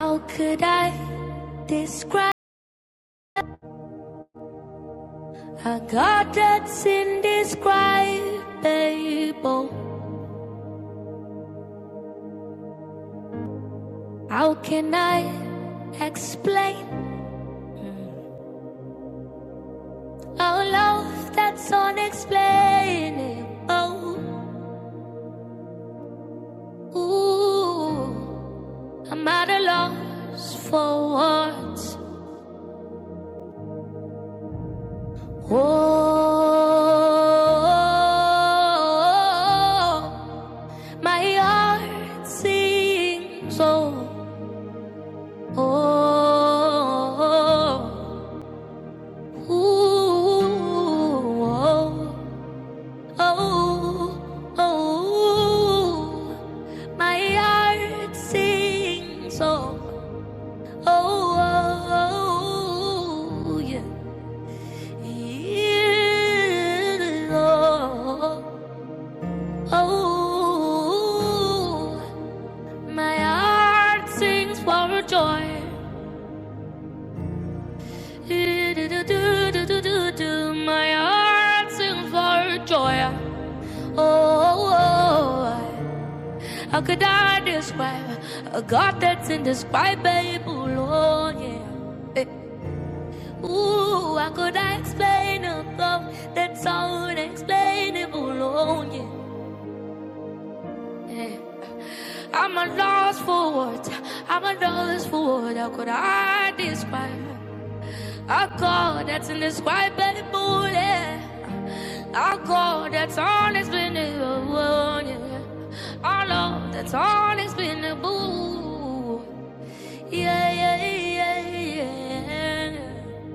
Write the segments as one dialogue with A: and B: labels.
A: How could I describe a God that's indescribable? How can I explain a love that's unexplainable? Ooh, I'm at a loss for words. Oh, my heart sings. Oh. Oh, oh, oh, oh, oh, oh. my heart sings. Oh, oh, oh, oh, yeah. Yeah, oh, oh, oh. my heart sings for joy. My heart sings for joy. Oh, oh, oh, how could I describe a God that's indescribable? Oh, yeah. Eh. Ooh, how could I explain a love that's so unexplainable? Oh, yeah. Eh. I'm a loss for words. I'm a loss for words. How could I describe? A God that's indescribable, yeah. A God that's unexplainable, yeah. I love that's unexplainable, yeah, yeah, yeah, yeah.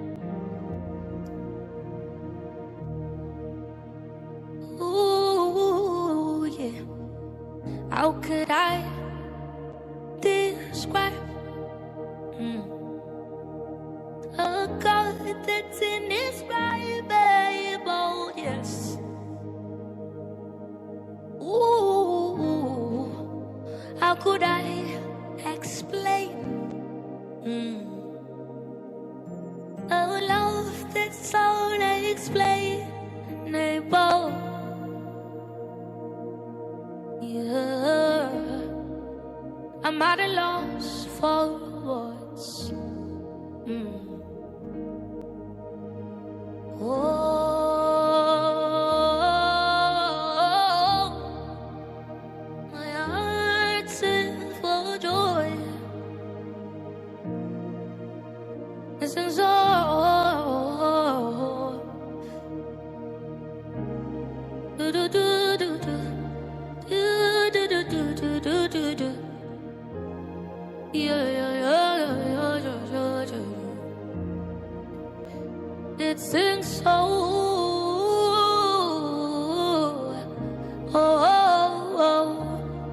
A: Ooh, yeah. How could I describe mm, a God that's indescribable, yes? Ooh. How could I explain mm. a love that's unexplainable? Yeah. I'm at a loss for words. Mm. Oh, my heart's in full of joy. This is all. Do, do, do, do, do. Yeah yeah yeah yeah yeah yeah yeah. yeah. It sings so. Oh, oh, oh,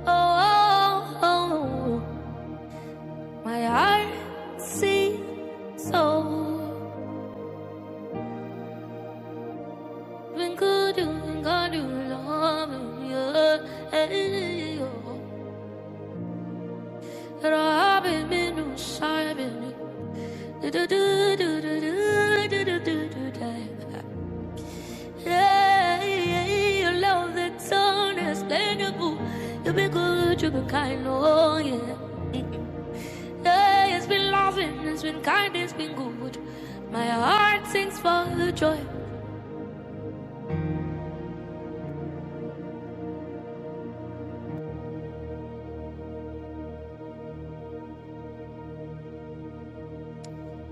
A: oh, oh. oh. My heart sings so. When good and God you love me, yeah. yeah, yeah. And I've been in Do do do do do do do do do do do. Yeah, yeah, your love that's unexplainable. You've been good, you've been kind, oh yeah. Yeah, it's been loving, it's been kind, it's been good. My heart sings for the joy.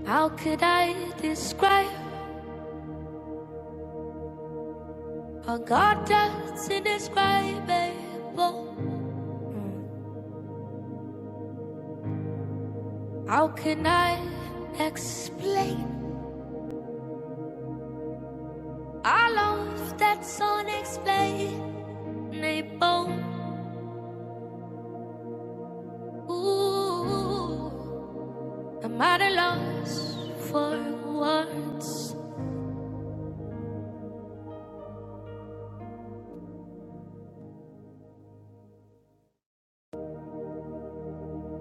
A: How could I describe a God that's indescribable? Mm. How can I explain a love that's unexplainable? Naples, ooh, I'm at a loss for words.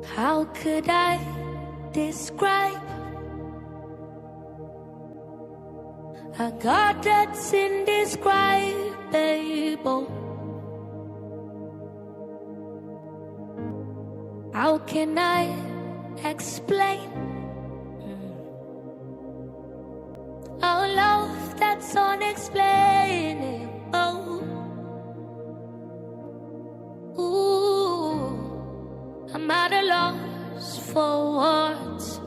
A: How could I describe a God that's indescribable? How can I explain a love that's unexplainable? Ooh, I'm at a loss for words.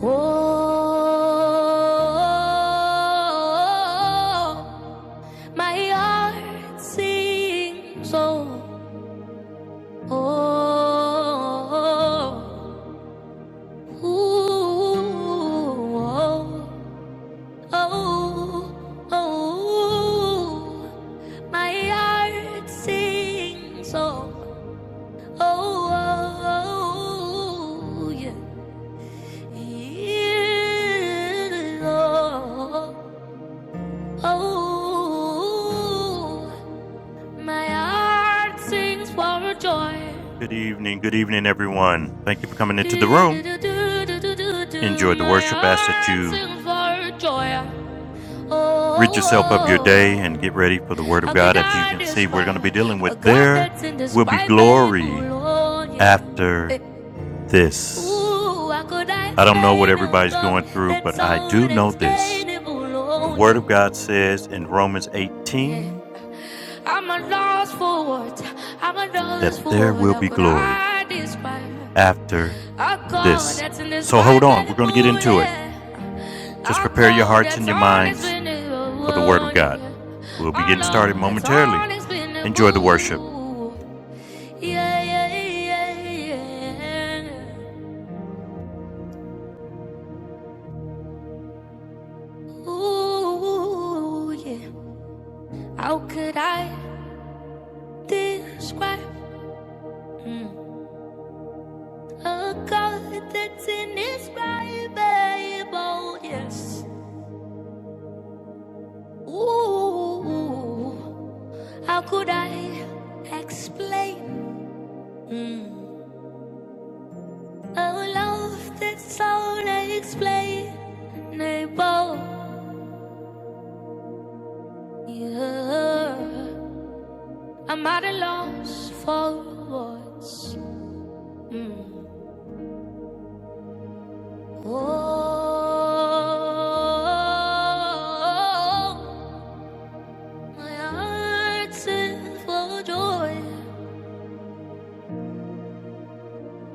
A: Oh, my heart sings oh, oh, ooh, oh, oh, oh, my heart sings oh, oh, oh, oh, yeah, yeah, oh. Oh, my heart sings for joy. Good evening, good evening, everyone. Thank you for coming into the room. Enjoy the My worship. Ask that heart you sings for joy. Oh, rid yourself of your day Oh, and get ready for the Word of God. As you can see, we're going to be dealing with there that's will be glory yeah. after this. I don't know what everybody's going through, but I do know this. The Word of God says in Romans 18 that there will be glory after this. So hold on, we're going to get into it. Just prepare your hearts and your minds for the Word of God. We'll be getting started momentarily. Enjoy the worship. Yeah, yeah, yeah, yeah. Ooh, yeah. How could I describe mm, a God that's indescribable? Yes. Ooh, how could I explain mm, a love that's unexplainable? Yeah. I'm at a loss for words. Mm. Oh, my heart's in full joy.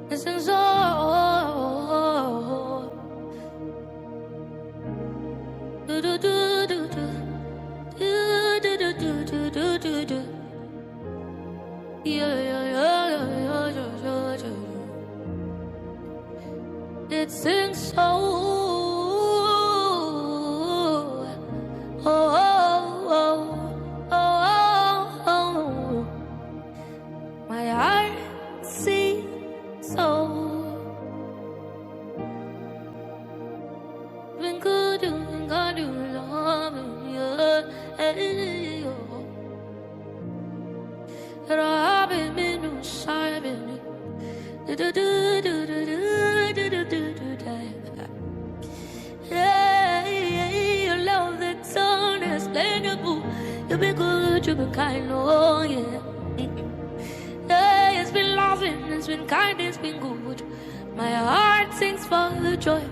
A: This is all. Do do do do do do do do do do do do. Yeah yeah yeah yeah yeah yeah yeah. yeah. It sings so. Oh oh oh oh oh. My heart sings open good you, God you love me and you rob me no shining me, do do do do do do do do yeah yeah your love that's unexplainable you've been good you've been kind oh yeah yeah it's been loving it's been kind it's been good my heart sings for the joy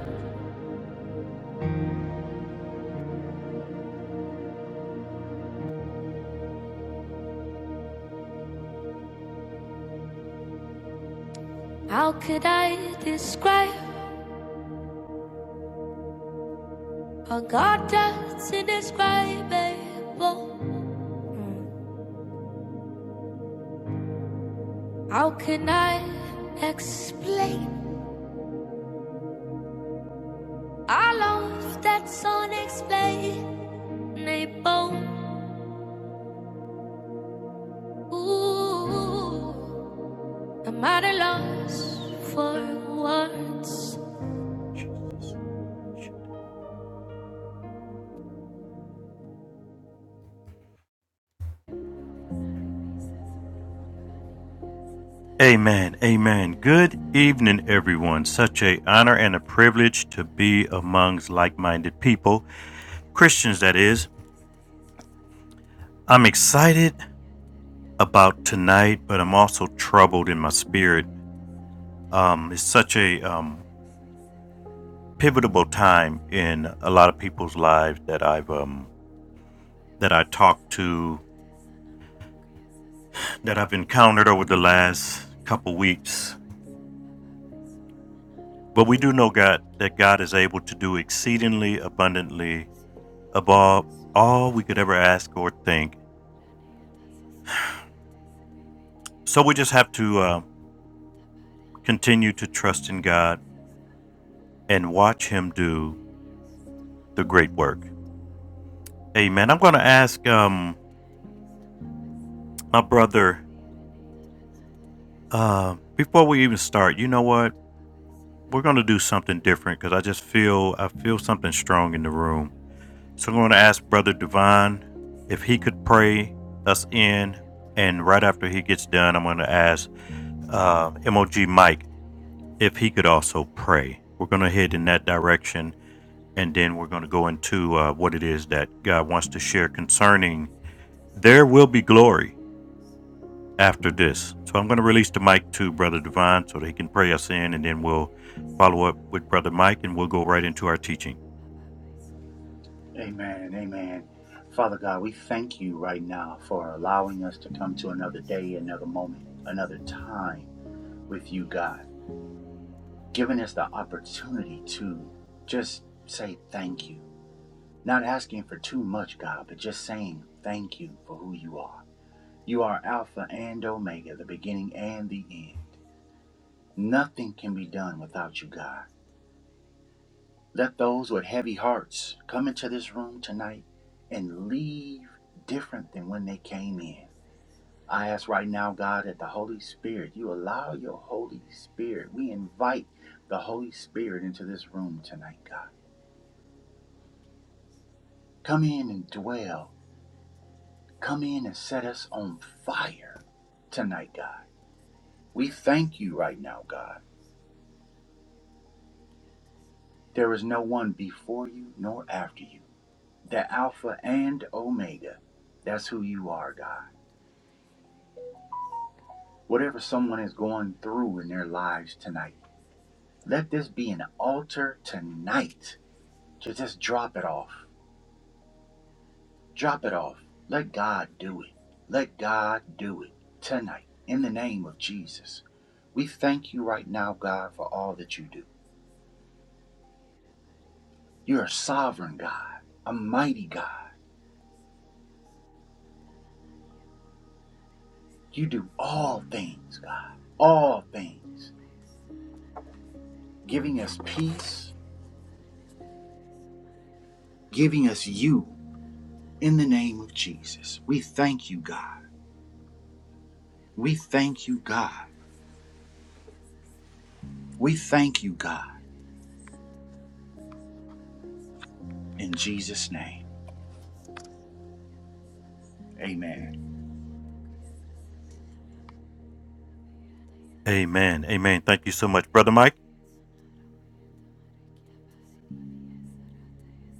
A: How could I describe a God that's indescribable? Mm. How can I explain a love that's unexplainable? Ooh, I'm at a loss for words. Amen. Amen. Good evening, everyone. Such a honor and a privilege to be amongst like-minded people, Christians that is. I'm excited about tonight, but I'm also troubled in my spirit. Um, it's such a um, pivotal time in a lot of people's lives that I've um, that I talked to, that I've encountered over the last couple weeks. But we do know God that God is able to do exceedingly abundantly above all we could ever ask or think. So we just have to uh, continue to trust in God and watch Him do the great work. Amen. I'm going to ask um, My brother, uh, before we even start, you know what? We're gonna do something different because I just feel I feel something strong in the room. So I'm gonna ask Brother Divine if he could pray us in, and right after he gets done, I'm gonna ask uh, MOG Mike if he could also pray. We're gonna head in that direction, and then we're gonna go into uh, what it is that God wants to share concerning. There will be glory after this. So I'm going to release the mic to Brother Divine so that he can pray us in, and then we'll follow up with Brother Mike and we'll go right into our teaching.
B: Amen. Amen. Father God, we thank you right now for allowing us to come to another day, another moment, another time with you, God, giving us the opportunity to just say thank you. Not asking for too much, God, but just saying thank you for who you are. You are Alpha and Omega, the beginning and the end. Nothing can be done without you, God. Let those with heavy hearts come into this room tonight and leave different than when they came in. I ask right now, God, that the Holy Spirit, you allow your Holy Spirit. We invite the Holy Spirit into this room tonight, God. Come in and dwell. Come in and set us on fire tonight, God. We thank you right now, God. There is no one before you nor after you. The Alpha and Omega. That's who you are, God. Whatever someone is going through in their lives tonight, let this be an altar tonight to just drop it off Drop it off. Let God do it. Let God do it tonight in the name of Jesus. We thank you right now, God, for all that you do. You're a sovereign God, a mighty God. You do all things, God, all things, giving us peace, giving us you in the name of Jesus. We thank you, God. We thank you, God. We thank you, God. In Jesus' name, amen.
A: Amen. Amen. Thank you so much, Brother Mike.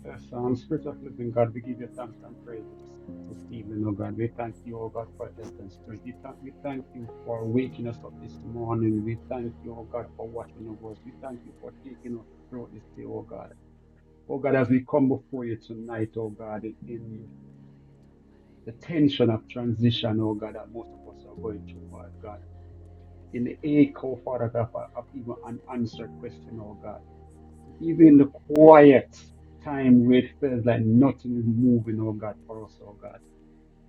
C: Yes, i spirit of living God, we give you thanks and praises this evening, oh God. We thank you, oh God, for health and strength. We thank, we thank you for waking us up this morning. We thank you, oh God, for watching over us. We thank you for taking us through this day, oh God. Oh God, as we come before you tonight, oh God, in in the tension of transition, oh God, that most of us are going through, oh God. In the echo, Father God, of of even an answered question, oh God even the quiet time, where it feels like nothing is moving, oh God, for us, oh God.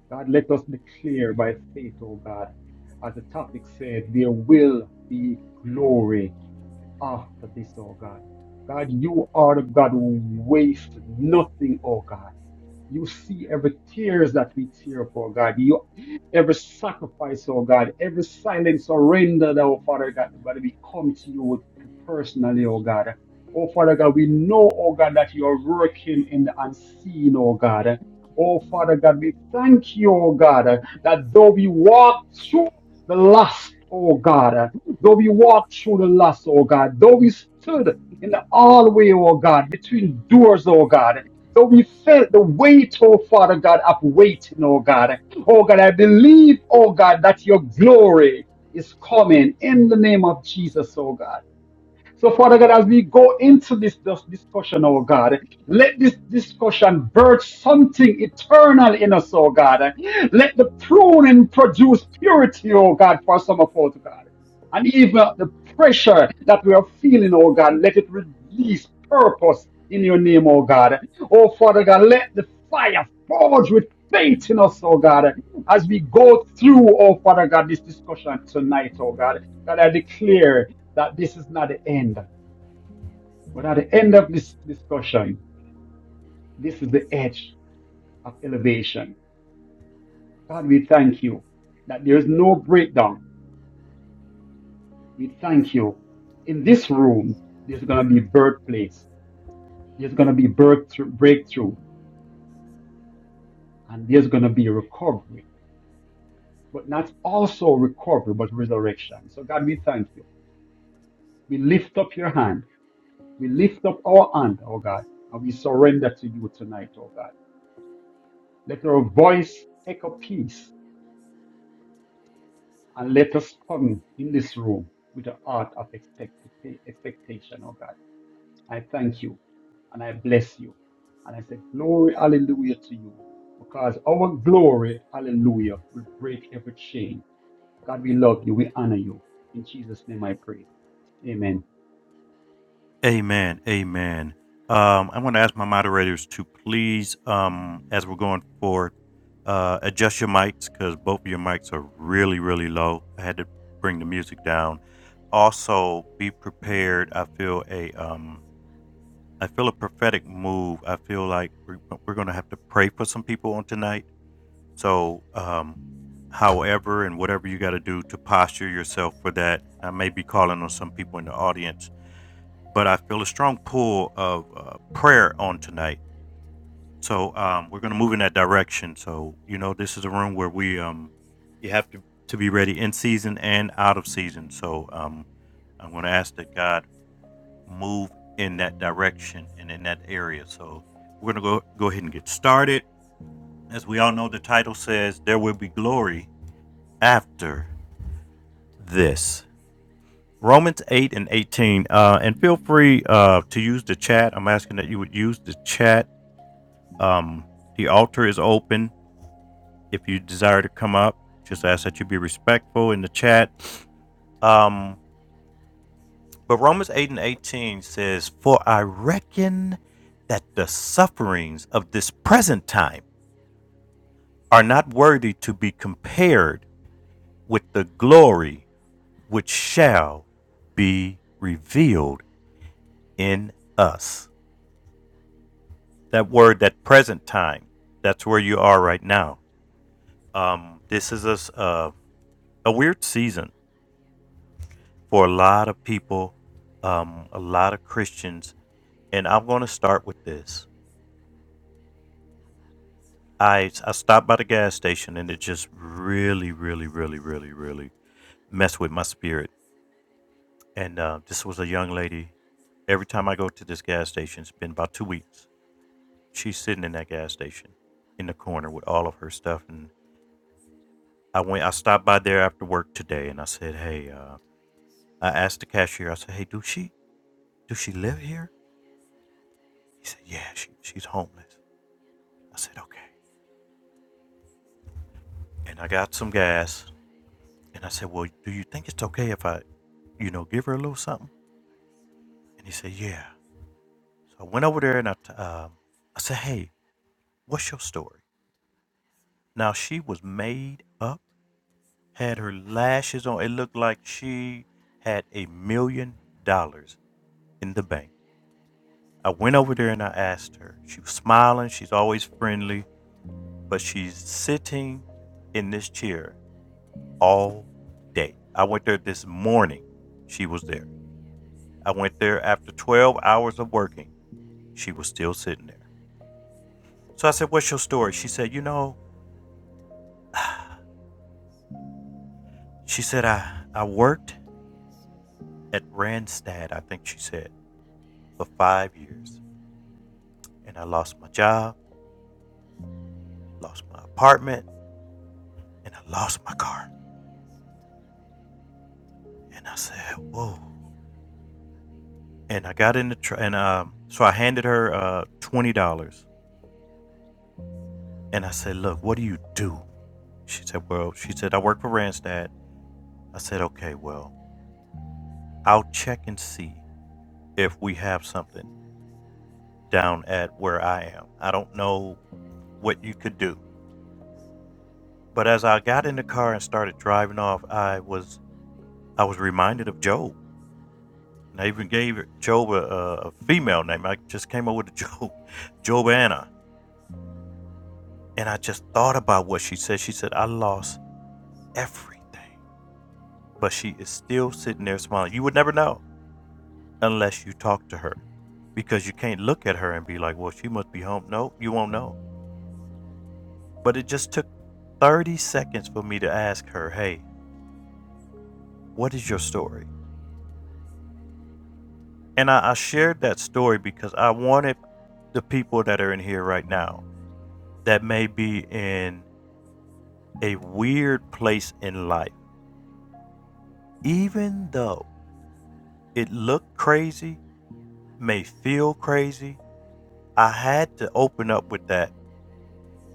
C: God, let us declare by faith, oh God, as the topic says, there will be glory after this, oh God. God, you are the God who wastes nothing, oh God. You see every tears that we tear for God. You every sacrifice, oh God, every silent surrender that oh Father God, but we come to you with personally, oh God. Oh Father God, we know, oh God, that you are working in the unseen, oh God. Oh Father God, we thank you, oh God, that though we walk through the lust, oh God, though we walk through the lust, oh God, though we stood in the hallway, oh God, between doors, oh God. So we felt the weight, oh Father God, of waiting, oh God. Oh God, I believe, oh God, that your glory is coming in the name of Jesus, oh God. So, Father God, as we go into this, this discussion, oh God, let this discussion birth something eternal in us, oh God. Let the pruning produce purity, oh God, for some of us, God. And even the pressure that we are feeling, oh God, let it release purpose in your name, oh God. Oh, Father God, let the fire forge with faith in us, oh God, as we go through, oh Father God, this discussion tonight, oh God. God, I declare that this is not the end, but at the end of this discussion, this is the edge of elevation. God, we thank you that there is no breakdown. We thank you. In this room, there's going to be birthplace, there's going to be breakthrough, breakthrough, and there's going to be recovery, but not also recovery, but resurrection. So, God, we thank you. We lift up your hand. We lift up our hand, oh God, and we surrender to you tonight, oh God. Let our voice echo peace and let us come in this room with the heart of expect- expectation, oh God. I thank you and I bless you. And I say, Glory, hallelujah to you. Because our glory, hallelujah, will break every chain. God, we love you. We honor you. In Jesus' name I pray. Amen.
A: Amen. Amen. Um, I want to ask my moderators to please, um, as we're going forward, uh, adjust your mics because both of your mics are really, really low. I had to bring the music down. Also, be prepared. I feel a, um, I feel a prophetic move. I feel like we're, we're going to have to pray for some people on tonight. So, um, however, and whatever you got to do to posture yourself for that, I may be calling on some people in the audience but I feel a strong pull of uh, prayer on tonight. So um, we're going to move in that direction. So you know, this is a room where we um, you have to to be ready in season and out of season. So um, I'm going to ask that God move in that direction and in that area. So we're going to go go ahead and get started. As we all know, the title says there will be glory after this. Romans 8 and 18. Uh, and feel free uh, to use the chat. I'm asking that you would use the chat Um, the altar is open. If you desire to come up, just ask that you be respectful in the chat. Um, but Romans 8 and 18 says, For I reckon that the sufferings of this present time are not worthy to be compared with the glory which shall be revealed in us. That word, that present time, that's where you are right now. Um, this is a, s- uh, a weird season for a lot of people, um, a lot of Christians. And I'm going to start with this. I, I stopped by the gas station and it just really, really, really, really, really messed with my spirit. And uh, this was a young lady. Every time I go to this gas station, it's been about two weeks. She's sitting in that gas station in the corner with all of her stuff. And I went, I stopped by there after work today and I said, Hey, uh, I asked the cashier, I said, Hey, do she, do she live here? He said, Yeah, she, she's homeless. I said, okay. And I got some gas. And I said, well, do you think it's okay if I, you know, give her a little something? And he said, yeah. So I went over there and I, t- um, I said, hey, what's your story? Now she was made up, had her lashes on. It looked like she had a million dollars in the bank. I went over there and I asked her. She was smiling. She's always friendly, but she's sitting in this chair all day. I went there this morning. She was there. I went there after 12 hours of working. She was still sitting there. So I said, What's your story? She said, You know, she said, I, I worked at Randstad, I think she said, for five years. And I lost my job, lost my apartment, and I lost my car. And I said, Whoa. And I got in the truck, and um, so I handed her uh, $20. And I said, Look, what do you do? She said, Well, she said, I work for Randstad. I said, Okay, well, I'll check and see if we have something. down at where I am. I don't know what you could do. But as I got in the car and started driving off, I was I was reminded of Job. And I even gave Job a, a female name. I just came up with a Job, Job Anna. And I just thought about what she said. She said, I lost everything. But she is still sitting there smiling. You would never know unless you talk to her because you can't look at her and be like, well, she must be home. No, you won't know. But it just took 30 seconds for me to ask her, hey, what is your story? And I, I shared that story because I wanted the people that are in here right now that may be in a weird place in life, even though it looked crazy, may feel crazy, I had to open up with that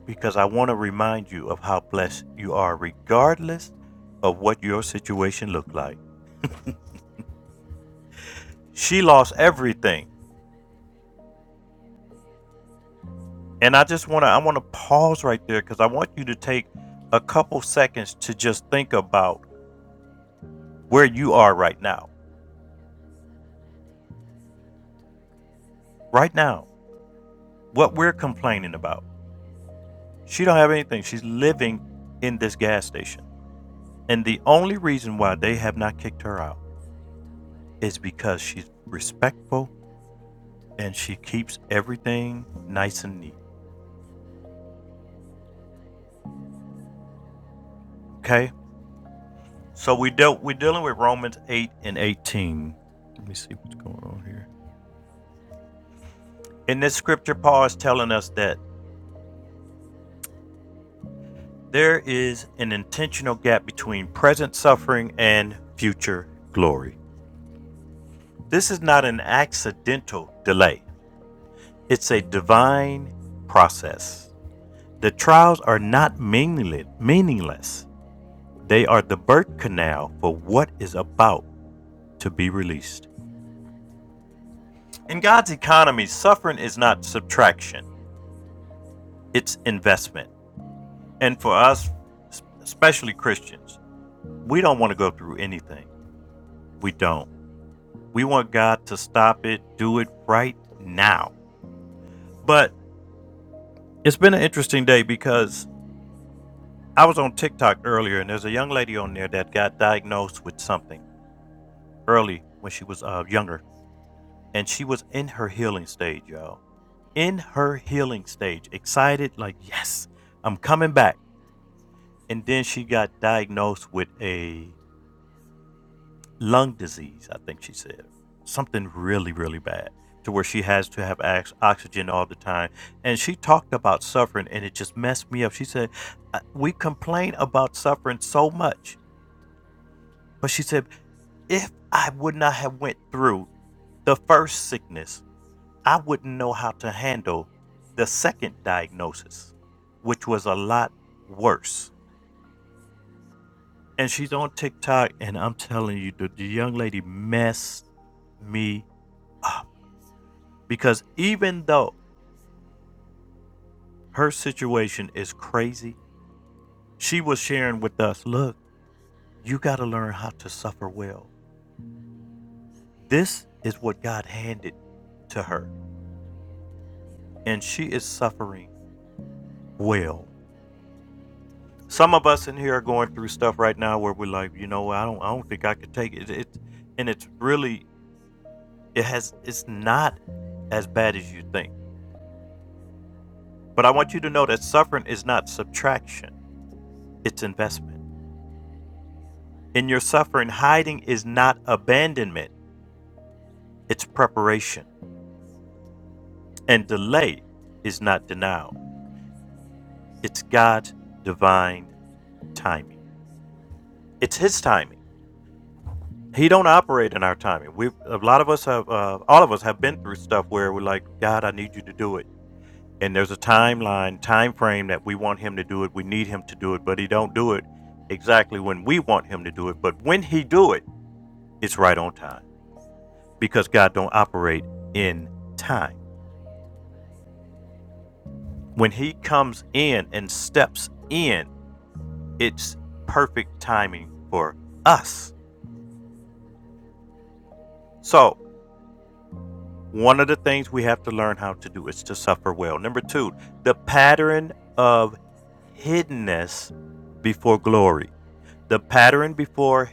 A: because I want to remind you of how blessed you are, regardless of what your situation looked like. She lost everything And I just want to I want to pause right there cuz I want you to take a couple seconds to just think about where you are right now. Right now, what we're complaining about. She don't have anything. She's living in this gas station. And the only reason why they have not kicked her out is because she's respectful and she keeps everything nice and neat. Okay? So we dealt we're dealing with Romans 8 and 18. Let me see what's going on here. In this scripture, Paul is telling us that There is an intentional gap between present suffering and future glory. This is not an accidental delay, it's a divine process. The trials are not meaningless, they are the birth canal for what is about to be released. In God's economy, suffering is not subtraction, it's investment. And for us, especially Christians, we don't want to go through anything. We don't. We want God to stop it, do it right now. But it's been an interesting day because I was on TikTok earlier and there's a young lady on there that got diagnosed with something early when she was uh, younger. And she was in her healing stage, y'all. In her healing stage, excited, like, yes, I'm coming back. And then she got diagnosed with a lung disease, I think she said. Something really, really bad to where she has to have ox- oxygen all the time. And she talked about suffering and it just messed me up. She said, "I- We complain about suffering so much. But she said, If I would not have went through the first sickness, I wouldn't know how to handle the second diagnosis, which was a lot worse. And she's on TikTok, and I'm telling you, the, the young lady messed me because even though her situation is crazy, she was sharing with us, look, you got to learn how to suffer well. This is what God handed to her, and she is suffering well. Some of us in here are going through stuff right now where we're like, you know, I don't, I don't think I could take it. it and it's really, it has, it's not as bad as you think. But I want you to know that suffering is not subtraction; it's investment. In your suffering, hiding is not abandonment It's preparation. And delay is not denial. It's God's divine timing. It's His timing. He don't operate in our timing. We a lot of us have, uh, all of us have been through stuff where we're like, God, I need you to do it. And there's a timeline, time frame that we want Him to do it. We need Him to do it, but He don't do it exactly when we want Him to do it. But when He do it, it's right on time because God don't operate in time. When He comes in and steps in it's perfect timing for us. So, one of the things we have to learn how to do is to suffer well. Number two, the pattern of hiddenness before glory. The pattern before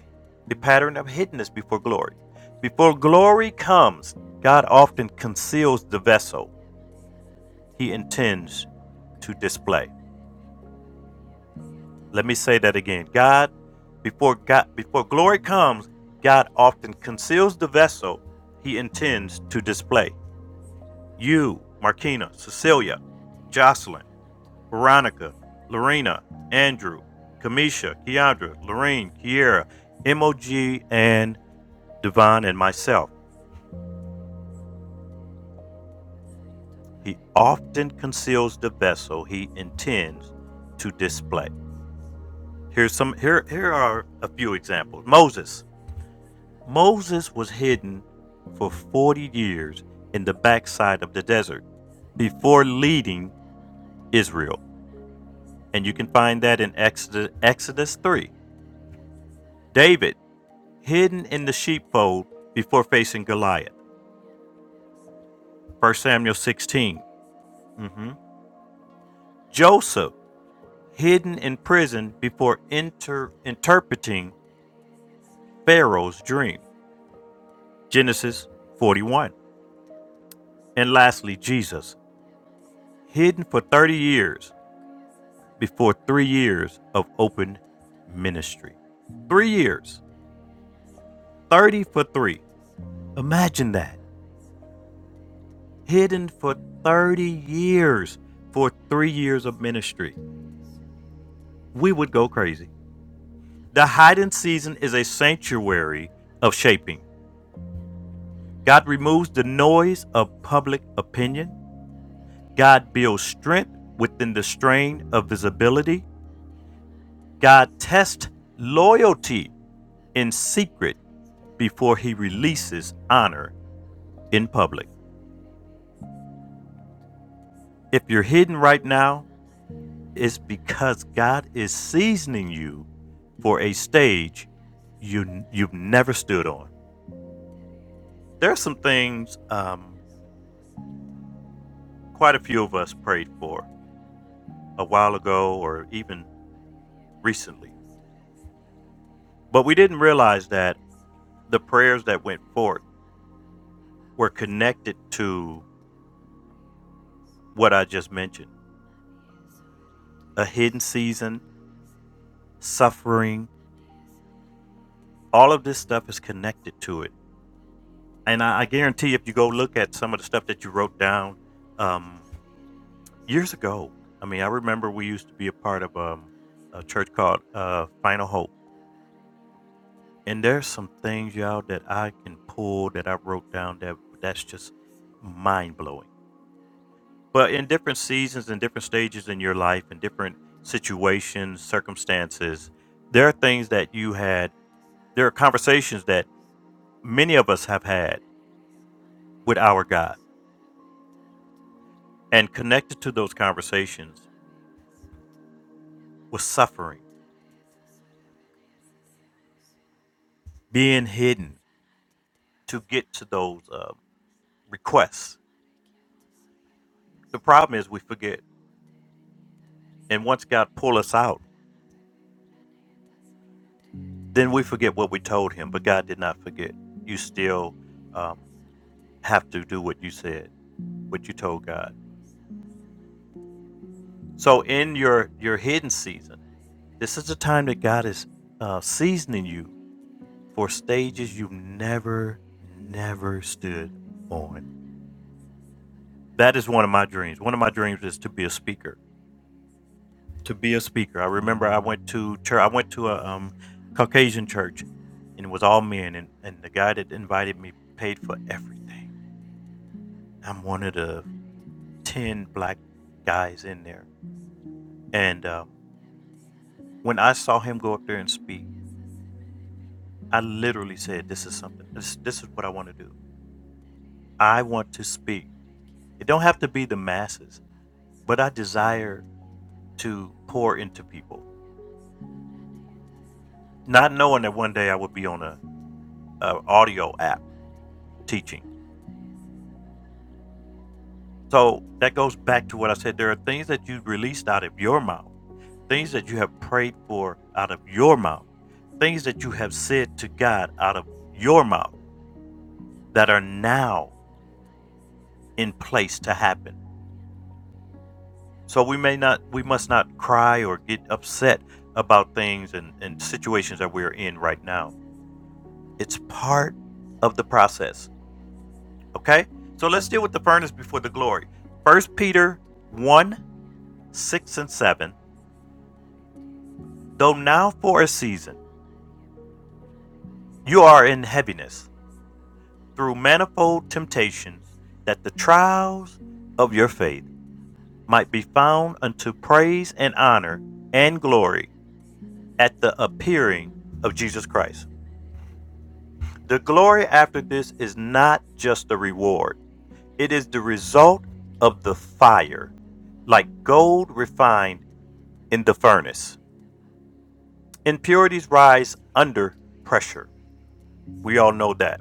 A: the pattern of hiddenness before glory. Before glory comes, God often conceals the vessel he intends to display. Let me say that again. God, before God, before glory comes, God often conceals the vessel he intends to display. You, Markina, Cecilia, Jocelyn, Veronica, Lorena, Andrew, Kamisha, Keandra, Lorraine, Kiera, MOG, and Devon and myself. He often conceals the vessel he intends to display. Here's some here here are a few examples. Moses. Moses was hidden for 40 years in the backside of the desert before leading Israel. And you can find that in Exodus, Exodus 3. David, hidden in the sheepfold before facing Goliath. 1 Samuel 16. Mhm. Joseph, hidden in prison before inter- interpreting Pharaoh's dream. Genesis 41. And lastly, Jesus, hidden for 30 years before three years of open ministry. Three years, 30 for three. Imagine that. Hidden for 30 years for three years of ministry. We would go crazy. The hiding season is a sanctuary of shaping. God removes the noise of public opinion. God builds strength within the strain of visibility. God tests loyalty in secret before he releases honor in public. If you're hidden right now, it's because God is seasoning you for a stage you you've never stood on. There are some things um, quite a few of us prayed for a while ago, or even recently, but we didn't realize that the prayers that went forth were connected to what I just mentioned: a hidden season, suffering. All of this stuff is connected to it and I, I guarantee if you go look at some of the stuff that you wrote down um, years ago, I mean, I remember we used to be a part of um, a church called uh, Final Hope, and there's some things y'all that I can pull that I wrote down that that's just mind blowing. But in different seasons and different stages in your life and different situations, circumstances, there are things that you had. There are conversations that many of us have had with our God, and connected to those conversations was suffering, being hidden to get to those uh, requests. The problem is we forget. And once God pull us out, then we forget what we told him. But God did not forget. You still um, have to do what you said, what you told God. So in your your hidden season, this is the time that God is uh, seasoning you for stages you've never, never stood on. That is one of my dreams. One of my dreams is to be a speaker to be a speaker. I remember I went to church. I went to a um, Caucasian church, and it was all men. And, and the guy that invited me paid for everything. I'm one of the ten black guys in there. And um, when I saw him go up there and speak, I literally said, "This is something. This this is what I want to do. I want to speak. It don't have to be the masses, but I desire to pour into people." Not knowing that one day I would be on a, a audio app teaching So that goes back to what I said. There are things that you released out of your mouth, things that you have prayed for out of your mouth, things that you have said to God out of your mouth that are now in place to happen. So we may not, we must not cry or get upset about things and, and situations that we're in right now. It's part of the process. Okay? So let's deal with the furnace before the glory. First Peter 1 6 and 7 Though now for a season you are in heaviness through manifold temptations, that the trials of your faith might be found unto praise and honor and glory at the appearing of Jesus Christ. The glory after this is not just a reward, it is the result of the fire, like gold refined in the furnace. Impurities rise under pressure. We all know that.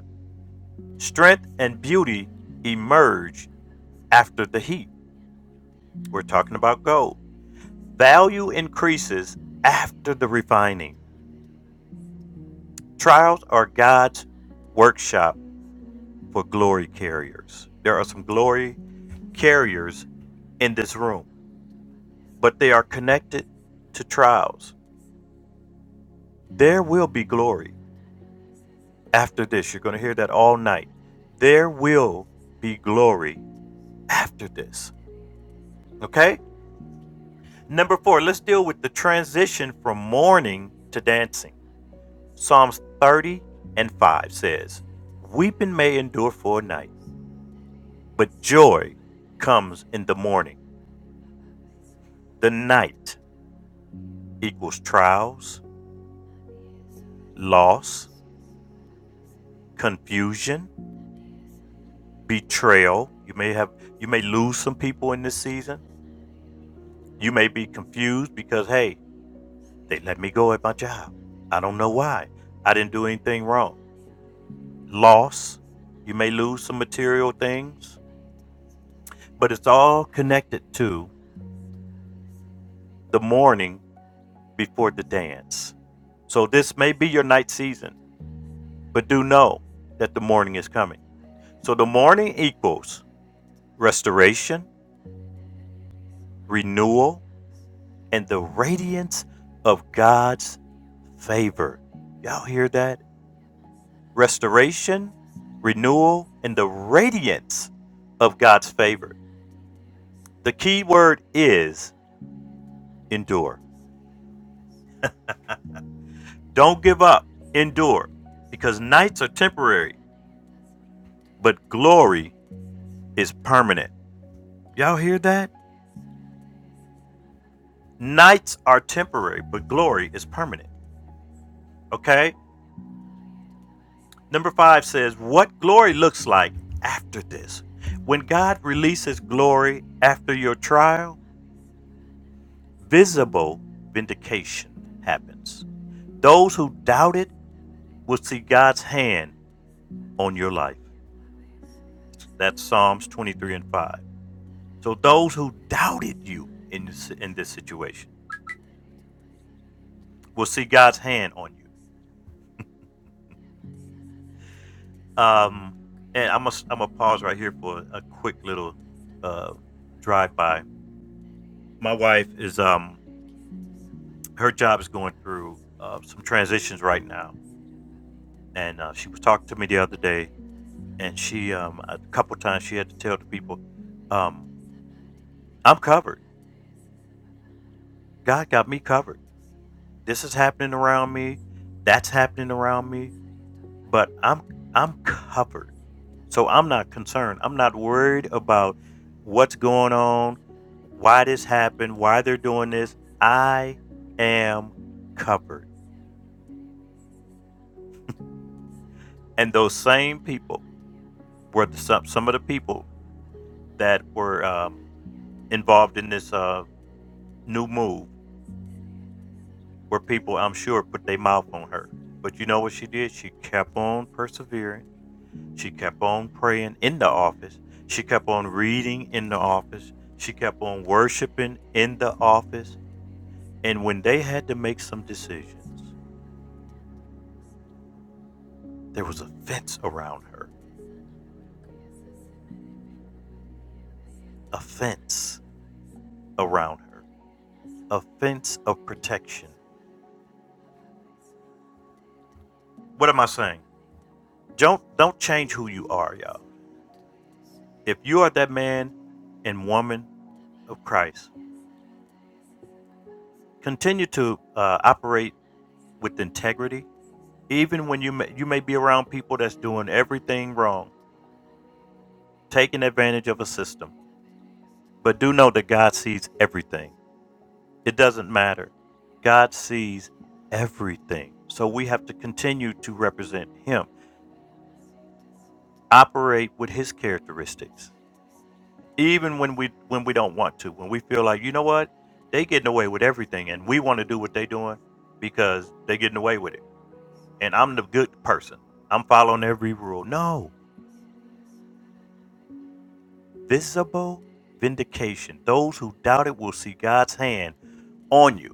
A: Strength and beauty emerge after the heat. We're talking about gold. Value increases after the refining. Trials are God's workshop for glory carriers. There are some glory carriers in this room, but they are connected to trials. There will be glory after this. You're going to hear that all night. There will be glory after this. Okay? Number four, let's deal with the transition from mourning to dancing. Psalms 30 and 5 says, Weeping may endure for a night, but joy comes in the morning. The night equals trials, loss, confusion, betrayal. You may have you may lose some people in this season. You may be confused because hey, they let me go at my job. I don't know why. I didn't do anything wrong. loss. You may lose some material things, but it's all connected to the morning before the dance. So this may be your night season, but do know that the morning is coming. So the morning equals restoration, renewal, and the radiance of God's favor. Y'all hear that? Restoration, renewal, and the radiance of God's favor. The key word is endure Don't give up, endure, because nights are temporary, but glory is permanent. Y'all hear that? Nights are temporary, but glory is permanent. Okay? Number five says, What glory looks like after this. When God releases glory after your trial, visible vindication happens. Those who doubt it will see God's hand on your life. That's Psalms 23 and 5. So those who doubted you in this, in this situation will see God's hand on you. Um, and I'm gonna am going to pause right here for a quick little uh, drive by. My wife is um her job is going through uh, some transitions right now, and uh, she was talking to me the other day, and she um a couple times she had to tell the people, um I'm covered. God got me covered. This is happening around me. That's happening around me, but I'm I'm covered So I'm not concerned. I'm not worried about what's going on, why this happened, why they're doing this. I am covered. And those same people were the, some, some of the people that were um, involved in this uh, new move were people I'm sure put their mouth on her. But you know what she did? She kept on persevering. She kept on praying in the office. She kept on reading in the office. She kept on worshiping in the office And when they had to make some decisions, there was a fence around her, a fence around her, a fence of protection. What am I saying? Don't don't change who you are, y'all. If you are that man and woman of Christ, continue to uh, operate with integrity, even when you may, you may be around people that's doing everything wrong, taking advantage of a system. But do know that God sees everything. It doesn't matter. God sees everything. So we have to continue to represent him, operate with his characteristics. Even when we when we don't want to, when we feel like, you know what? They getting away with everything and we want to do what they doing because they getting away with it. And I'm the good person. I'm following every rule. No. Visible vindication. Those who doubt it will see God's hand on you.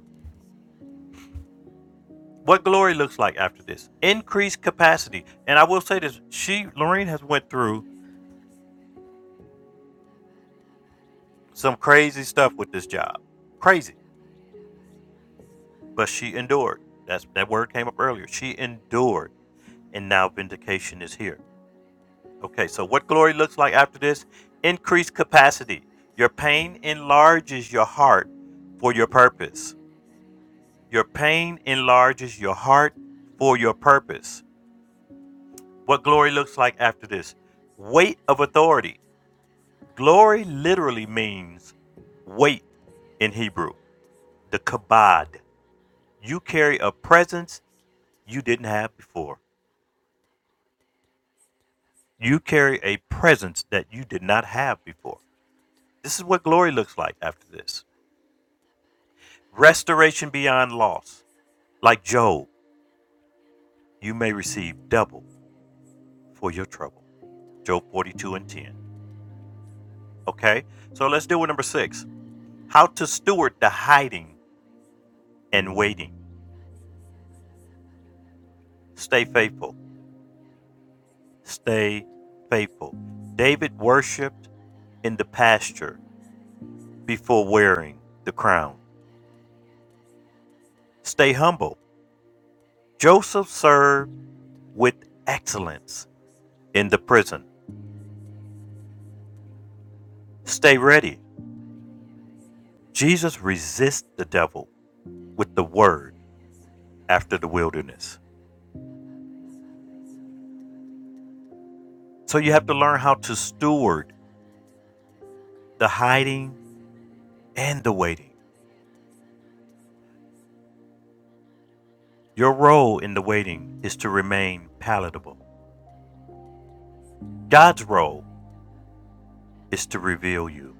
A: what glory looks like after this increased capacity and i will say this she Lorene, has went through some crazy stuff with this job crazy but she endured that's that word came up earlier she endured and now vindication is here okay so what glory looks like after this increased capacity your pain enlarges your heart for your purpose your pain enlarges your heart for your purpose what glory looks like after this weight of authority Glory literally means weight in Hebrew, the kabod. You carry a presence you didn't have before. You carry a presence that you did not have before. This is what glory looks like after this. Restoration beyond loss. Like Job, you may receive double for your trouble. Job 42 and 10. Okay, so let's deal with number six how to steward the hiding and waiting. Stay faithful. stay faithful. David worshiped in the pasture before wearing the crown. Stay humble. Joseph served with excellence in the prison. Stay ready. Jesus resists the devil with the word after the wilderness. So you have to learn how to steward the hiding and the waiting. Your role in the waiting is to remain palatable. God's role is to reveal you.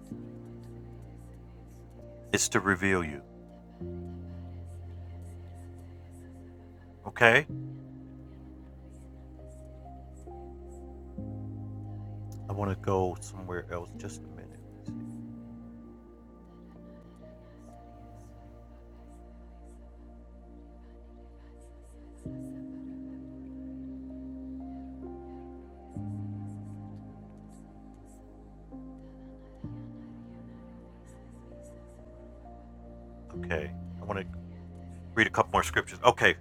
A: It's to reveal you. Okay? I want to go somewhere else. Just a minute. Okay. I want to read a couple more scriptures. Okay.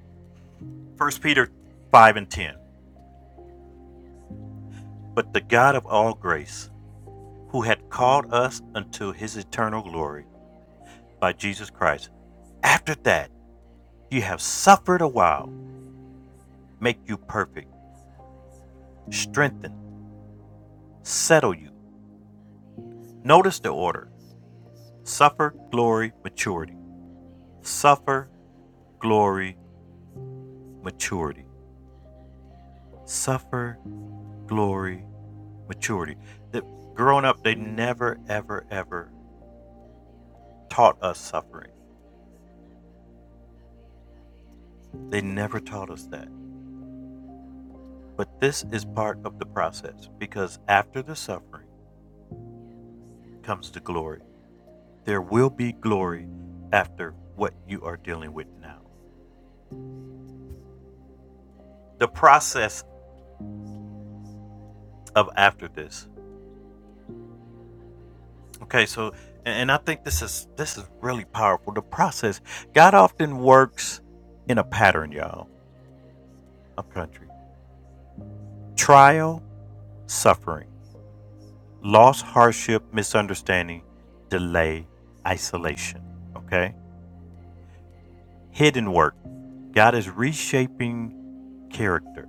A: First Peter 5 and 10. But the God of all grace, who had called us unto his eternal glory by Jesus Christ, after that you have suffered a while, make you perfect, strengthen, settle you. Notice the order suffer, glory, maturity. Suffer, glory, maturity. Suffer, glory, maturity. That growing up, they never, ever, ever taught us suffering. They never taught us that. But this is part of the process because after the suffering comes the glory. There will be glory after what you are dealing with now. The process of after this. Okay, so and I think this is this is really powerful. The process. God often works in a pattern, y'all. Up country. Trial, suffering. loss, hardship, misunderstanding, delay, isolation. Okay? Hidden work. God is reshaping character.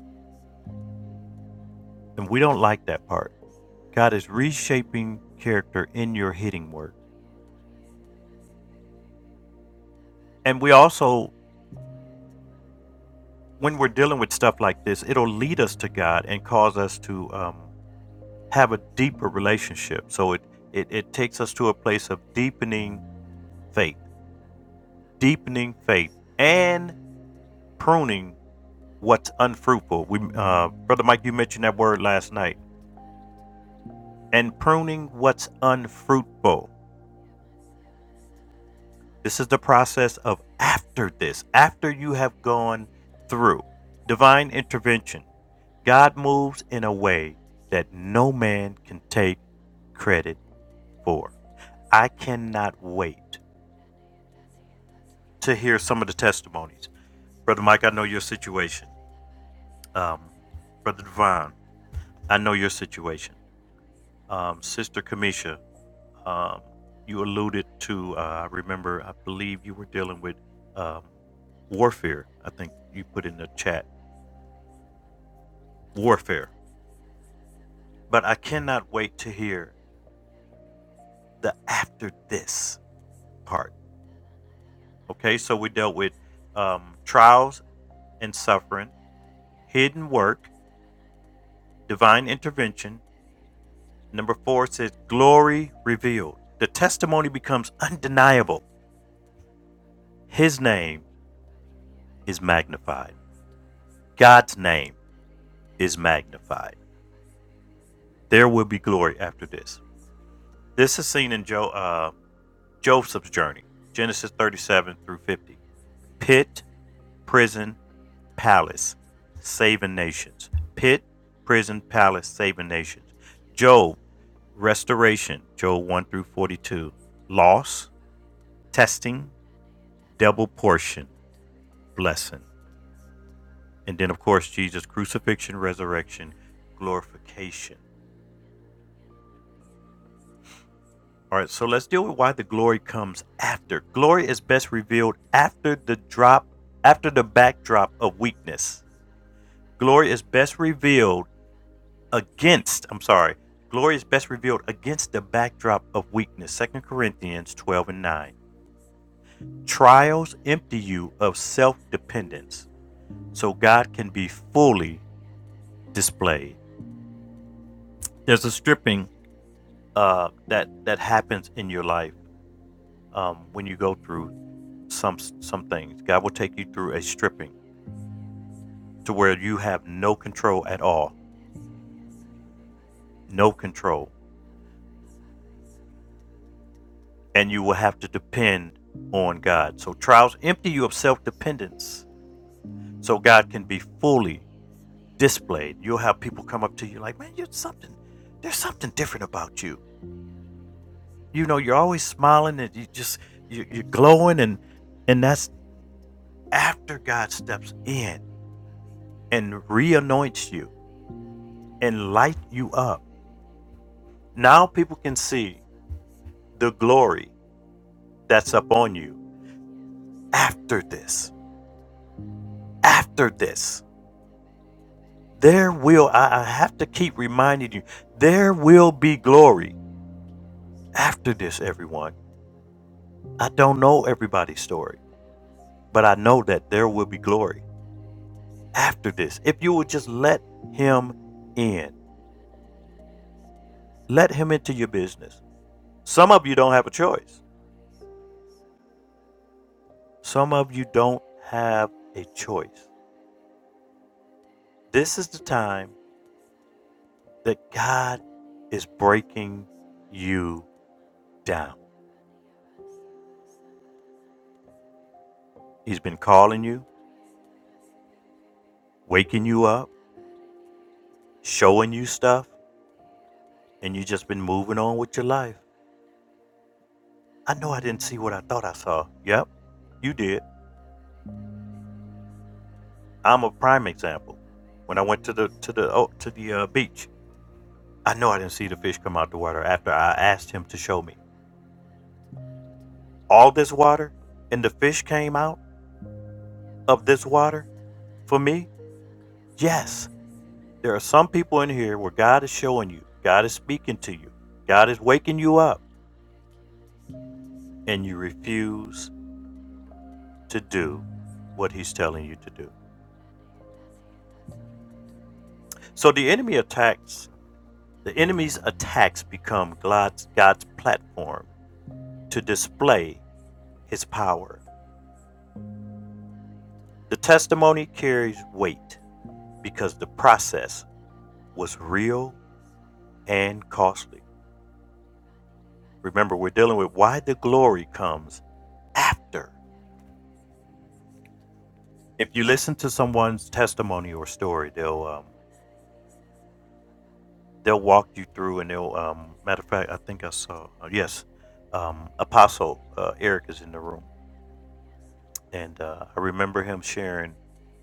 A: And we don't like that part. God is reshaping character in your hidden work. And we also, when we're dealing with stuff like this, it'll lead us to God and cause us to um, have a deeper relationship. So it, it, it takes us to a place of deepening faith, deepening faith, and pruning what's unfruitful. We, uh, Brother Mike, you mentioned that word last night. And pruning what's unfruitful. This is the process of after this, after you have gone through divine intervention. God moves in a way that no man can take credit for. I cannot wait to hear some of the testimonies. Brother Mike, I know your situation. Um, Brother Devon, I know your situation. Um, Sister Kamisha, Um, you alluded to, uh, I remember, I believe you were dealing with um, warfare. I think you put in the chat warfare. But I cannot wait to hear the after this part. Okay, so we dealt with um, trials and suffering, hidden work, divine intervention. Number four says glory revealed. The testimony becomes undeniable. His name is magnified. God's name is magnified. There will be glory after this. This is seen in jo- uh, Joseph's journey, Genesis 37 through 50. Pit, prison, palace, saving nations. Pit, prison, palace, saving nations. Job, restoration, Job 1 through 42. Loss, testing, double portion, blessing. And then, of course, Jesus' crucifixion, resurrection, glorification. All right, so let's deal with why the glory comes after. Glory is best revealed after the drop, after the backdrop of weakness. Glory is best revealed against, I'm sorry, glory is best revealed against the backdrop of weakness. Second Corinthians 12 and 9. Trials empty you of self dependence so God can be fully displayed. There's a stripping uh, that, that happens in your life um, when you go through some some things. God will take you through a stripping to where you have no control at all, no control, and you will have to depend on God. So trials empty you of self-dependence, so God can be fully displayed. You'll have people come up to you like, "Man, you're something. There's something different about you. You know, you're always smiling and you just you, you're glowing, and and that's after God steps in and re-anoints you and light you up Now people can see the glory that's upon you after this. After this, there will, I, I have to keep reminding you, there will be glory after this, everyone. I don't know everybody's story, but I know that there will be glory after this. If you would just let Him in, let Him into your business. Some of you don't have a choice. Some of you don't have a choice. This is the time that God is breaking you down. He's been calling you, waking you up, showing you stuff, and you just been moving on with your life. I know I didn't see what I thought I saw. Yep, you did. I'm a prime example. When I went to the to the oh, to the uh, beach, I know I didn't see the fish come out the water after I asked him to show me all this water, and the fish came out of this water for me. Yes, There are some people in here where God is showing you, God is speaking to you, God is waking you up, and you refuse to do what He's telling you to do. So the enemy attacks, the enemy's attacks become God's, God's platform to display His power. The testimony carries weight because the process was real and costly. Remember, we're dealing with why the glory comes after. if you listen to someone's testimony or story, they'll um, they'll walk you through, and they'll um, matter of fact, I think I saw uh, yes, um, Apostle uh, Eric is in the room, and uh, I remember him sharing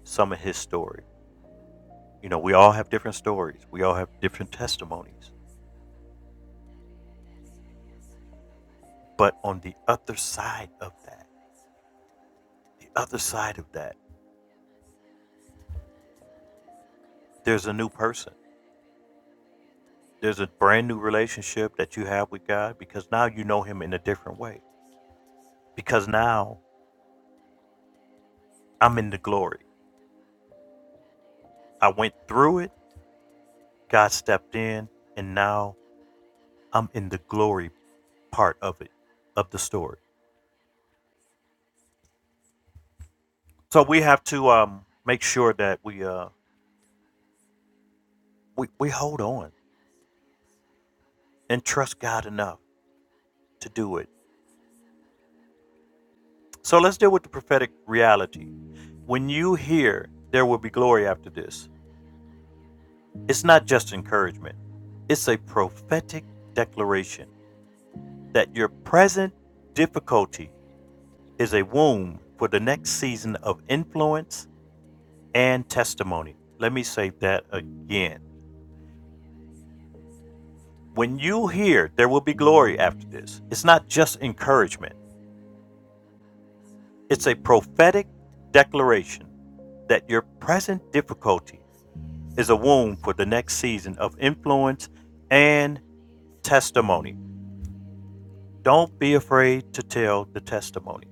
A: some of his story. You know, we all have different stories, we all have different testimonies, but on the other side of that, the other side of that, there's a new person. There's a brand new relationship that you have with God because now you know Him in a different way. Because now I'm in the glory I went through it, God stepped in, and now I'm in the glory part of it, of the story. So we have to um, make sure that we, uh, we we hold on and trust God enough to do it. So let's deal with the prophetic reality. When you hear there will be glory after this, it's not just encouragement, it's a prophetic declaration that your present difficulty is a womb for the next season of influence and testimony. Let me say that again. When you hear there will be glory after this, it's not just encouragement, it's a prophetic declaration that your present difficulty is a womb for the next season of influence and testimony. Don't be afraid to tell the testimony.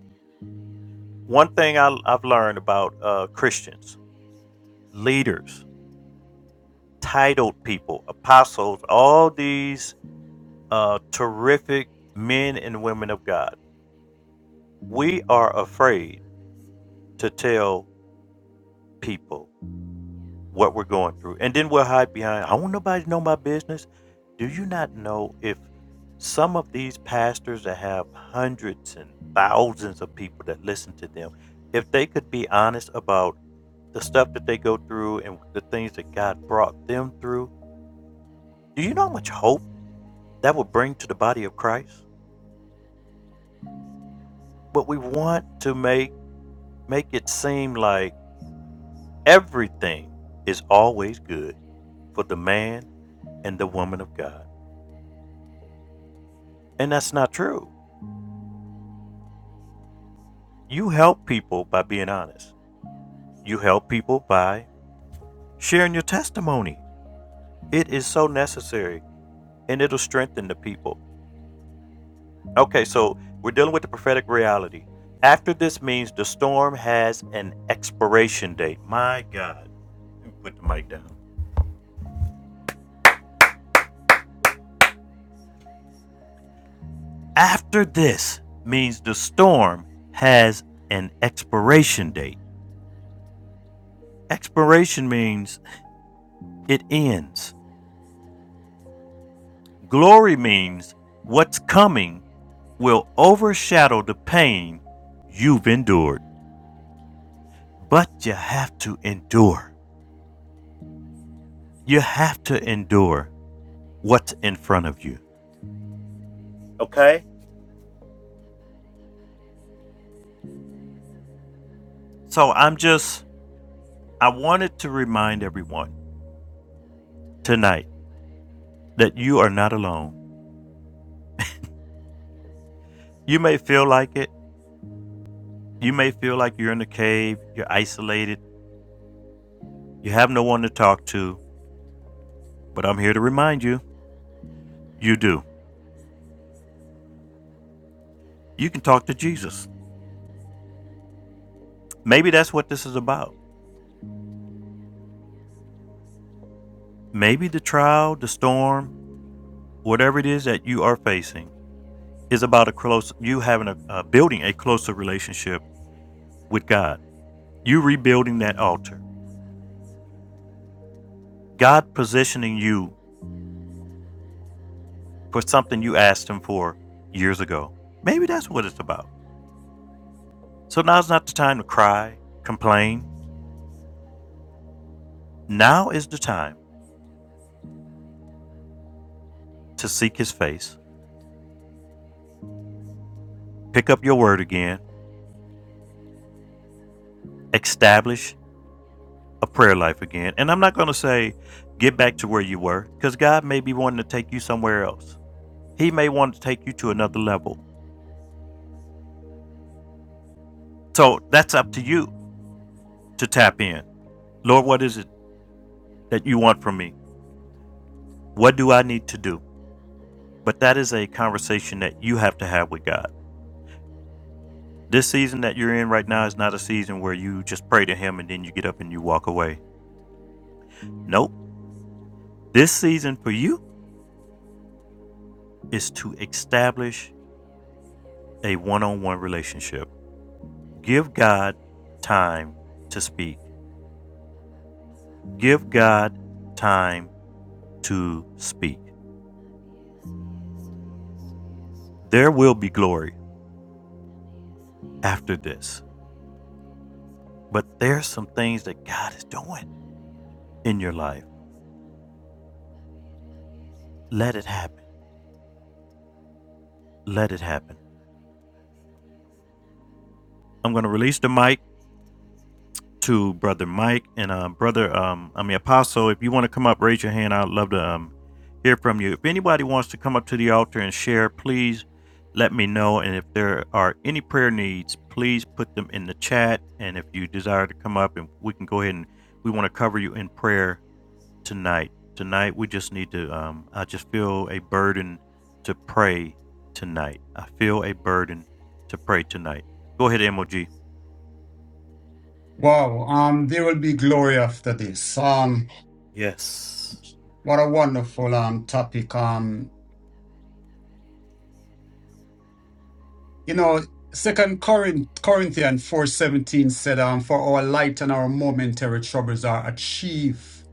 A: One thing I, I've learned about uh, Christians, leaders, titled people, apostles, all these uh, terrific men and women of God. We are afraid to tell people what we're going through. And then we'll hide behind, I want nobody to know my business. Do you not know if some of these pastors that have hundreds and thousands of people that listen to them, if they could be honest about the stuff that they go through and the things that God brought them through, do you know how much hope that would bring to the body of Christ? But we want to make make it seem like everything is always good for the man and the woman of God. And that's not true. You help people by being honest, you help people by sharing your testimony. It is so necessary and it'll strengthen the people. Okay, so we're dealing with the prophetic reality. After this means the storm has an expiration date. My God, put the mic down. After this means the storm has an expiration date. Expiration means it ends. Glory means what's coming will overshadow the pain you've endured. But you have to endure. You have to endure what's in front of you. Okay? So I'm just, I wanted to remind everyone tonight that you are not alone. You may feel like it, You may feel like you're in a cave, you're isolated, you have no one to talk to, but I'm here to remind you you do. You can talk to Jesus. Maybe that's what this is about. Maybe the trial, the storm, whatever it is that you are facing is about a close you having a uh, building a closer relationship with God. You rebuilding that altar. God positioning you for something you asked him for years ago. Maybe that's what it's about. So now's not the time to cry, complain. Now is the time to seek his face, pick up your word again, establish a prayer life again. And I'm not going to say get back to where you were because God may be wanting to take you somewhere else. He may want to take you to another level. So that's up to you to tap in. Lord, what is it that you want from me? What do I need to do? But that is a conversation that you have to have with God. This season that you're in right now is not a season where you just pray to Him and then you get up and you walk away. Nope. This season for you is to establish a one on one relationship. Give God time to speak. Give God time to speak. There will be glory after this, but there's some things that God is doing in your life. Let it happen. Let it happen. I'm going to release the mic to brother Mike and uh, brother um I mean Apostle. If you want to come up, raise your hand. I'd love to um hear from you. If anybody wants to come up to the altar and share, please let me know. And if there are any prayer needs, please put them in the chat. And if you desire to come up, and we can go ahead and we want to cover you in prayer tonight. Tonight we just need to. Um, I just feel a burden to pray tonight. I feel a burden to pray tonight. Go ahead, MOG.
C: Wow, um, there will be glory after this. Um,
A: Yes.
C: what a wonderful um topic. Um, You know, Second Corinth, Corinthians four seventeen said, um, "For our light and our momentary troubles are achieve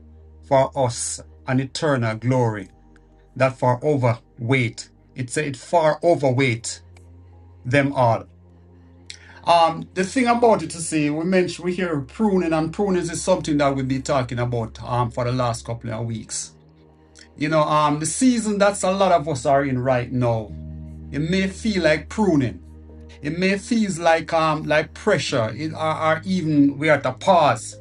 C: for us an eternal glory that far overweight. It said it far overweight them all." Um, the thing about it to see, we mentioned we hear pruning, and pruning is something that we've been talking about um for the last couple of weeks. You know, um, the season that's a lot of us are in right now, it may feel like pruning It may feel like um like pressure, it, or, or even we're at a pause.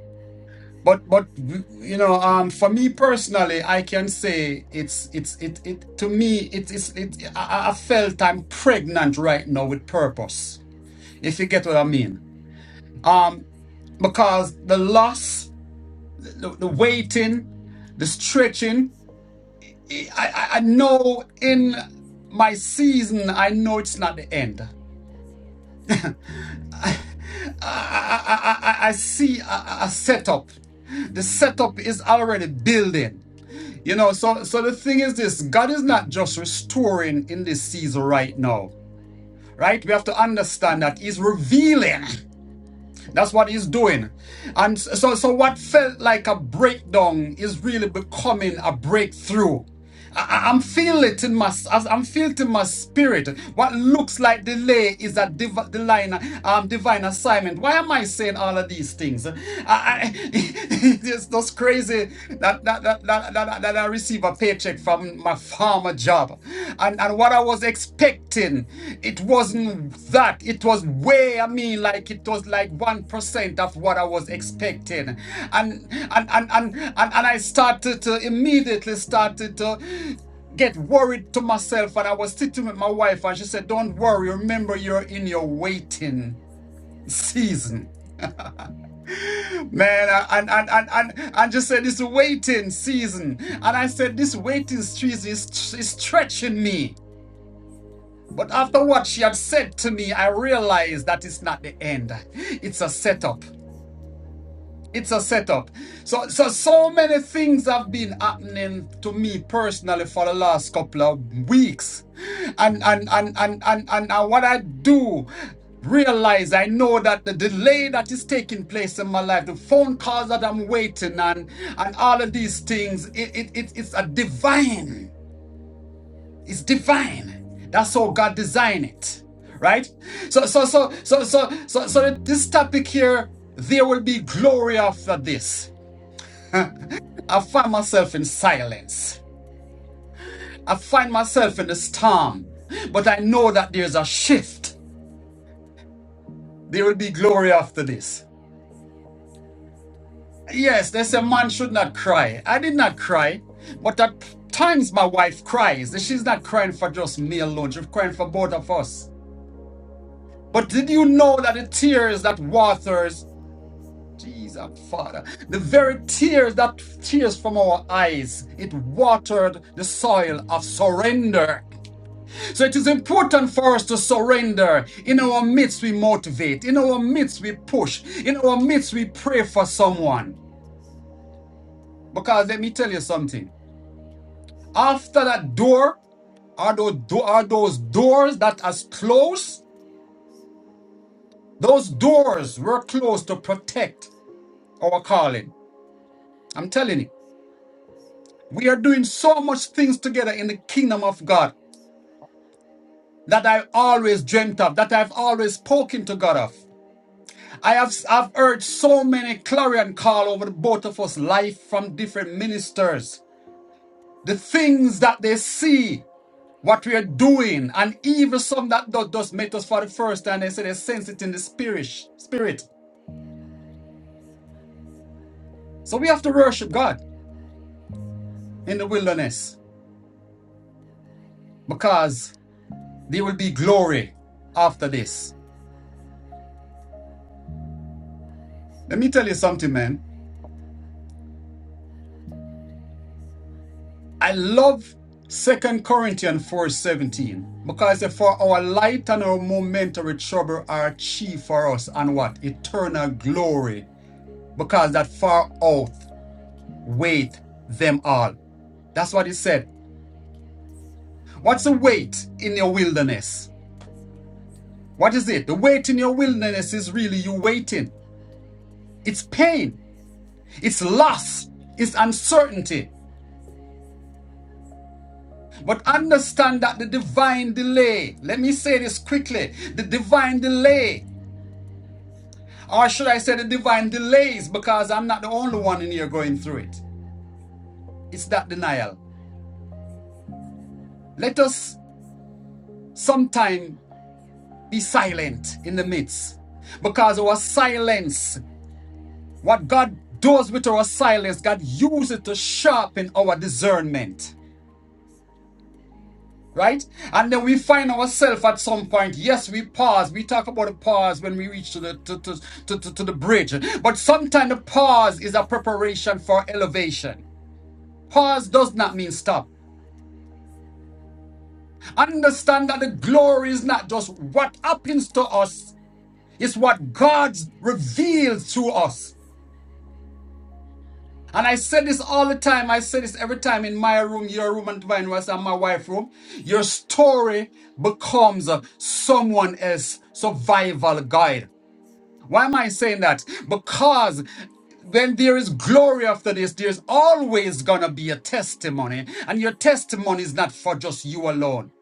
C: But but you know um for me personally, I can say it's it's it it to me it is it I, I felt I'm pregnant right now with purpose. If you get what I mean, um because the loss, the, the waiting, the stretching, I, I I know in my season, I know it's not the end. I, I, I, I I see a a setup. the setup is already building you know so so the thing is this god is not just restoring in this season right now right we have to understand that he's revealing that's what he's doing and so so what felt like a breakdown is really becoming a breakthrough I feel in my, feel to my spirit What's like delay is a div- divine, um, divine assignment. Why am I saying all things? it's just crazy that that, that, that, that that I receive a paycheck from my former job. And and what I was expecting, it wasn't that. It, eh, I mean, like it was like one percent of what I was expecting. And and and and and, and I started to immediately started to get worried to myself and I was sitting with my wife and she said, Don't worry, remember you're in your waiting season. Man, and and and and and just said this waiting season, and I said this waiting season is, is stretching me. But after what she had said to me, I realized that it's not the end. It's a setup. It's a setup. So, so, so many things have been happening to me personally for the last couple of weeks, and and and and and and, and what I do realize I know that the delay that is taking place in my life, the phone calls that I'm waiting on, and all of these things, it, it, it it's a divine. It's divine. That's how God designed it. Right? So so so so so so so this topic here, there will be glory after this I find myself in silence. I find myself in the storm. But I know that there's a shift. There will be glory after this. Yes, they say man should not cry. I did not cry. But at times my wife cries. She's not crying for just me alone. She's crying for both of us. But did you know that the tears that waters, Jesus, Father, the very tears that tears from our eyes, it watered the soil of surrender. So it is important for us to surrender. In our midst, we motivate. In our midst, we push. In our midst, we pray for someone. Because let me tell you something. After that door, are those, do- are those doors that are closed? Those doors were closed to protect our calling. I'm telling you, we are doing so much things together in the kingdom of God that I always dreamt of, that I've always spoken to God of. I have I've heard so many clarion call over the both of us life from different ministers. The things that they see, what we are doing, and even some that do- does meet us for the first time, they say they sense it in the spirit. Spirit. So we have to worship God in the wilderness because there will be glory after this. Let me tell you something, man I love Second Corinthians four seventeen because for our light and our momentary trouble are chief for us and what eternal glory because that far out wait them all. That's what it said. What's the wait in your wilderness? What is it? The wait in your wilderness is really you waiting. It's pain. It's loss. It's uncertainty. But understand that the divine delay, let me say this quickly the divine delay Or should I say the divine delays, because I'm not the only one in here going through it. It's that denial. Let us sometime be silent in the midst, because our silence, what God does with our silence, God uses it to sharpen our discernment. Right? And then we find ourselves at some point. Yes, we pause. We talk about a pause when we reach to the to, to, to, to, to the bridge. But sometimes the pause is a preparation for elevation. Pause does not mean stop. Understand that the glory is not just what happens to us, it's what God reveals to us. And I say this all the time. I say this every time in my room, your room, and divine was and my wife's room. Your story becomes uh, someone else's survival guide. Why am I saying that? Because when there is glory after this, there's always gonna be a testimony, and your testimony is not for just you alone.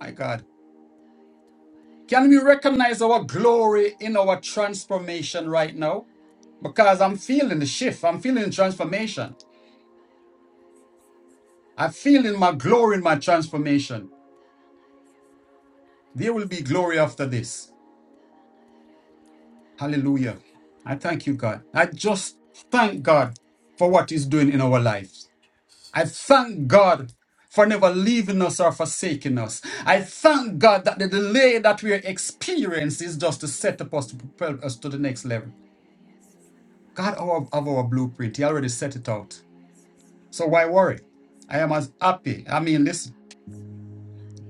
C: My God. Can we recognize our glory in our transformation right now? Because I'm feeling the shift. I'm feeling transformation. I'm feeling my glory in my transformation. There will be glory after this. Hallelujah. I thank you, God. I just thank God for what He's doing in our lives. I thank God for never leaving us or forsaking us. I thank God that the delay that we experience is just to set up us to propel us to the next level. God, our, of our blueprint. He already set it out. So why worry? I am as happy. I mean, listen,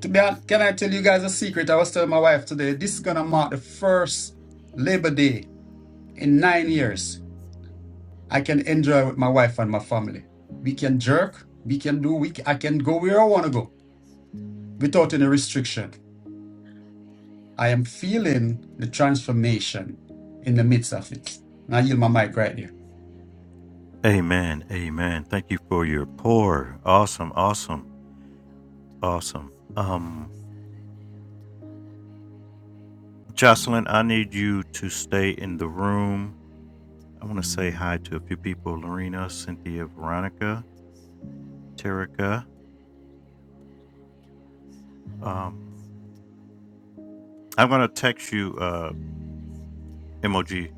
C: to be honest, can I tell you guys a secret? I was telling my wife today, this is going to mark the first Labor Day in nine years. I can enjoy with my wife and my family. We can jerk, we can do, we, I can go where I want to go without any restriction. I am feeling the transformation in the midst of it. And I yield my mic right there.
A: Amen. Amen. Thank you for your pour. Awesome. Awesome. Awesome. Um, Jocelyn, I need you to stay in the room. I want to say hi to a few people Lorena, Cynthia, Veronica, Terica. Um, I'm going to text you, uh, MOG.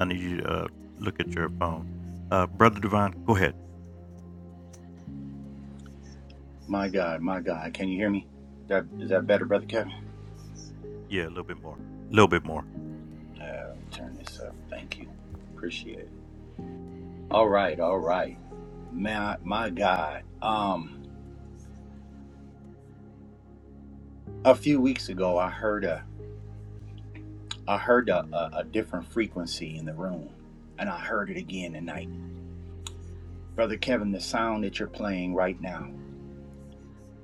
A: I need you to uh, look at your phone. Uh, Brother Divine, go ahead.
B: My God, my God, can you hear me? That, is that better, Brother Kevin?
A: Yeah, a little bit more. A little bit more.
B: Uh, let me turn this up. Thank you. Appreciate it. All right, all right. My my God. Um, a few weeks ago, I heard a I heard a, a, a different frequency in the room, and I heard it again tonight, brother Kevin. The sound that you're playing right now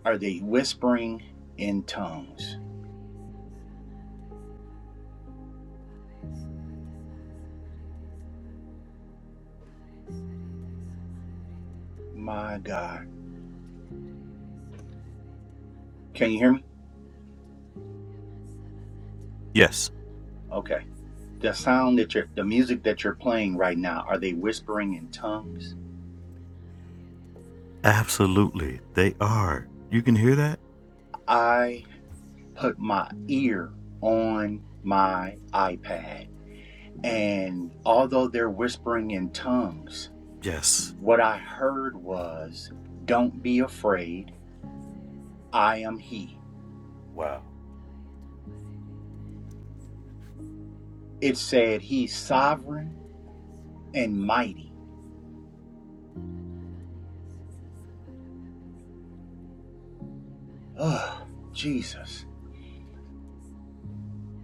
B: are they whispering in tongues? My God, can you hear me?
A: Yes.
B: Okay. The sound that you're, the music that you're playing right now, are they whispering in tongues?
A: Absolutely. They are. You can hear that?
B: put my ear on my iPad. And although they're whispering in tongues,
A: Yes.
B: what I heard was, Don't be afraid, I am He.
A: Wow.
B: It said, He's sovereign and mighty. Oh, Jesus.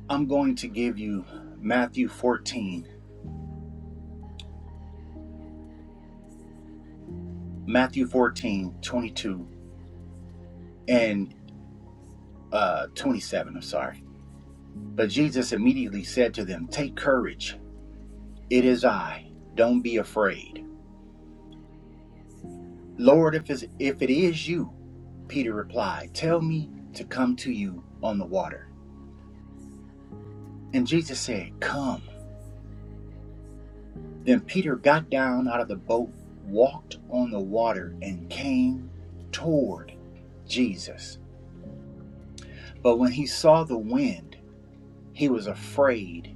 B: I'm going to give you Matthew 14, Matthew fourteen twenty-two and uh, 27. I'm sorry. But Jesus immediately said to them, Take courage, it is I, don't be afraid. Lord, if it's, if it is you, Peter replied, tell me to come to you on the water. And Jesus said, Come. Then Peter got down out of the boat, walked on the water, and came toward Jesus. But when he saw the wind, he was afraid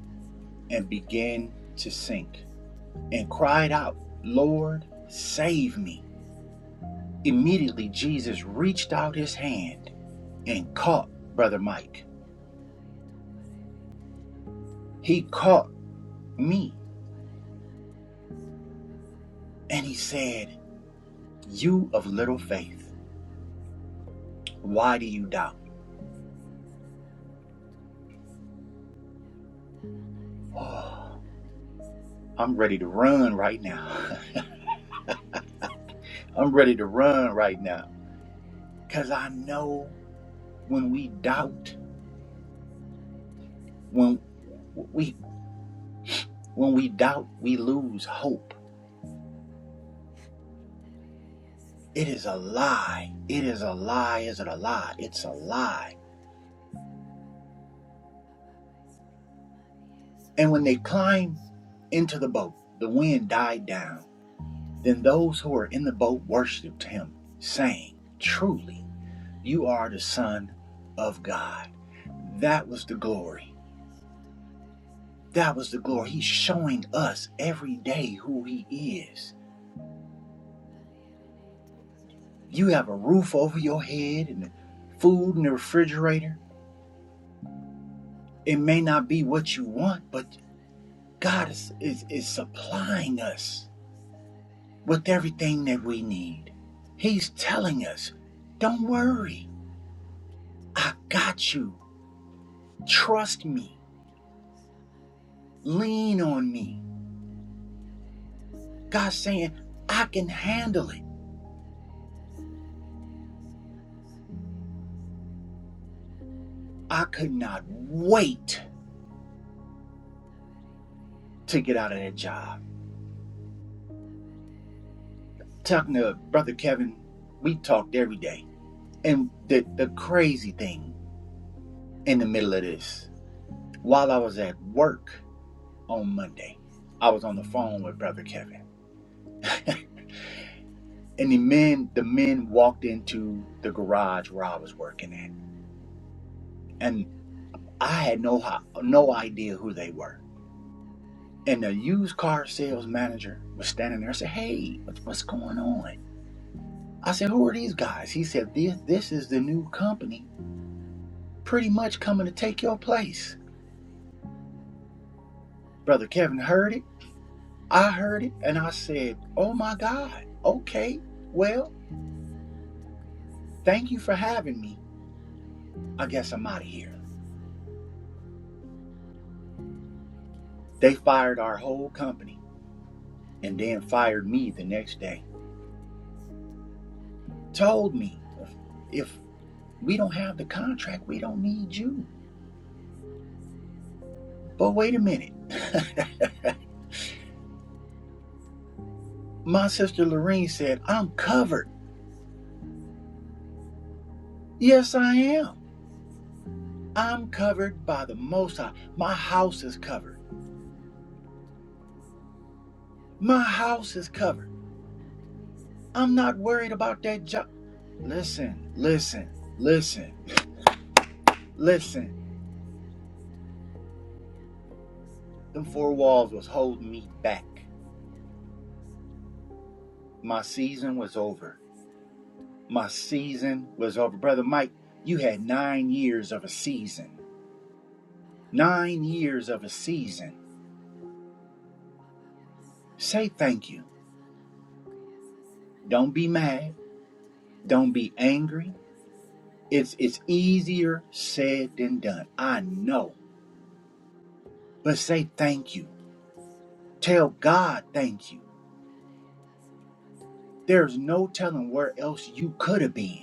B: and began to sink and cried out, Lord, save me. Immediately Jesus reached out his hand and caught Brother Mike. He caught me And he said, You of little faith, why do you doubt? Oh, I'm ready to run right now. I'm ready to run right now. Cause I know when we doubt, when we when we doubt, we lose hope. It is a lie. It is a lie. Is it a lie? It's a lie. And when they climb into the boat, the wind died down. Then those who were in the boat worshipped him, saying, Truly. You are the Son of God. That was the glory. That was the glory. He's showing us every day who He is. You have a roof over your head and food in the refrigerator. It may not be what you want, but God is, is, is supplying us with everything that we need. He's telling us, don't worry. I got you. Trust me. Lean on me. God's saying, I can handle it. I could not wait to get out of that job. Talking to Brother Kevin, we talked every day. And the, the crazy thing in the middle of this, while I was at work on Monday, I was on the phone with Brother Kevin. and the men the men walked into the garage where I was working at. And I had no no idea who they were. And the used car sales manager was standing there. I said, Hey, what's, what's going on? I said, Who are these guys? He said, This, this is the new company pretty much coming to take your place. Brother Kevin heard it. I heard it. And I said, Oh my God. Okay. Well, thank you for having me. I guess I'm out of here. They fired our whole company and then fired me the next day. Told me, if, if we don't have the contract, we don't need you. But wait a minute. My sister Lorene said, I'm covered. Yes, I am. I'm covered by the Most High. My house is covered. My house is covered. I'm not worried about that job. Listen, listen, listen, listen. Them four walls was holding me back. My season was over. My season was over. Brother Mike, you had nine years of a season. Nine years of a season. Say thank you. Don't be mad. Don't be angry. It's it's easier said than done. I know. but say thank you. Tell God thank you. There's no telling where else you could have been.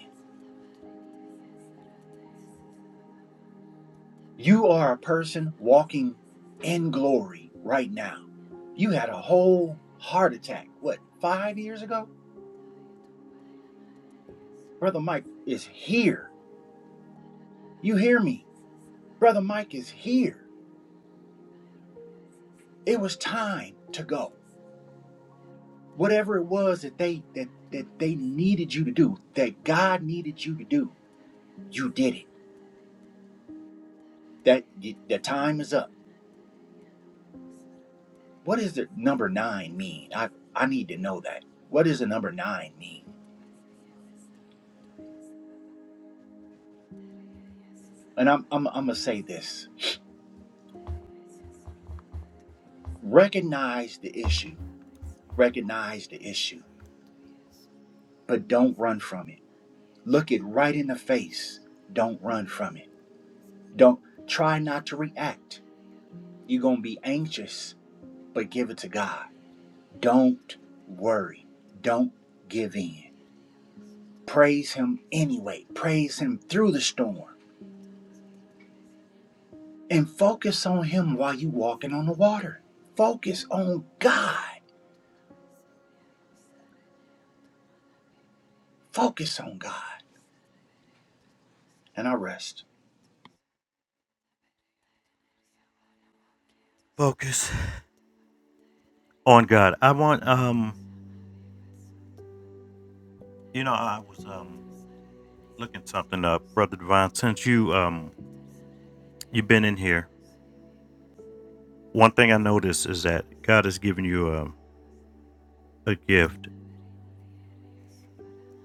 B: You are a person walking in glory right now. You had a whole heart attack, what, five years ago? Brother Mike is here. You hear me? Brother Mike is here. It was time to go. Whatever it was that they that that they needed you to do, that God needed you to do, you did it. That the time is up What does the number nine mean? I I need to know that. What does the number nine mean? And I'm I'm I'm gonna say this. Recognize the issue. Recognize the issue, but don't run from it. Look it right in the face. Don't run from it. Don't try not to react. You're gonna be anxious, but give it to God. Don't worry. Don't give in. Praise Him anyway. Praise Him through the storm. and focus on him while you walking on the water. Focus on God. Focus on God. And I rest.
A: Focus. On God, I want um, you know, I was um looking something up, brother Divine. Since you um you've been in here, one thing I noticed is that God has given you a a gift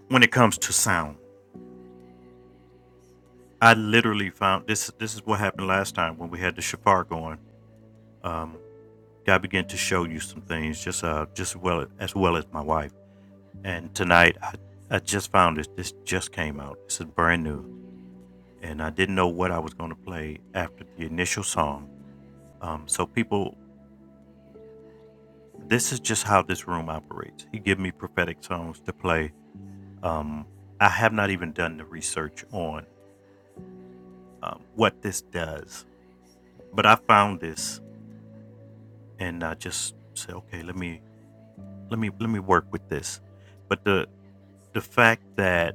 A: when it comes to sound. I literally found this. This is what happened last time when we had the shafar going. Um, God began to show you some things, just uh, just well as well as my wife. And tonight, I I just found this. This just came out. This is brand new, and I didn't know what I was going to play after the initial song Um, so people, this is just how this room operates. He give me prophetic songs to play. Um, I have not even done the research on um, what this does, but I found this and I just said, okay, let me let me let me work with this. But the the fact that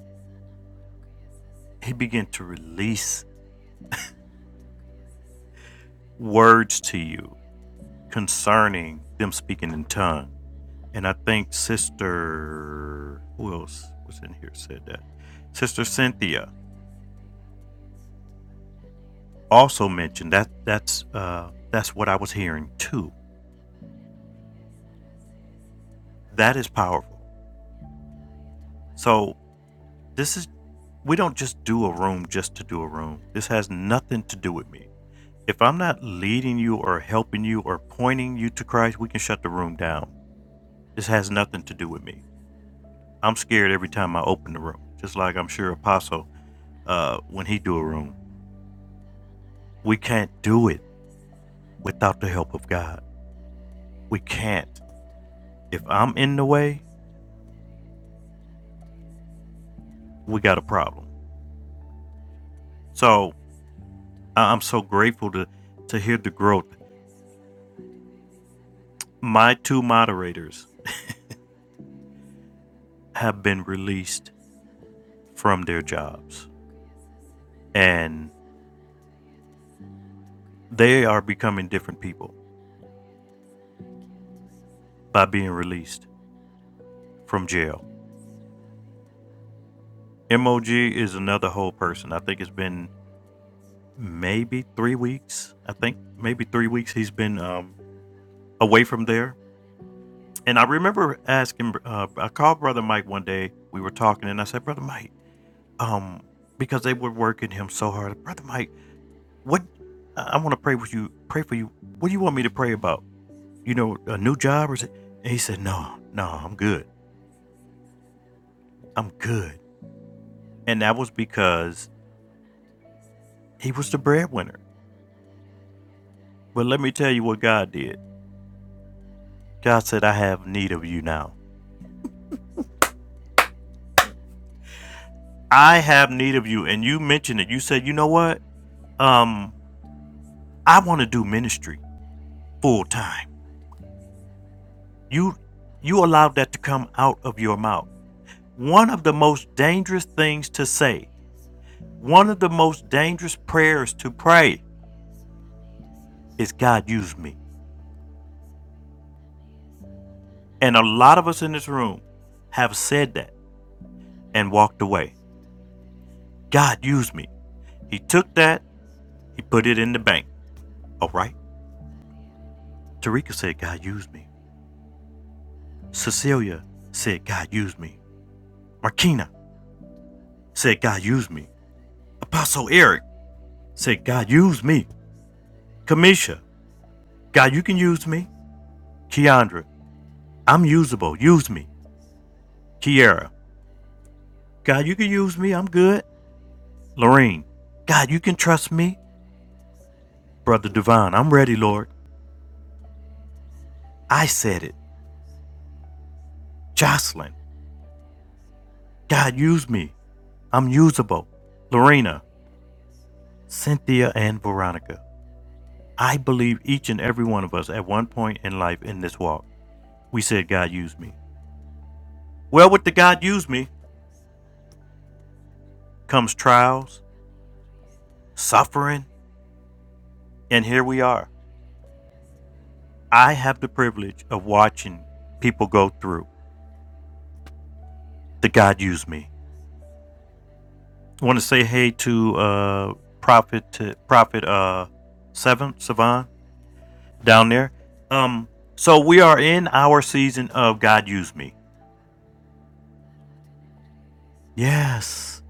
A: he began to release words to you concerning them speaking in tongue, and I think sister who else was in here said that sister Cynthia also mentioned. That that's uh, that's what I was hearing too. That is powerful. So this is we don't just do a room just to do a room. This has nothing to do with me. If I'm not leading you or helping you or pointing you to Christ, we can shut the room down. This has nothing to do with me. I'm scared every time I open the room, just like I'm sure Apostle uh, when he do a room. We can't do it without the help of God. We can't. If I'm in the way, we got a problem. So I- I'm so grateful to, to hear the growth. My two moderators have been released from their jobs, and they are becoming different people by being released from jail. MOG is another whole person. I think it's been maybe three weeks. I think maybe three weeks he's been um, away from there. And I remember asking, uh, I called Brother Mike one day. We were talking, and I said, Brother Mike, um, because they were working him so hard, Brother Mike, What? I want to pray with you. Pray for you. What do you want me to pray about? You know, a new job or something? And he said, No, no, I'm good. I'm good. And that was because he was the breadwinner. But let me tell you what God did. God said, I have need of you now. I have need of you. And you mentioned it. You said, you know what? Um, I want to do ministry full time. You you allowed that to come out of your mouth. One of the most dangerous things to say One of the most dangerous prayers to pray is God use me. And a lot of us in this room have said that and walked away. God use me. He took that, he put it in the bank. All right. Tarika said, God use me. Cecilia said, God use me. Markina said, God use me. Apostle Eric said, God use me. Kamisha, God, you can use me. Keandra, I'm usable. Use me. Kiara, God, you can use me. I'm good. Lorene, God, you can trust me. Brother Devon, I'm ready, Lord. I said it. Jocelyn, God, use me. I'm usable. Lorena, Cynthia, and Veronica. I believe each and every one of us at one point in life in this walk, we said, God, use me. Well, with the God, use me comes trials, suffering, and here we are. I have the privilege of watching people go through the God, use me. Want to say hey to uh Prophet to Prophet uh Seven Savan down there. Um, so we are in our season of God Use Me. Yes.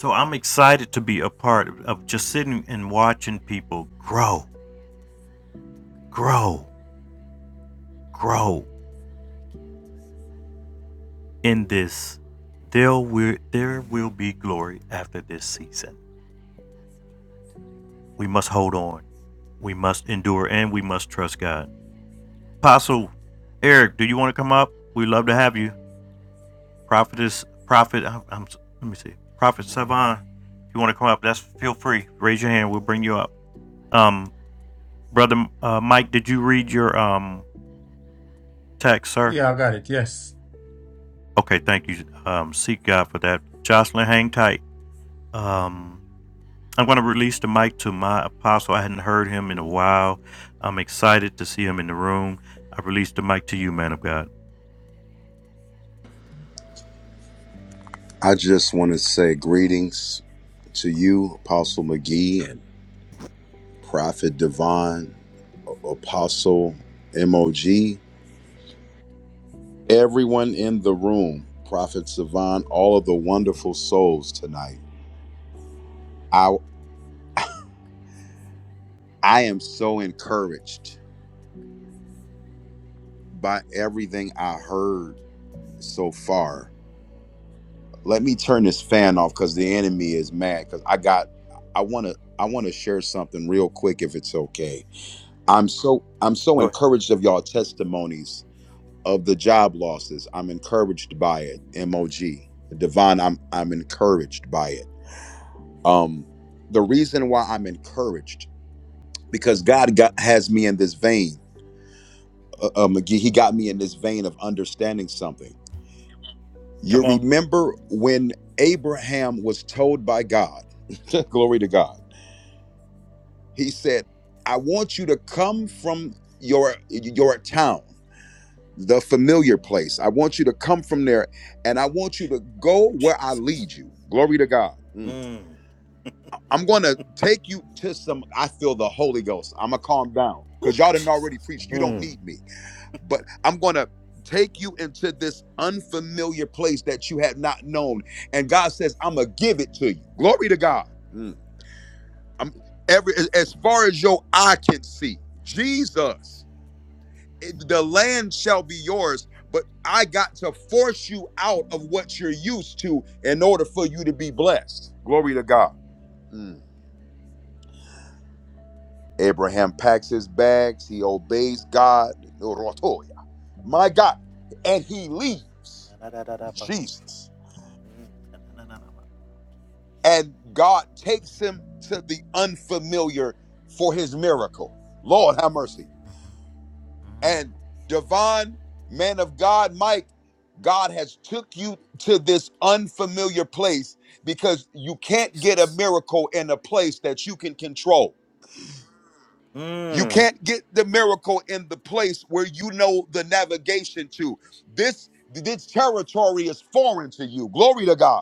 A: So I'm excited to be a part of just sitting and watching people grow, grow, grow in this. There will there will be glory after this season. We must hold on. We must endure and we must trust God. Apostle Eric, do you want to come up? we love to have you. Prophetess, prophet, I'm, I'm, let me see. Prophet Savon, if you want to come up, that's feel free. Raise your hand. We'll bring you up. Um, brother uh, Mike, did you read your um text, sir?
C: Yeah, I got it. Yes.
A: Okay, thank you. Um, seek God for that. Jocelyn, hang tight. Um, I'm going to release the mic to my apostle. I hadn't heard him in a while. I'm excited to see him in the room. I release the mic to you, man of God.
D: I just want to say greetings to you, Apostle McGee and Prophet Devon, A- Apostle MOG, everyone in the room, Prophet Savon, all of the wonderful souls tonight. I I am so encouraged by everything I heard so far. Let me turn this fan off because the enemy is mad because I got I wanna I wanna share something real quick if it's okay. I'm so I'm so encouraged of y'all testimonies of the job losses. I'm encouraged by it. MOG. Devon, I'm I'm encouraged by it. Um the reason why I'm encouraged because God got, has me in this vein. Uh, uh, McGee, he got me in this vein of understanding something. You
A: Come on.
D: remember when Abraham was told by God, glory to God. He said, "I want you to come from your your town the familiar place. I want you to come from there and I want you to go
A: Oh,
D: where I
A: Jesus.
D: lead you. Glory to God. Mm.
A: Mm.
D: I'm going to take you to some. I feel the Holy Ghost. I'm going to calm down
A: Oh,
D: because y'all didn't already
A: Jesus.
D: preach. You don't
A: Mm.
D: need me. But I'm going to take you into this unfamiliar place that you had not known. And God says, I'm going to give it to you. Glory to God. Mm. I'm, every, as as far as your eye can see, Jesus. it- the land shall be yours, but I got to force you out of what you're used to in order for you to be blessed. Glory to God. Mm. Abraham packs his bags, he obeys God, Rotoya, my God, and he leaves Jesus. And God takes him to the unfamiliar for his miracle. Lord have mercy. and Devon, man of God, Mike, God has took you to this unfamiliar place because you can't get a
A: Jesus.
D: miracle in a place that you can control. You
A: Mm.
D: can't get the miracle in the place where you know the navigation to. This this territory is foreign to you. Glory to God.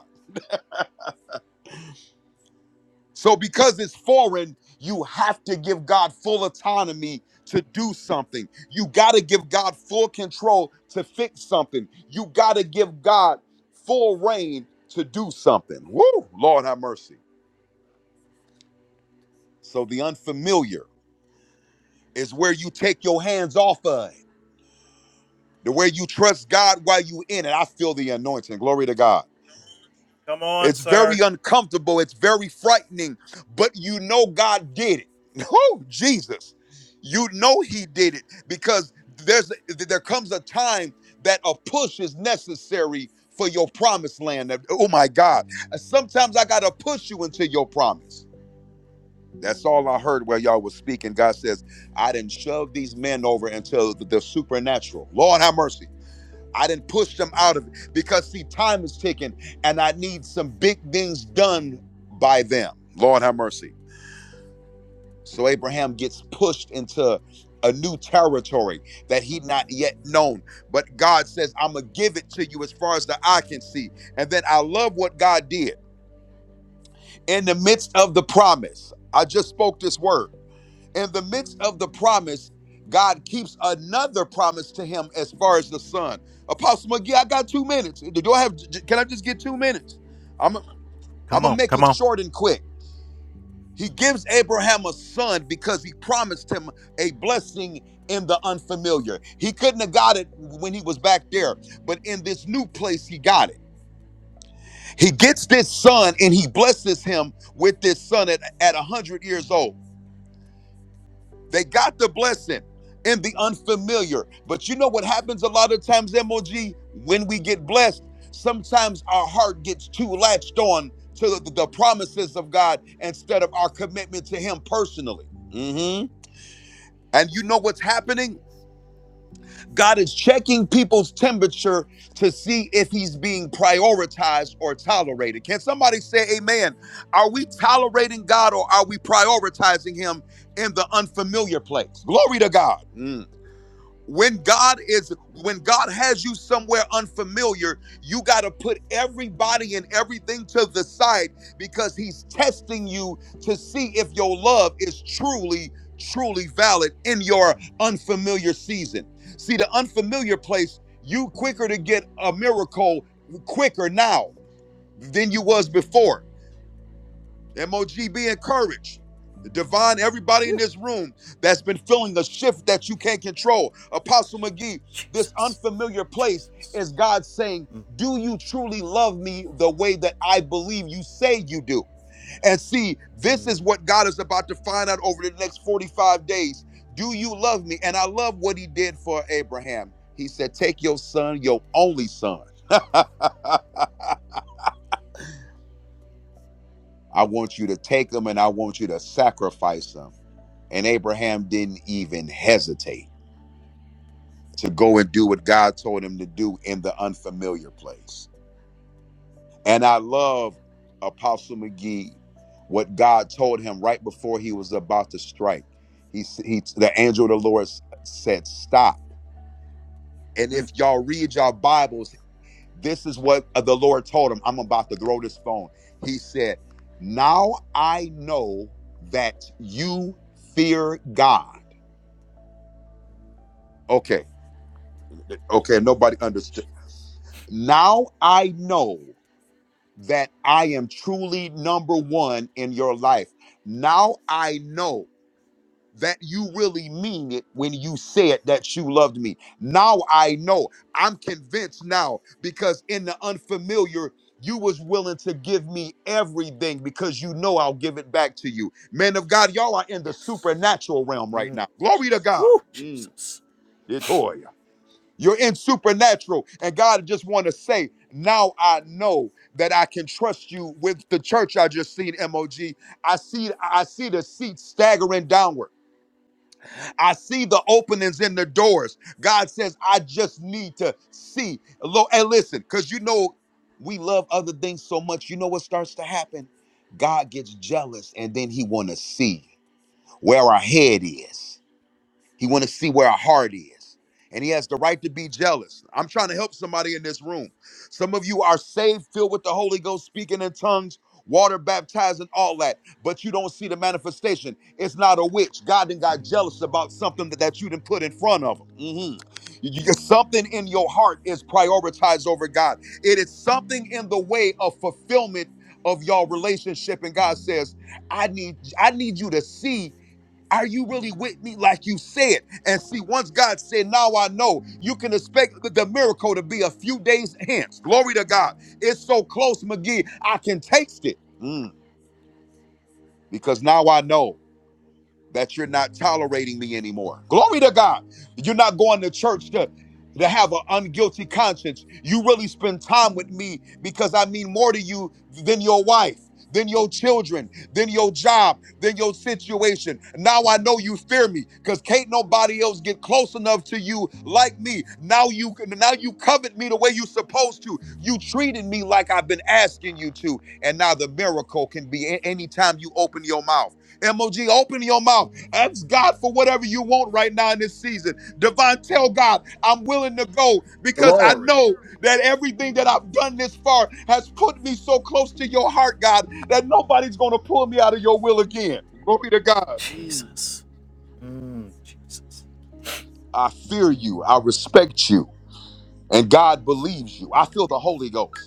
D: So, because it's foreign, you have to give God full autonomy to do something. You got to give God full control to fix something. You got to give God full reign to do something. Woo! Lord have mercy. So, the unfamiliar is where you take your hands off of it, the way you trust God while you in it. I feel the anointing. Glory to God.
A: Come on,
D: It's very
A: sir.
D: uncomfortable. It's very frightening, but you know God did it. Oh, Jesus. You know he did it because there's there comes a time that a push is necessary for your promised land. Oh my God. Sometimes I got to push you into your promise. That's all I heard while y'all was speaking. God says, I didn't shove these men over into the supernatural. Lord have mercy. I didn't push them out of it because see, time is ticking and I need some big things done by them. Lord have mercy. So Abraham gets pushed into a new territory that he not yet known. But God says, I'm gonna give it to you as far as the eye can see. And then I love what God did in the midst of the promise. I just spoke this word in the midst of the promise, God keeps another promise to him as far as the son. Apostle McGee, I got two minutes. Do I have? Can I just get two minutes? I'm I'm
A: Come
D: gonna
A: on,
D: make
A: come
D: it
A: on.
D: short and quick. He gives Abraham a son because he promised him a blessing in the unfamiliar. He couldn't have got it when he was back there, but in this new place, he got it. He gets this son and he blesses him with this son at, at 100 years old. They got the blessing in the unfamiliar. But you know what happens a lot of times, MOG, when we get blessed, sometimes our heart gets too latched on to the, the promises of God instead of our commitment to Him personally. Mhm. And you know what's happening? God is checking people's temperature to see if He's being prioritized or tolerated. Can somebody say, Amen? Are we tolerating God or are we prioritizing Him in the unfamiliar place. Glory to God. Mm when god is when god has you somewhere unfamiliar you got to put everybody and everything to the side because he's testing you to see if your love is truly truly valid in your unfamiliar season see the unfamiliar place you quicker to get a miracle quicker now than you was before MOG, be encouraged. Divine, everybody in this room that's been feeling a shift that you can't control. Apostle McGee, this unfamiliar place is God saying, Do you truly love me the way that I believe you say you do? And see, this is what God is about to find out over the next 45 days. Do you love me? And I love what he did for Abraham. He said, Take your son, your only son. I want you to take them and I want you to sacrifice them. And Abraham didn't even hesitate to go and do what God told him to do in the unfamiliar place. And I love Apostle McGee, what God told him right before he was about to strike. He, s- he the angel of the Lord s- said, Stop. And if y'all read your Bibles, This is what uh, the Lord told him. I'm about to throw this phone. He said, Now I know that you fear God. Okay. Okay. Nobody understood. Now I know that I am truly number one in your life. Now I know that you really mean it when you said that you loved me. Now I know. I'm convinced now because in the unfamiliar, you was willing to give me everything because you know I'll give it back to you. Man of God, y'all are in the supernatural realm right now. Glory to God. Mm, Latoya. You're in supernatural, and God just want to say, now I know that I can trust you with the church I just seen, MOG. I see, I see the seat staggering downward. I see the openings in the doors. God says, I just need to see. Lord, and listen, because you know we love other things so much. You know what starts to happen? God gets jealous and then he wanna see where our head is. He want to see where our heart is. And he has the right to be jealous. I'm trying to help somebody in this room. Some of you are saved, filled with the Holy Ghost, speaking in tongues, water baptized, and all that, but you don't see the manifestation. It's not a witch. God then got jealous about something that, that you didn't put in front of him. Mhm. You- you- something in your heart is prioritized over God. It is something in the way of fulfillment of your relationship. And God says, I need, I need you to see are you really with me like you said? And see, once God said, Now I know, you can expect the miracle to be a few days hence. Glory to God. It's so close, McGee. I can taste it Mm, because now I know that you're not tolerating me anymore. Glory to God. You're not going to church to, to have an unguilty conscience. You really spend time with me because I mean more to you than your wife, than your children, than your job, than your situation. Now I know you fear me because can't nobody else get close enough to you like me. Now you now you covet me the way you supposed to. You treated me like I've been asking you to. And now the miracle can be a- anytime you open your mouth. MOG, open your mouth. Ask God for whatever you want right now in this season. Divine, tell God, I'm willing to go because I
B: Glory,
D: know that everything that I've done this far has put me so close to your heart, God, that nobody's going to pull me out of your will again. Glory to God. Mm. I fear you. I respect you. And God believes you. I feel the Holy Ghost.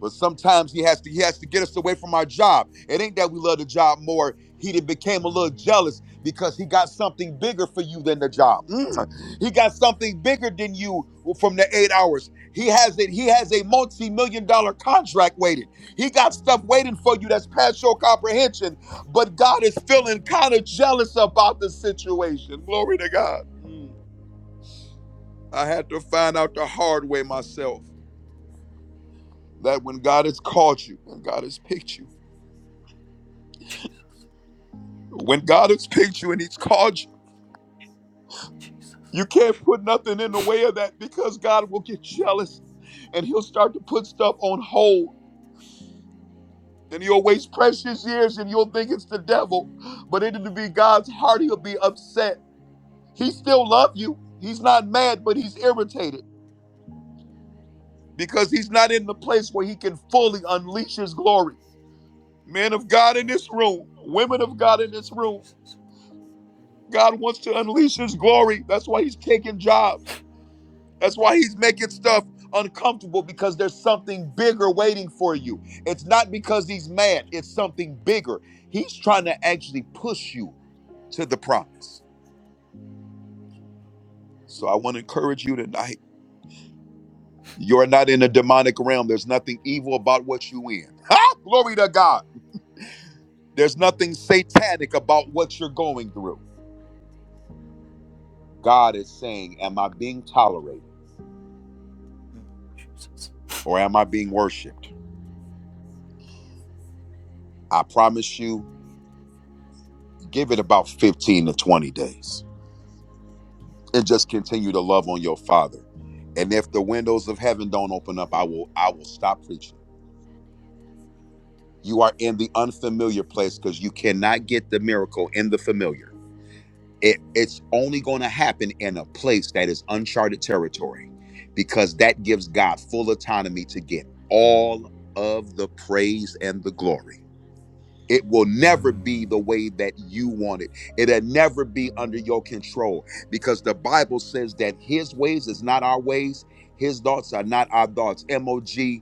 D: But sometimes he has to he has to get us away from our job. It ain't that we love the job more. He became a little jealous because he got something bigger for you than the job. Mm. He got something bigger than you from the eight hours. He has it. He has a multi-million dollar contract waiting. He got stuff waiting for you that's past your comprehension. But God is feeling kind of jealous about the situation. Glory to God. Mm. I had to find out the hard way myself that when God has called you and God has picked you When God has picked you and He's called you, you can't put nothing in the way of that because God will get jealous and He'll start to put stuff on hold. And you'll waste precious years and you'll think it's the devil. But it'll be God's heart. He'll be upset. He still loves you. He's not mad, but he's irritated because he's not in the place where he can fully unleash his glory. Men of God in this room, women of God in this room, God wants to unleash his glory. That's why he's taking jobs. That's why he's making stuff uncomfortable because there's something bigger waiting for you. It's not because he's mad, it's something bigger. He's trying to actually push you to the promise. So I want to encourage you tonight. You're not in a demonic realm. There's nothing evil about what you in. Ha! Glory to God. There's nothing satanic about what you're going through. God is saying, Am I being tolerated
A: Jesus.
D: or am I being worshiped? I promise you, give it about 15 to 20 days and just continue to love on your father. And if the windows of heaven don't open up, I will I will stop preaching. You are in the unfamiliar place because you cannot get the miracle in the familiar. It, it's only going to happen in a place that is uncharted territory because that gives God full autonomy to get all of the praise and the glory. It will never be the way that you want it. It'll never be under your control because the Bible says that his ways is not our ways, his thoughts are not our thoughts. MOG,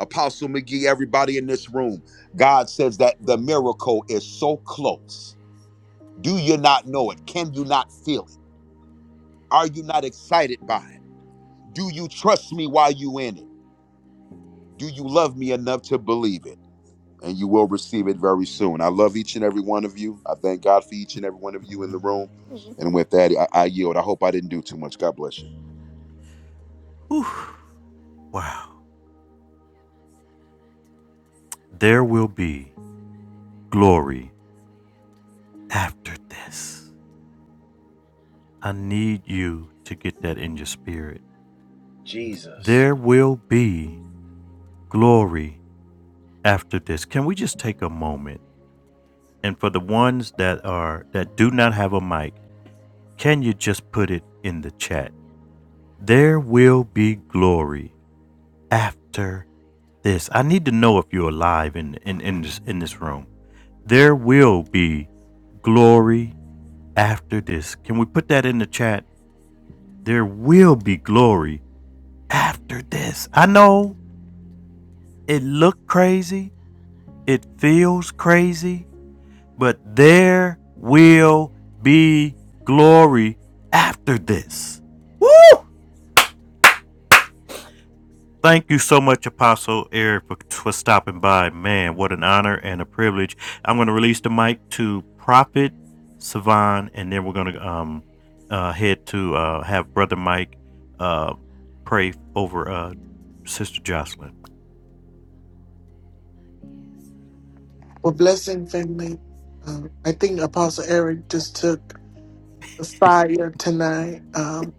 D: Apostle McGee, everybody in this room, God says that the miracle is so close. Do you not know it? Can you not feel it? Are you not excited by it? Do you trust me while you in it? Do you love me enough to believe it? and you will receive it very soon. I love each and every one of you. I thank God for each and every one of you in the room. And with that, I, I yield. I hope I didn't do too much. God bless you.
A: Whew. Wow. There will be glory after this. I need you to get that in your spirit.
B: Jesus.
A: There will be glory after this. Can we just take a moment? And for the ones that are that do not have a mic, can you just put it in the chat? There will be glory after this. I need to know if you're alive in in in this in this room. There will be glory after this. Can we put that in the chat? There will be glory after this. I know it looked crazy, it feels crazy, but there will be glory after this. Thank you so much, Apostle Eric, for, for stopping by. Man, what an honor and a privilege. I'm going to release the mic to Prophet Savon, and then we're going to um, uh, head to uh, have Brother Mike uh, pray over uh, Sister Jocelyn.
E: Well, blessing family. Um, I think Apostle Eric just took the fire tonight. Um,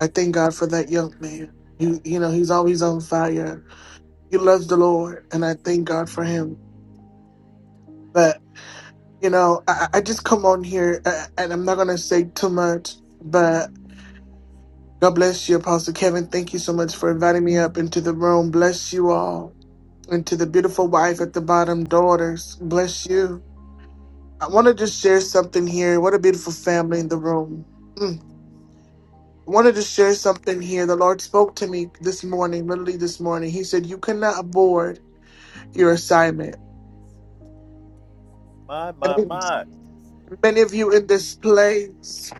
E: I thank God for that young man. You you know he's always on fire. He loves the Lord, and I thank God for him. But you know I, I I just come on here, uh, and I'm not gonna say too much. But God bless you, Apostle Kevin. Thank you so much for inviting me up into the room. Bless you all, and to the beautiful wife at the bottom, daughters. Bless you. I want to just share something here. What a beautiful family in the room. Mm. I wanted to share something here. The Lord spoke to me this morning, literally this morning. He said, You cannot abort your assignment. And many of you in this place,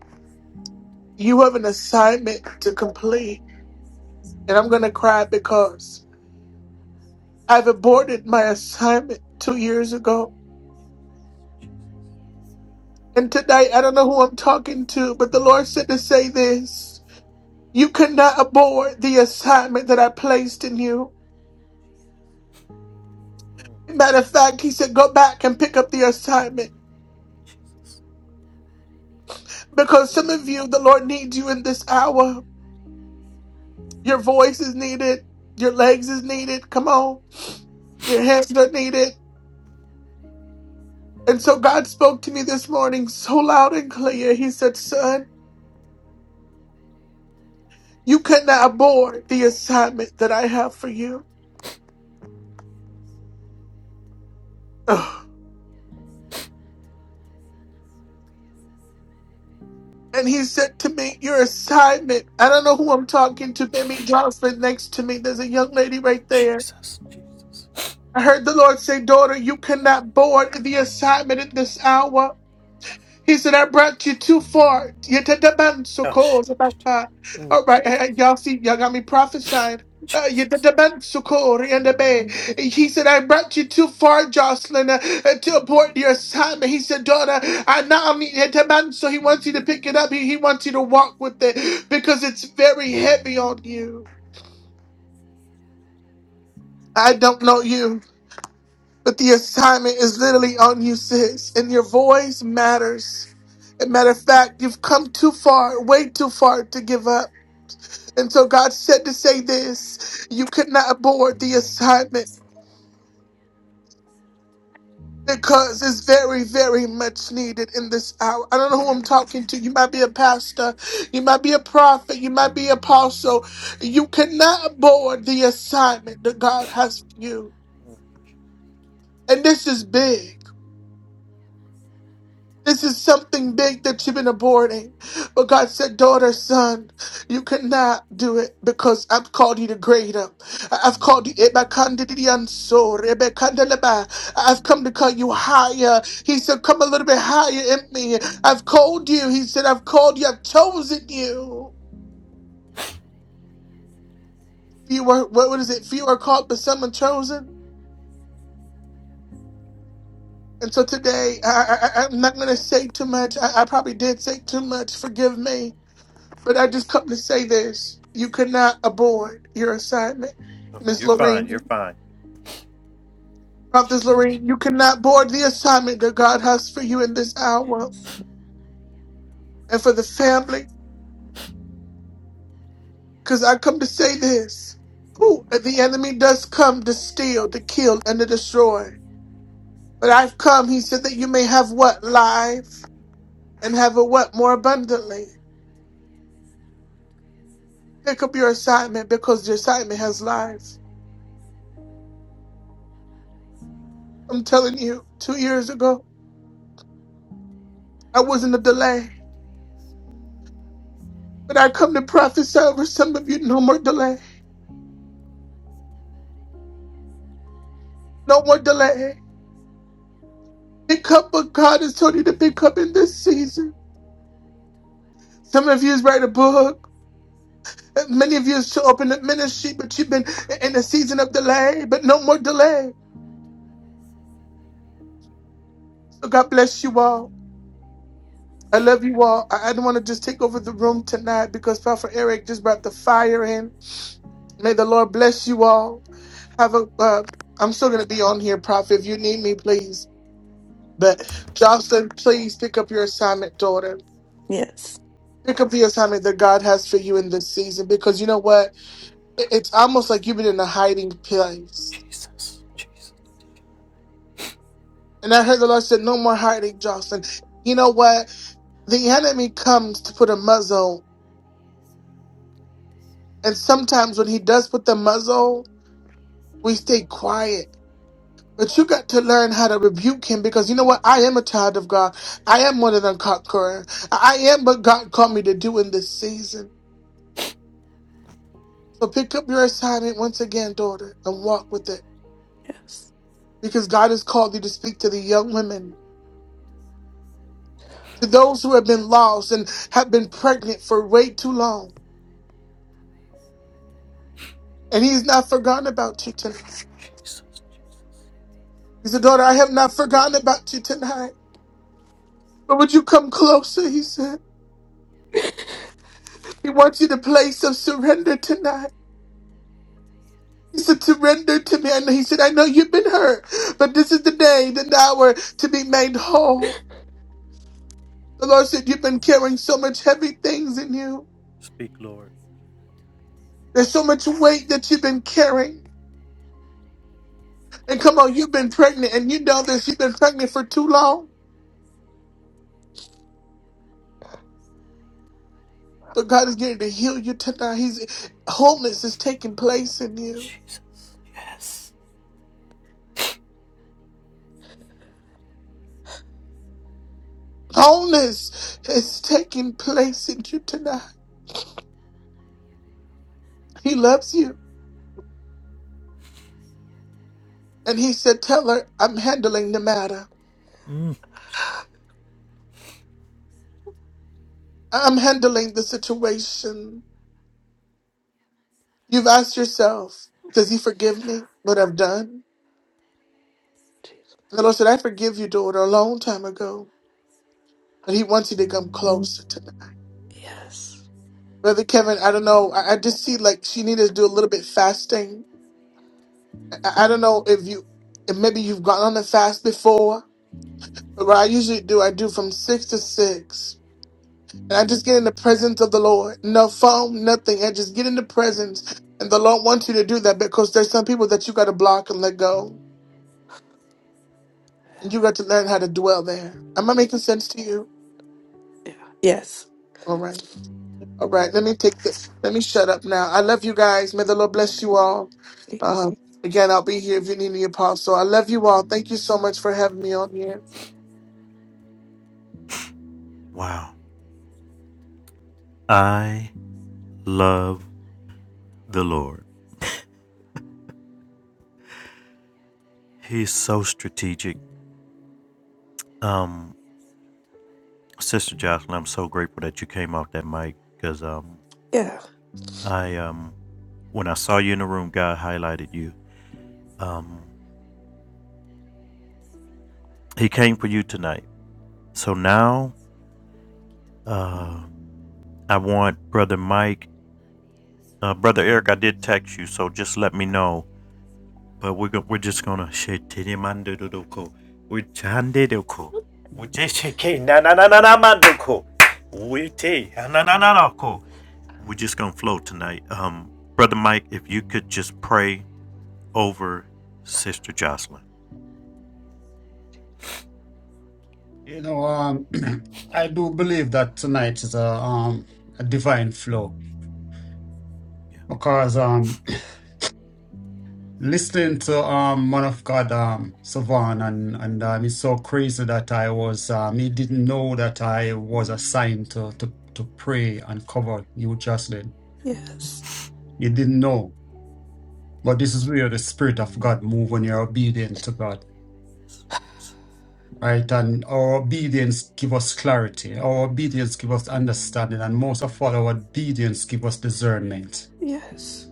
E: you have an assignment to complete. And I'm going to cry because I've aborted my assignment two years ago. And today, I don't know who I'm talking to, but the Lord said to say this You cannot abort the assignment that I placed in you. Matter of fact, he said, go back and pick up the assignment because some of you, the Lord needs you in this hour. Your voice is needed. Your legs is needed. Come on. Your hands are needed. And so God spoke to me this morning so loud and clear. He said, son, you cannot abort the assignment that I have for you. Ugh. And he said to me, your assignment, I don't know who I'm talking to, maybe Jocelyn next to me. There's a young lady right there. I heard the Lord say, Daughter, you cannot board the assignment at this hour. He said, I brought you too far. Yet the demand so cold. All right, eh, eh, y'all see, y'all got me prophesying. Uh, yet the demand so cold in the bay. He said, I brought you too far, Jocelyn, uh, eh, to abort your assignment. He said, Daughter, I now mean yet the man, so he wants you to pick it up. He, he wants you to walk with it because it's very heavy on you. I don't know you. But the assignment is literally on you, sis, and your voice matters. As a matter of fact, you've come too far, way too far to give up. And so God said to say this you could not abort the assignment. Because it's very, very much needed in this hour. I don't know who I'm talking to. You might be a pastor. You might be a prophet. You might be apostle. You cannot abort the assignment that God has for you. And this is big. This is something big that you've been aborting. But God said, daughter, son, you cannot do it because I've called you to greater. I've called you Ebakandidianso, Rebekandeleba. I've come to call you higher. He said, come a little bit higher in me. I've called you. He said, I've called you. I've chosen you. Few are, what what is it? Few are called, but some are chosen. And so today, I, I, I- I'm not going to say too much. I, I probably did say too much. Forgive me. But I just come to say this. You cannot abort your assignment. Miss
A: You're fine. You're
E: Lorraine,
A: fine.
E: Prophetess Lorraine, you cannot board the assignment that God has for you in this hour
F: Yes.
E: and for the family. Because I come to say this. Who the enemy does come to steal, to kill, and to destroy. But I've come, he said, that you may have what? Life and have a what more abundantly. Pick up your assignment because the assignment has life. I'm telling you, two years ago, I was in a delay. But I come to prophesy over some of you no more delay. No more delay. Pick up what God has told you to pick up in this season. Some of you is write a book. Many of you is to open a ministry, but you've been in a season of delay, but no more delay. So God bless you all. I love you all. I I don't want to just take over the room tonight because Prophet Eric just brought the fire in. May the Lord bless you all. Have a, uh, I'm still going to be on here, Prophet. If you need me, please. But Jocelyn, please pick up your assignment, daughter.
F: Yes.
E: pick up the assignment that God has for you in this season because you know what? It- It's almost like you've been in a hiding place. And I heard the Lord said, No more hiding, Jocelyn. You know what? The enemy comes to put a muzzle. And sometimes when he does put the muzzle, we stay quiet. But you got to learn how to rebuke him because you know what? I am a child of God. I am more than a conqueror. I I am what God called me to do in this season. So pick up your assignment once again, daughter, and walk with it.
F: Yes.
E: because God has called you to speak to the young women, to those who have been lost and have been pregnant for way too long. And He's not forgotten about you tonight. He said, Daughter, I have not forgotten about you tonight. But would you come closer? He said, He wants you to place of surrender tonight. He said, surrender to me. And he said, I know you've been hurt, but this is the day, the hour to be made whole. The Lord said, You've been carrying so much heavy things in you. There's so much weight that you've been carrying. And come on, you've been pregnant, and you know this. You've been pregnant for too long, but God is getting to heal you tonight. He's wholeness is taking place in you. Wholeness is taking place in you tonight. He loves you, and He said, "Tell her I'm handling the matter. I'm handling the situation." You've asked yourself, "Does He forgive me? What I've done?" And the
F: Jesus.
E: Lord said, "I forgive you, daughter, a long time ago." But he wants you to come closer
F: Yes.
E: Brother Kevin, I don't know. I, I just see like she needed to do a little bit fasting. I, I don't know if you, if maybe you've gone on a fast before, but what I usually do, I do from six to six. And I just get in the presence of the Lord. No phone, nothing. I just get in the presence. And the Lord wants you to do that because there's some people that you got to block and let go. And you got to learn how to dwell there. Am I making sense to you?
F: Yeah. Yes.
E: All right. All right, let me take this. Let me shut up now. I love you guys. May the Lord bless you all.
F: Thank you.
E: Um, again, I'll be here if you need me, Apostle. I love you all. Thank you so much for having me on here.
A: Wow. I love the Lord. He's so strategic. Um, Sister Jocelyn, I'm so grateful that you came off that mic because um,
F: Yeah.
A: I um. When I saw you in the room, God highlighted you. Um, he came for you tonight. So now uh, I want Brother Mike, uh, Brother Eric, I did text you, so just let me know. But we're, go- we're just going to. We're just going to flow tonight. Um, Brother Mike, if you could just pray over Sister Jocelyn.
C: You know, um, I do believe that tonight is a, um, a divine flow because um listening to um man of god um savan and and um it's so crazy that i was um he didn't know that i was assigned to to to pray and cover you jocelyn
F: Yes.
C: he didn't know but this is where the spirit of god move when you're obedient to god right and our obedience give us clarity our obedience give us understanding and most of all our obedience give us discernment
F: Yes.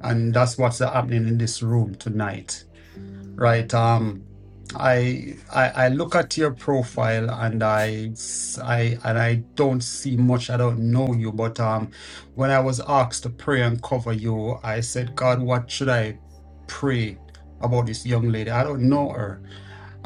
C: and that's what's happening in this room tonight Right. Um, I, I I look at your profile and I s- I and I don't see much. I don't know you, but um, when I was asked to pray and cover you, I said, God, what should I pray about this young lady? I don't know her,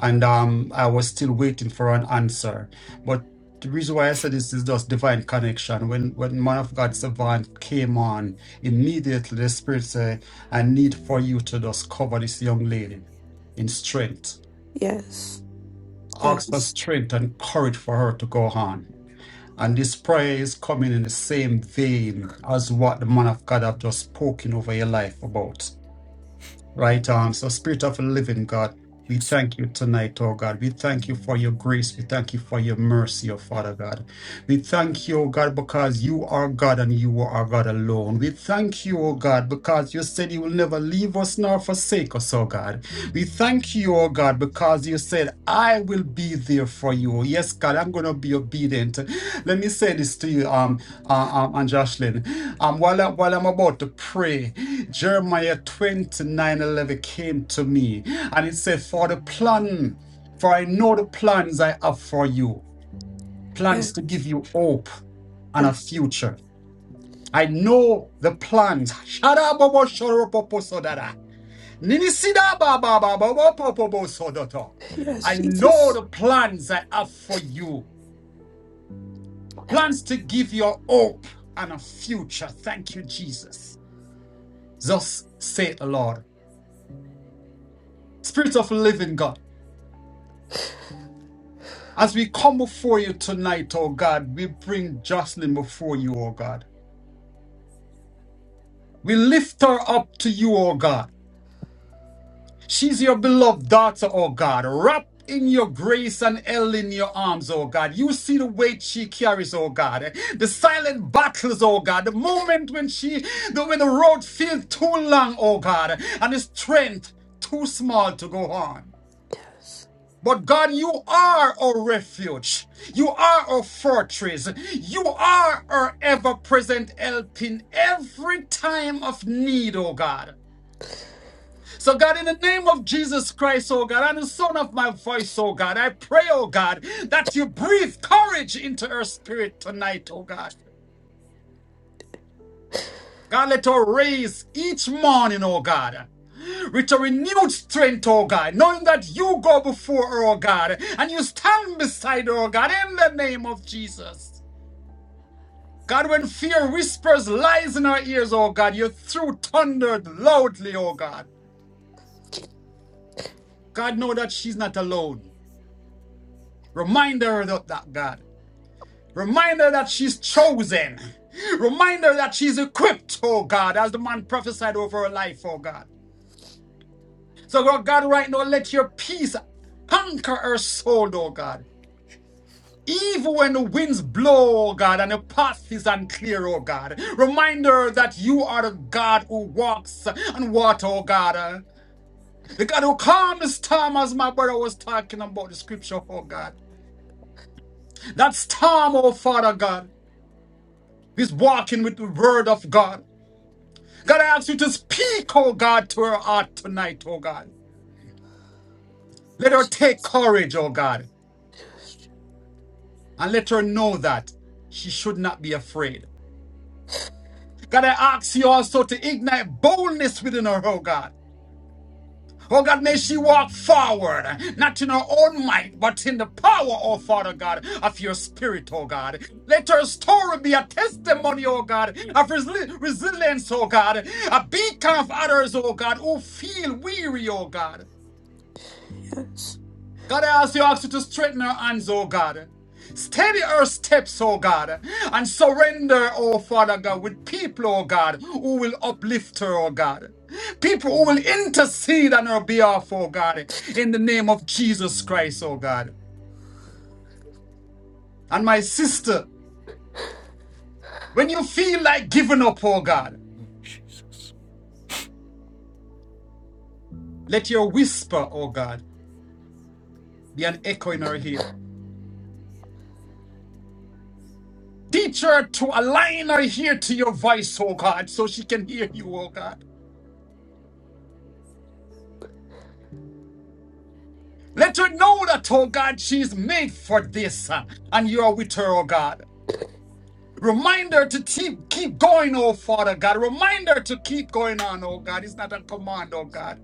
C: and um, I was still waiting for an answer. But the reason why I said this is just divine connection. When when man of God Savant came on, immediately the Spirit said, I need for you to just cover this young lady in strength.
F: Yes.
C: Ask for
F: Yes.
C: strength and courage for her to go on. And this prayer is coming in the same vein as what the man of God have just spoken over your life about. Right on. So, Spirit of a Living God, we thank you tonight, oh God. We thank you for your grace. We thank you for your mercy, oh Father God. We thank you, oh God, because you are God and you are God alone. We thank you, oh God, because you said you will never leave us nor forsake us, oh God. We thank you, oh God, because you said, I will be there for you. Yes, God, I'm going to be obedient. Let me say this to you, um, uh, um, and Jocelyn. Um, while, I, while I'm about to pray, Jeremiah 29 11 came to me and it said, For the plan, for I know the plans I have for you, plans
F: Yes.
C: to give you hope and a
F: Oh,
C: future. I know the plans. Sharabobo shoropopo sodada. Ninisida ba ba ba ba ba po po bo sodoto.
F: Yes,
C: I know
F: Jesus.
C: the plans I have for you, plans to give you hope and a future. Thank you, Jesus. Thus saith the Lord. Spirit of living God. As we come before you tonight, O God, we bring Jocelyn before you, O God. We lift her up to you, O God. She's your beloved daughter, O God. Wrapped in your grace and held in your arms, O God. You see the weight she carries, O God. The silent battles, O God. The moment when she, the, when the road feels too long, O God, and the strength too small to go on.
F: Yes.
C: But God, you are our refuge. You are our fortress. You are our ever present help in every time of need, oh God. So, God, in the name of Jesus Christ, oh God, and the sound of my voice, oh God, I pray, oh God, that you breathe courage into her spirit tonight, oh God. God, let her raise each morning, oh God. with a renewed strength, oh God, knowing that you go before, her, oh God, and you stand beside, her, oh God, in the name of Jesus. God, when fear whispers lies in our ears, oh God, you threw thundered loudly, oh God. God, know that she's not alone. Remind her of that, God. Remind her that she's chosen. Remind her that she's equipped, oh God, as the man prophesied over her life, oh God. So, Lord God, right now, let your peace conquer her soul, oh God. Even when the winds blow, oh God, and the path is unclear, oh God. Reminder that you are the God who walks on water, oh God. The God who calms the storm, as my brother was talking about the scripture, oh God. That storm, oh Father God, is walking with the word of God. God, I ask you to speak, oh God, to her heart tonight, oh God. Let her take courage, oh God,
F: Jesus.
C: and let her know that she should not be afraid. God, I ask you also to ignite boldness within her, oh God. Oh God, may she walk forward, not in her own might, but in the power, oh Father God, of your spirit, oh God. Let her story be a testimony, oh God, of resili- resilience, oh God, a beacon of others, oh God, who feel weary, oh God.
F: Yes.
C: God, I ask you, ask you to straighten her hands, oh God. Steady her steps, oh God, and surrender, oh Father God, with people, oh God, who will uplift her, oh God. People who will intercede on her behalf, oh God, in the name of Jesus Christ, oh God. And my sister, when you feel like giving up, oh God, let your whisper, oh God, be an echo in her ear. Teach her to align her ear to your voice, oh God, so she can hear you, oh God. Let her know that, oh God, she is made for this, uh, and you are with her, oh God. Remind her to keep, keep going, oh Father God. Remind her to keep going on, oh God. It's not a command, oh God.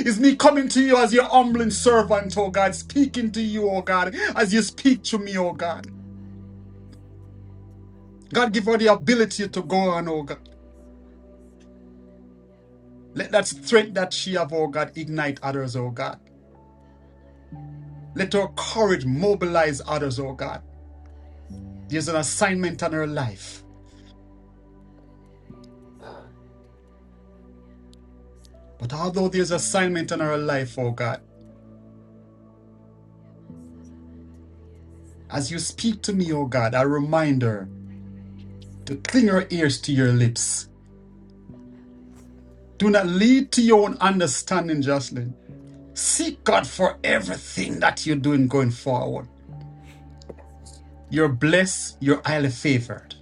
C: It's me coming to you as your humbling servant, oh God, speaking to you, oh God, as you speak to me, oh God. God, give her the ability to go on, oh God. Let that strength that she have, oh God, ignite others, oh God. Let her courage mobilize others, oh God. There's an assignment on her life. But although there's assignment on our life, O God, as you speak to me, O God, a reminder to cling our ears to your lips. Do not lead to your own understanding, Jocelyn. Seek God for everything that you're doing going forward. You're blessed, you're highly favored.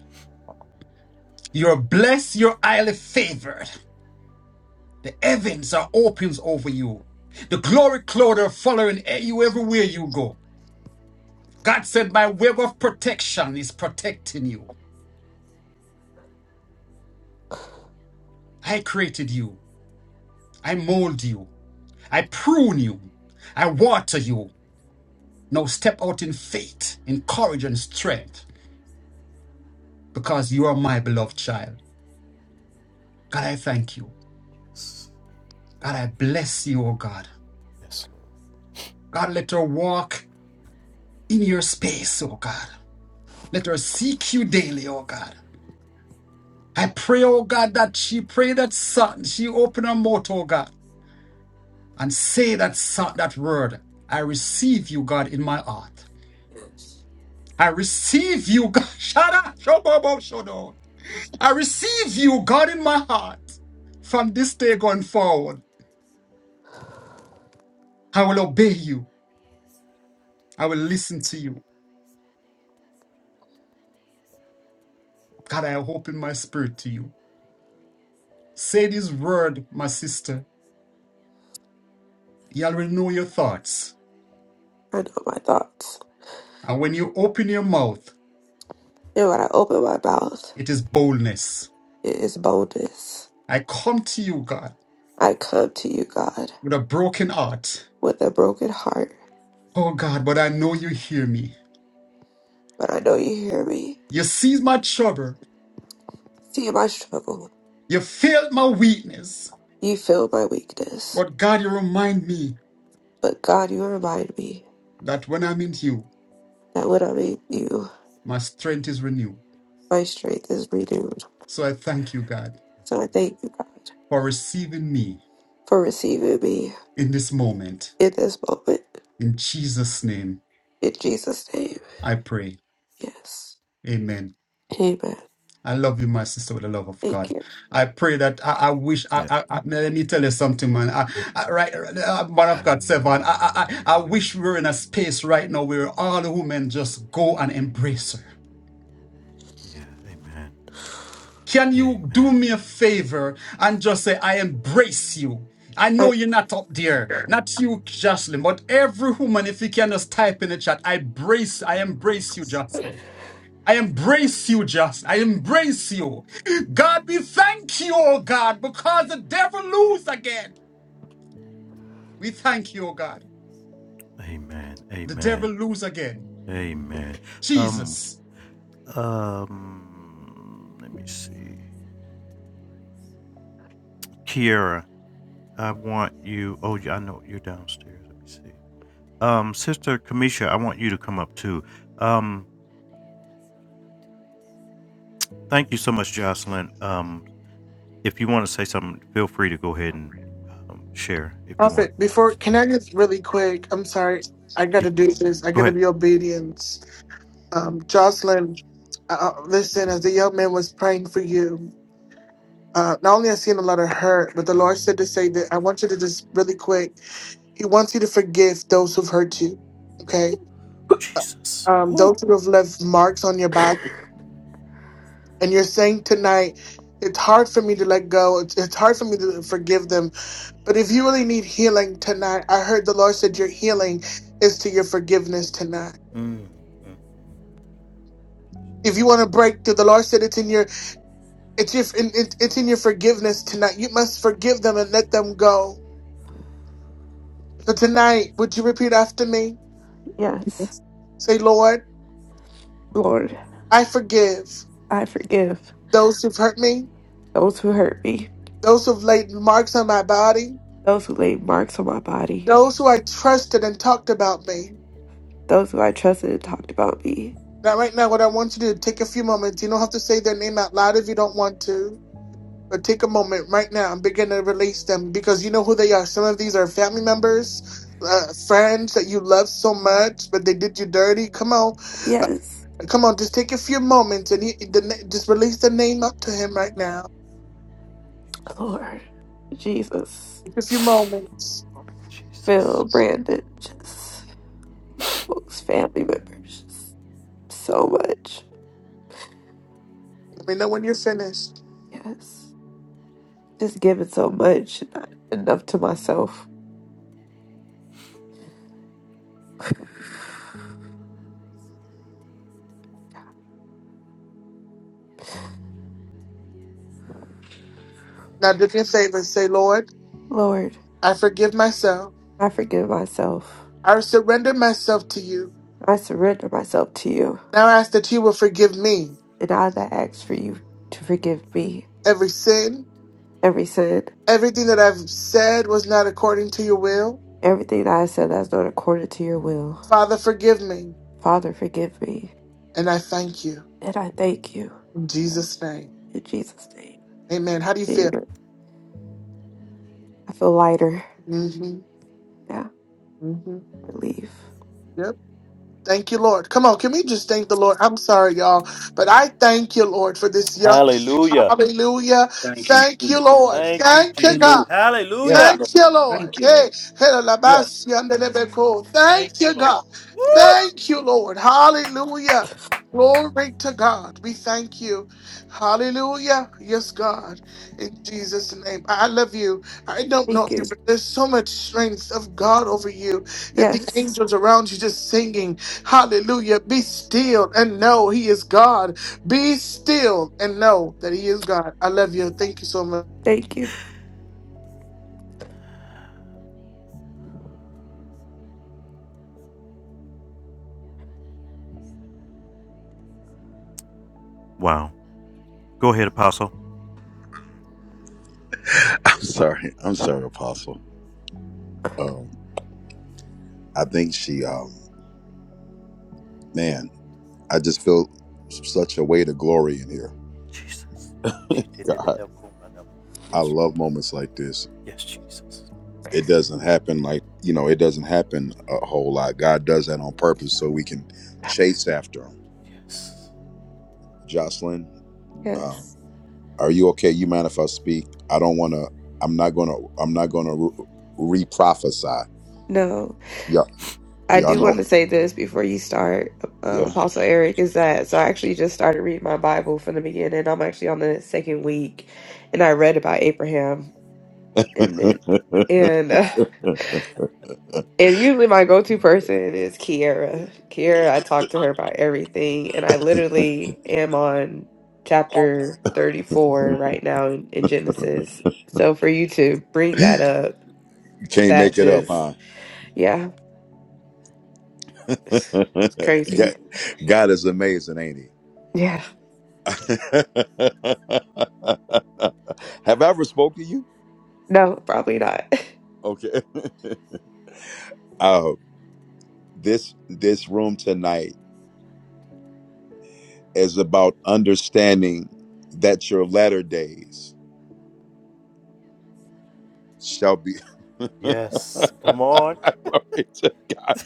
C: You're blessed, you're highly favored. The heavens are opens over you. The glory cloud are following you everywhere you go. God said, My web of protection is protecting you. I created you. I mold you. I prune you. I water you. Now step out in faith, in courage and strength, because you are my beloved child. God, I thank you. God, I bless you, O God. God, let her walk in your space, O God. Let her seek you daily, O God. I pray, O God, that she pray that son, she open her mouth, O God, and say that son, that word. I receive you, God, in my heart.
F: Yes.
C: I receive you, God. Shada, shobobo, shodo. I receive you, God, in my heart. From this day going forward, I will obey you. I will listen to you. God, I hope in my spirit to you. Say this word, my sister. You already know your thoughts.
F: I know my thoughts.
C: And when you open your mouth,
F: And when I open my mouth,
C: it is boldness.
F: it is boldness.
C: I come to you, God,
F: I come to you, God,
C: with a broken heart.
F: with a broken heart,
C: Oh, God, but I know you hear me.
F: but I know you hear me.
C: You see my trouble.
F: See my struggle.
C: You feel my weakness.
F: You feel my weakness.
C: But, God, you remind me
F: But God, you remind me
C: that when I'm in you,
F: that when I'm in you,
C: my strength is renewed.
F: my strength is renewed.
C: So I thank you, God,
F: So I thank you, God,
C: for receiving me
F: for receiving me
C: in this moment.
F: in this moment.
C: In Jesus' name,
F: In Jesus' name.
C: I pray.
F: Yes.
C: Amen.
F: Amen.
C: I love you, my sister, with the love of
F: Thank
C: God.
F: you.
C: I pray that I, I wish. I,
A: Yeah.
C: I, I- let me tell you something, man. I,
A: yeah,
C: I, right, uh, man of God, Sevan. I, I, I I wish we were in a space right now where all the women just go and embrace
A: Amen.
C: Can you do me a favor and just say, I embrace you? I
F: I,
C: know you're not up there, not you, Jocelyn, but every woman, if you can just type in the chat, I embrace, I embrace you, Jocelyn. I embrace you, Jocelyn. I embrace you. God, we thank you, oh God, because the devil lose again. We thank you, oh God.
A: Amen.
C: The
A: Amen.
C: devil lose again.
A: Amen. Um,
C: Jesus.
A: um, let me see. Kiera, I want you. Oh, yeah, I know you're downstairs. Let me see. Um, Sister Kamisha, I want you to come up too. Um, thank you so much, Jocelyn. Um, if you want to say something, feel free to go ahead and um, share if you want.
E: Prophet, before, can I just really quick? I'm sorry. I got
A: Yeah,
E: to do this. I
A: go
E: got to
A: ahead.
E: be obedient. Um, Jocelyn, uh, uh, listen, as the young man was praying for you, uh, not only I seen a lot of hurt, but the Lord said to say that I want you to just really quick, He wants you to forgive those who've hurt you. Okay? um, those who have left marks on your body and you're saying tonight it's hard for me to let go it's, it's hard for me to forgive them but if you really need healing tonight i heard the lord said your healing is to your forgiveness tonight if you want to break through the lord said it's in your it's your in, it, it's in your forgiveness tonight you must forgive them and let them go so tonight would you repeat after me
F: yes.
E: Yes. say lord
F: Lord,
E: i forgive
F: I forgive
E: those who've hurt me
F: those who hurt me,
E: those who've laid marks on my body
F: those who laid marks on my body,
E: those who i trusted and talked about me
F: those who I trusted and talked about me.
E: Now, right now, what I want you to do, take a few moments. You don't have to say their name out loud if you don't want to, but take a moment right now and begin to release them because you know who they are. Some of these are family members, uh, friends that you love so much, but they did you dirty. Come on,
F: Yes.
E: come on, just take a few moments and you, the, na- just release the name up to him right now.
F: Lord Jesus,
E: Just a few moments.
F: Phil, Brandon, just folks, family members, just so much.
E: Let me know when you're finished.
F: Yes, just giving so much, not enough to myself.
E: Now, do me a favor. Say, Lord,
F: Lord,
E: I forgive myself.
F: I forgive myself.
E: I surrender myself to you.
F: I surrender myself to you,
E: Now I ask that you will forgive me
F: and I that ask for you to forgive me
E: every sin
F: every sin,
E: Everything that I've said was not according to your will.
F: everything that I said that's not according to your will.
E: Father, forgive me.
F: Father, forgive me,
E: And I thank you.
F: and I thank you
E: In Jesus' name.
F: in Jesus' name.
E: Amen. How do you feel?
F: Amen. I feel lighter.
E: hmm
F: Yeah,
E: hmm
F: relief.
E: Yep. Thank you, Lord. Come on, can we just thank the Lord? I'm sorry, y'all, but I thank you, Lord, for this young.
A: Hallelujah.
E: Hallelujah.
B: Thank you,
E: Thank you,
B: Jesus.
E: Lord.
A: Thank you,
E: Thank you,
A: Jesus.
B: Hallelujah.
E: God.
B: Yes,
A: Hallelujah.
B: Lord.
E: Thank you, Lord.
B: Thank you,
E: Hey,
B: Lord. Yes. Lord.
E: helalabasandelebeko.
A: Thank
E: thank
A: you,
E: you,
A: Lord.
E: God.
A: Woo!
E: Thank you, Lord. Hallelujah. Glory to God. We thank you. Hallelujah. Yes, God. In Jesus' name. I love you. I don't know
F: Thank
E: you,
F: you.
E: but there's so much strength of God over you and the
F: Yes.
E: angels around you just singing. Hallelujah. Be still and know He is God. Be still and know that He is God. I love you. Thank you so much.
F: Thank you.
A: Wow. Go ahead, Apostle.
D: I'm sorry. I'm sorry, Apostle. Um, I think she, um, man, I just feel such a weight of glory in here. God, I love moments like this. It doesn't happen like, you know, it doesn't happen a whole lot. God does that on purpose so we can chase after him. Jocelyn, um,
F: Yes.
D: Are you okay? You mind if I speak? I don't want to. I'm not gonna. I'm not gonna re prophesy.
F: No.
D: Yeah,
F: I
D: y'all
F: do want
D: know.
F: to say this before you start, uh,
D: Yeah,
F: Apostle Eric, is that so I actually just started reading my Bible from the beginning. I'm actually on the second week, and I read about Abraham, and then
D: you
F: and uh, and usually my go-to person is Kiara. Kiara, I talk to her about everything, and I literally am on chapter 34 right now in, in Genesis. So for you to bring that up,
D: can't
F: that
D: make it up,
F: just
D: huh?
F: Yeah, it's,
D: God,
F: it's crazy.
D: God is amazing, ain't He?
F: Yeah,
D: Have I ever spoke to you?
F: no, probably not.
D: Okay. Uh, this this room tonight is about understanding that your latter days shall be. Glory to God.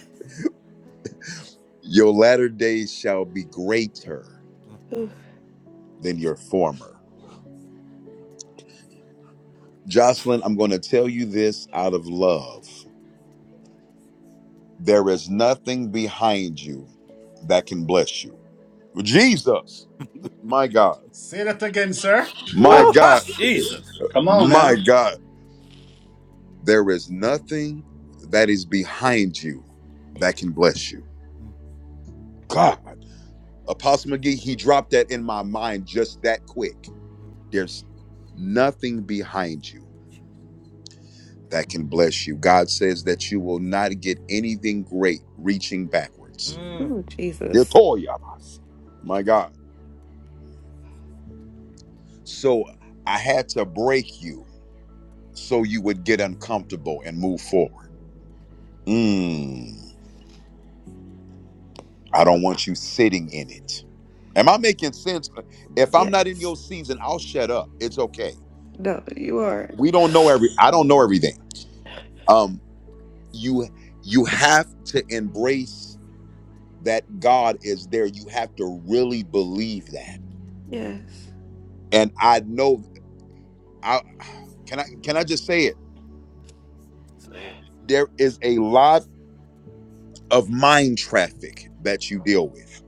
D: Your latter days shall be greater
F: Ooh,
D: than
F: Jesus.
D: your former. Jocelyn, I'm going to tell you this out of love. There is nothing behind you that can bless you. Jesus, my God,
C: Say that again, sir.
D: my God,
A: Jesus.
B: Come on
D: my
B: now.
D: God. There is nothing that is behind you that can bless you. God. Apostle McGee, he dropped that in my mind just that quick. There's nothing behind you that can bless you. God says that you will not get anything great reaching backwards.
F: Ooh,
D: They'll
F: Jesus.
D: tell you about it. My God. So I had to break you so you would get uncomfortable and move forward. Mm, I don't want you sitting in it. Am I making sense? If I'm not in
F: Yes.
D: your season, I'll shut up. It's okay.
F: No, you are.
D: We don't know every I don't know everything. Um you you have to embrace that God is there. You have to really believe that.
F: Yes.
D: And I know I can I can I just say it? There is a lot of mind traffic that you deal with.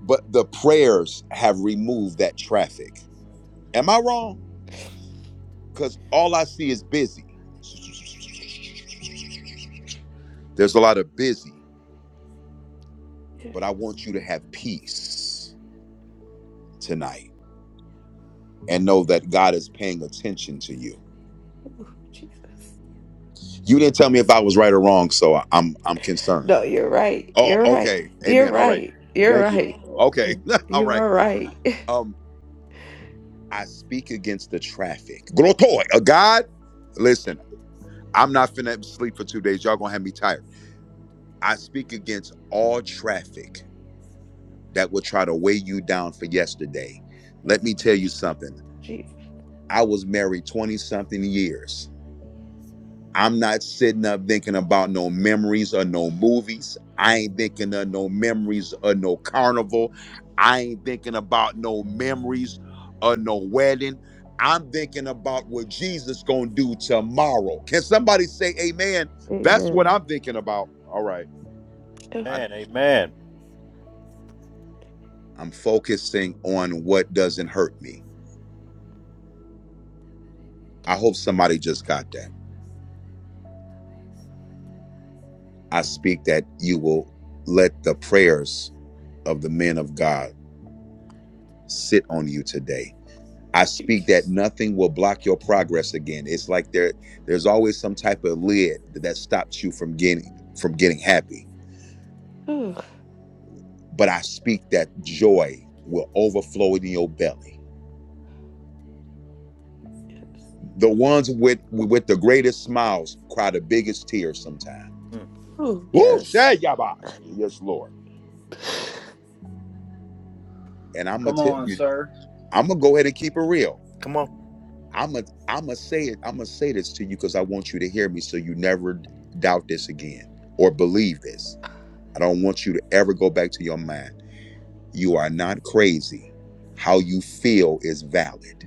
D: But the prayers have removed that traffic. Am I wrong? Because all I see is busy. There's a lot of busy,
F: Yes.
D: but I want you to have peace tonight and know that God is paying attention to you.
F: Ooh, Jesus.
D: You didn't tell me if I was right or wrong, so I- I'm I'm concerned.
F: No, you're right.
D: Oh,
F: You're
D: oh,
F: right.
D: okay.
F: You're
D: Amen. All right.
F: right. You're
D: Thank you.
F: right.
D: Okay.
F: Mm,
D: All
F: You
D: right.
F: are right. Ooh,
D: Um, I speak against the traffic. Grotoy, a God. Listen. I'm not finna sleep for two days. Y'all gonna have me tired. I speak against all traffic that will try to weigh you down for yesterday. Let me tell you
F: Jesus.
D: something.
F: Jesus.
D: I was married 20 something years. I'm not sitting up thinking about no memories or no movies. I ain't thinking of no memories or no carnival. I ain't thinking about no memories or no wedding. I'm thinking about what Jesus gonna do tomorrow. Can somebody say amen? That's what
F: Amen.
D: I'm thinking about. All right.
F: Oh,
D: I, am focusing on what doesn't hurt me. I hope somebody just got that. I speak that you will let the prayers of the men of God sit on you today. I speak
F: Jesus.
D: that nothing will block your progress again. It's like there there's always some type of lid that stops you from getting from getting happy.
F: Oh
D: But I speak that joy will overflow in your belly. The ones with with the greatest smiles cry the biggest tears sometimes
F: ooh,
D: Woo,
F: yes.
D: say yabash. Yes, Lord. And I'm gonna
B: Come
D: tell
B: on,
D: you,
B: sir.
D: I'm gonna go ahead and keep it real. I'm gonna, I'm gonna say it. I'm gonna say this to you because I want you to hear me, so you never d- doubt this again or believe this. I don't want you to ever go back to your mind. You are not crazy. How you feel is valid.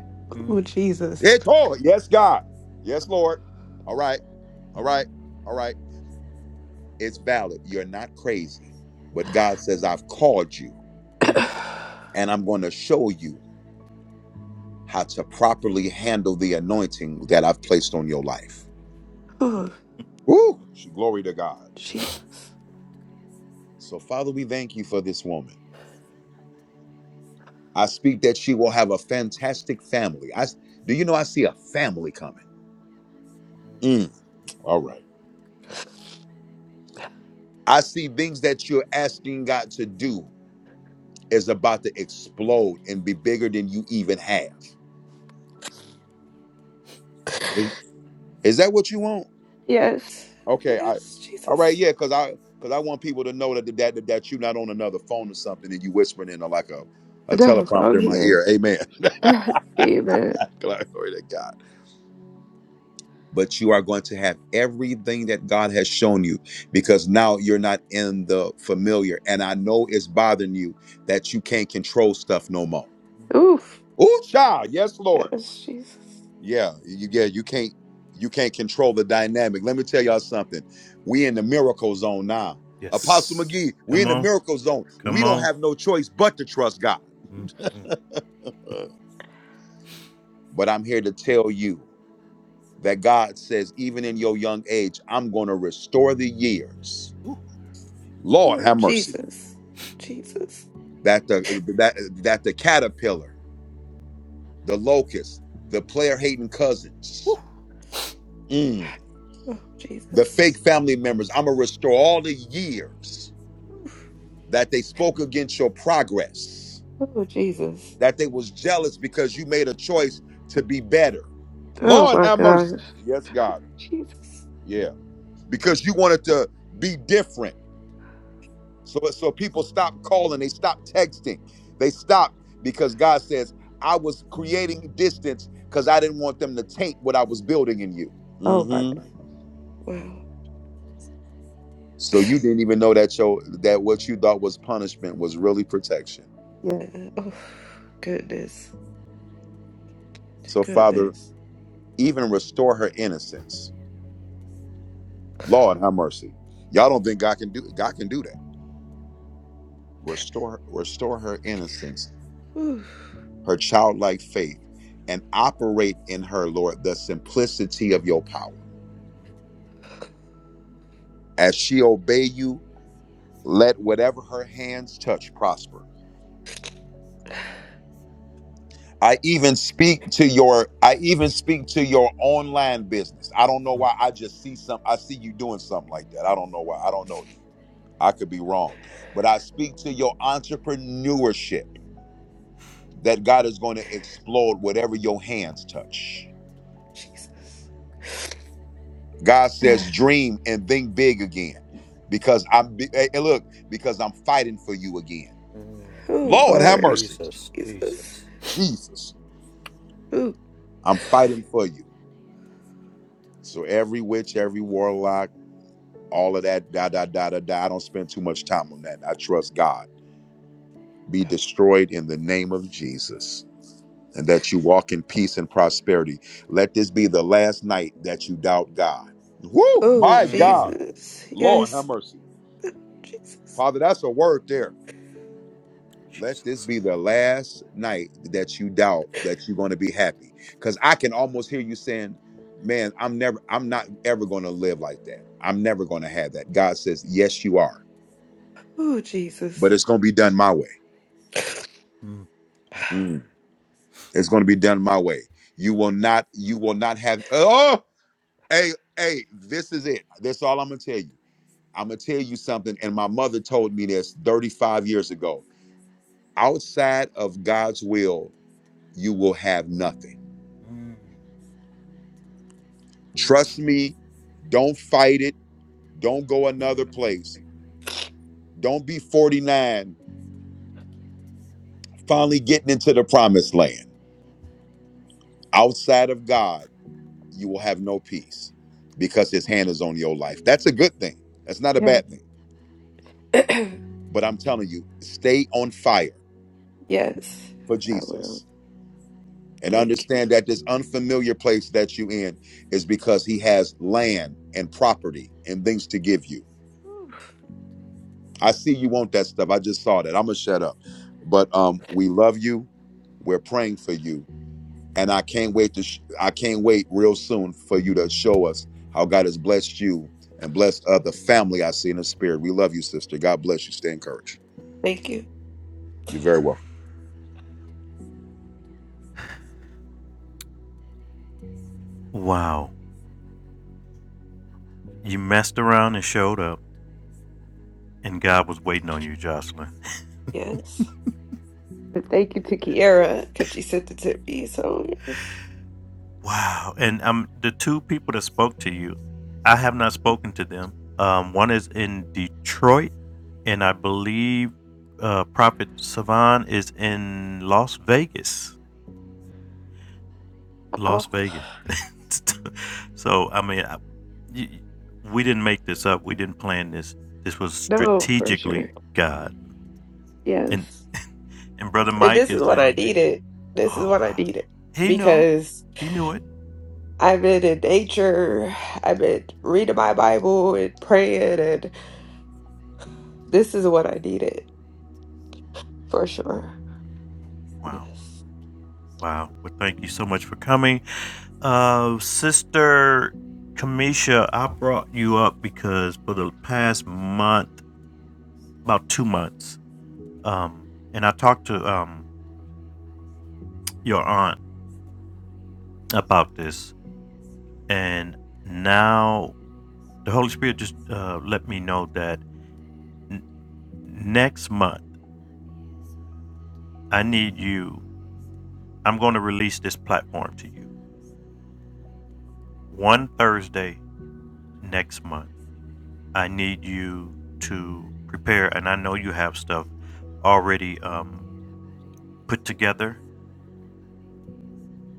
F: Oh, Jesus.
D: It- oh, Yes, God. Yes, Lord. All right. All right. All right. It's valid. You're not crazy. But God says, I've called you and I'm going to show you. how to properly handle the anointing that I've placed on your life.
F: oh,
D: Woo! Glory to God.
F: Jesus.
D: So, Father, we thank you for this woman. I speak that she will have a fantastic family. I do you know I see a family coming. Mm, all right. I see things that you're asking God to do is about to explode and be bigger than you even have. Is, is that what you want?
F: Yes.
D: Okay, I
F: Yes,
D: all right,
F: Jesus.
D: yeah, because I because I want people to know that that that, that you're not on another phone or something and you whispering in like a, a
F: No,
D: teleprompter
F: I'm
D: in my
F: here.
D: ear. Amen.
F: Amen.
D: Glory to God. But you are going to have everything that God has shown you because now you're not in the familiar. And I know it's bothering you that you can't control stuff no more.
F: Oof.
D: Ooh, child. Yes, Lord.
F: Yes, Jesus.
D: Yeah, you, yeah, you can't you can't control the dynamic. Let me tell y'all something. We in the miracle zone now. Apostle McGee, we in the miracle zone. We
A: Come
D: don't
A: on.
D: have no choice but to trust God. Uh, But I'm here to tell you that God says, even in your young age, I'm going to restore the years. Lord,
F: Oh,
D: have mercy.
F: Jesus. Jesus.
D: That the that that the caterpillar, the locust, the player hating cousins, mm,
F: Oh,
D: the
F: Jesus.
D: fake family members. I'm gonna restore all the years that they spoke against your progress,
F: Oh, Jesus.
D: that they was jealous because you made a choice to be better.
F: Oh,
D: Lord
F: my
D: have mercy.
F: gosh.
D: Yes, God.
F: Jesus.
D: Yeah. Because you wanted to be different. So so people stopped calling, they stopped texting. They stopped because God says, I was creating distance because I didn't want them to taint what I was building in you.
F: Oh, my
D: hmm
F: God. Wow.
D: So you didn't even know that your that what you thought was punishment was really protection.
F: Yeah. Oh, goodness.
D: So Father,
F: Goodness.
D: even restore her innocence Lord have mercy. Y'all don't think God can do God can do that. Restore restore her innocence,
F: Oof.
D: her childlike faith, and operate in her, Lord, the simplicity of your power. As she obey you, let whatever her hands touch prosper. I even speak to your I even speak to your online business. I don't know why I just see some I see you doing something like that. I don't know why. I don't know you. I could be wrong. But I speak to your entrepreneurship. that God is going to explode whatever your hands touch.
F: Jesus.
D: God says, dream and think big again because I'm, bi- hey, hey, look, because I'm fighting for you again.
F: Oh,
D: Lord, have
F: Lord.
D: mercy.
F: Jesus.
D: Jesus,
F: Ooh.
D: I'm fighting for you. So every witch, every warlock, all of that, da, da, da, da, da. I don't spend too much time on that. I trust God. Be destroyed in the name of Jesus. and that you walk in peace and prosperity. Let this be the last night that you doubt God. Woo!
F: Oh,
D: My God.
F: Jesus.
D: Lord, have
F: Yes.
D: mercy.
F: Jesus.
D: Father, that's a word there. Let this
A: Jesus.
D: be the last night that you doubt that you're going to be happy. Because I can almost hear you saying, Man, I'm never, I'm not ever going to live like that. I'm never going to have that. God says, Yes, you are,
F: Oh, Jesus.
D: but it's going to be done my way. Mm. It's going to be done my way. You will not, you will not have, oh, Hey, hey, this is it. That's all I'm gonna tell you. I'm gonna tell you something, and my mother told me this 35 years ago. Outside of God's will, you will have nothing. Trust me, don't fight it, don't go another place. Don't be 49, finally getting into the promised land. Outside of God, you will have no peace because his hand is on your life. That's a good thing. That's not a
F: Yeah.
D: bad thing. But I'm telling you, stay on fire
F: Yes,
D: for
F: I
D: Jesus
F: will.
D: and
F: Thank you.
D: understand that this unfamiliar place that you in is because he has land and property and things to give you.
F: Whew.
D: I see you want that stuff. I just saw that. I'm gonna shut up. But um we love you. We're praying for you and I can't wait to sh- I can't wait real soon for you to show us how God has blessed you and blessed uh, the family I see in the spirit. We love you, sister. God bless you. Stay encouraged.
F: Thank you.
D: You're very welcome.
A: Wow. You messed around and showed up, and God was waiting on you, Jocelyn.
F: Yes. And thank you to Kiara because she sent it to me. So, yes.
A: Wow. And um, the two people that spoke to you, I have not spoken to them. Um, one is in Detroit, and I believe uh, Prophet Savan is in Las Vegas. Las
F: Oh,
A: Vegas. so, I mean, I, y- y- we didn't make this up. We didn't plan this. This was
F: no, for sure.
A: strategically God. And
F: Yes.
A: and brother
F: And
A: Mike
F: this is
A: is
F: what I
A: in
F: needed. This is
A: Oh,
F: what I
A: wow.
F: needed
A: He knew.
F: because
A: He knew it.
F: I've been in nature, I've been reading my Bible and praying, and this is what I needed for sure.
A: Wow.
F: Yes.
A: Wow. Well, thank you so much for coming. Uh, Sister Kamisha, I brought you up because for the past month, about two months, um, and I talked to um, your aunt about this, and now the Holy Spirit just uh, let me know that next month, I need you. I'm going to release this platform to you one Thursday next month I need you to prepare, and I know you have stuff already um, put together,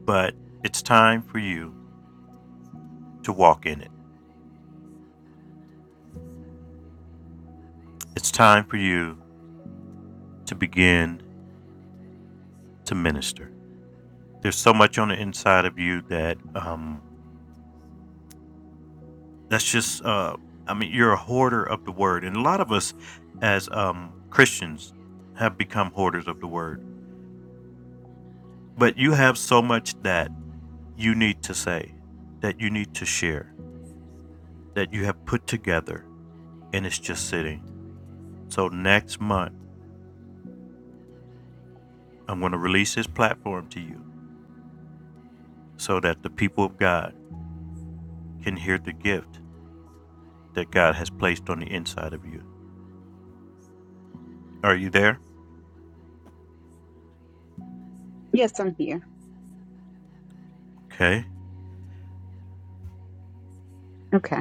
A: but it's time for you to walk in it. It's time for you to begin to minister. There's so much on the inside of you that um, that's just, uh, I mean, you're a hoarder of the word. And a lot of us as um, Christians have become hoarders of the word. But you have so much that you need to say, that you need to share, that you have put together and it's just sitting. So next month, I'm going to release this platform to you so that the people of God can hear the gift that God has placed on the inside of you. Are you there?
G: Yes, I'm here.
A: Okay.
G: Okay.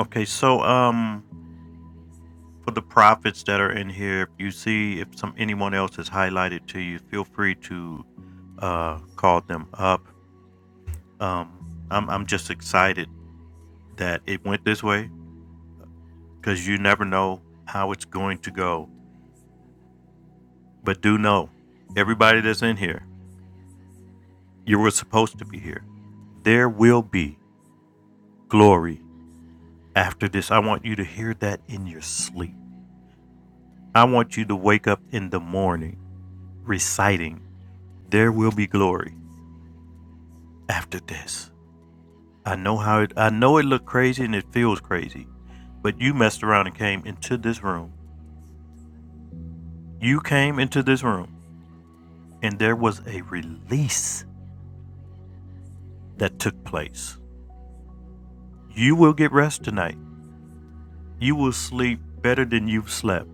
A: Okay, so um for the prophets that are in here, if you see if some anyone else is highlighted to you, feel free to uh call them up. Um I'm I'm just excited that it went this way because you never know how it's going to go. But do know everybody that's in here You were supposed to be here. There will be glory after this. I want you to hear that in your sleep. I want you to wake up in the morning reciting, There will be glory after this. I know how it I know it looked crazy and it feels crazy, but you messed around and came into this room. You came into this room and there was a release that took place. You will get rest tonight. You will sleep better than you've slept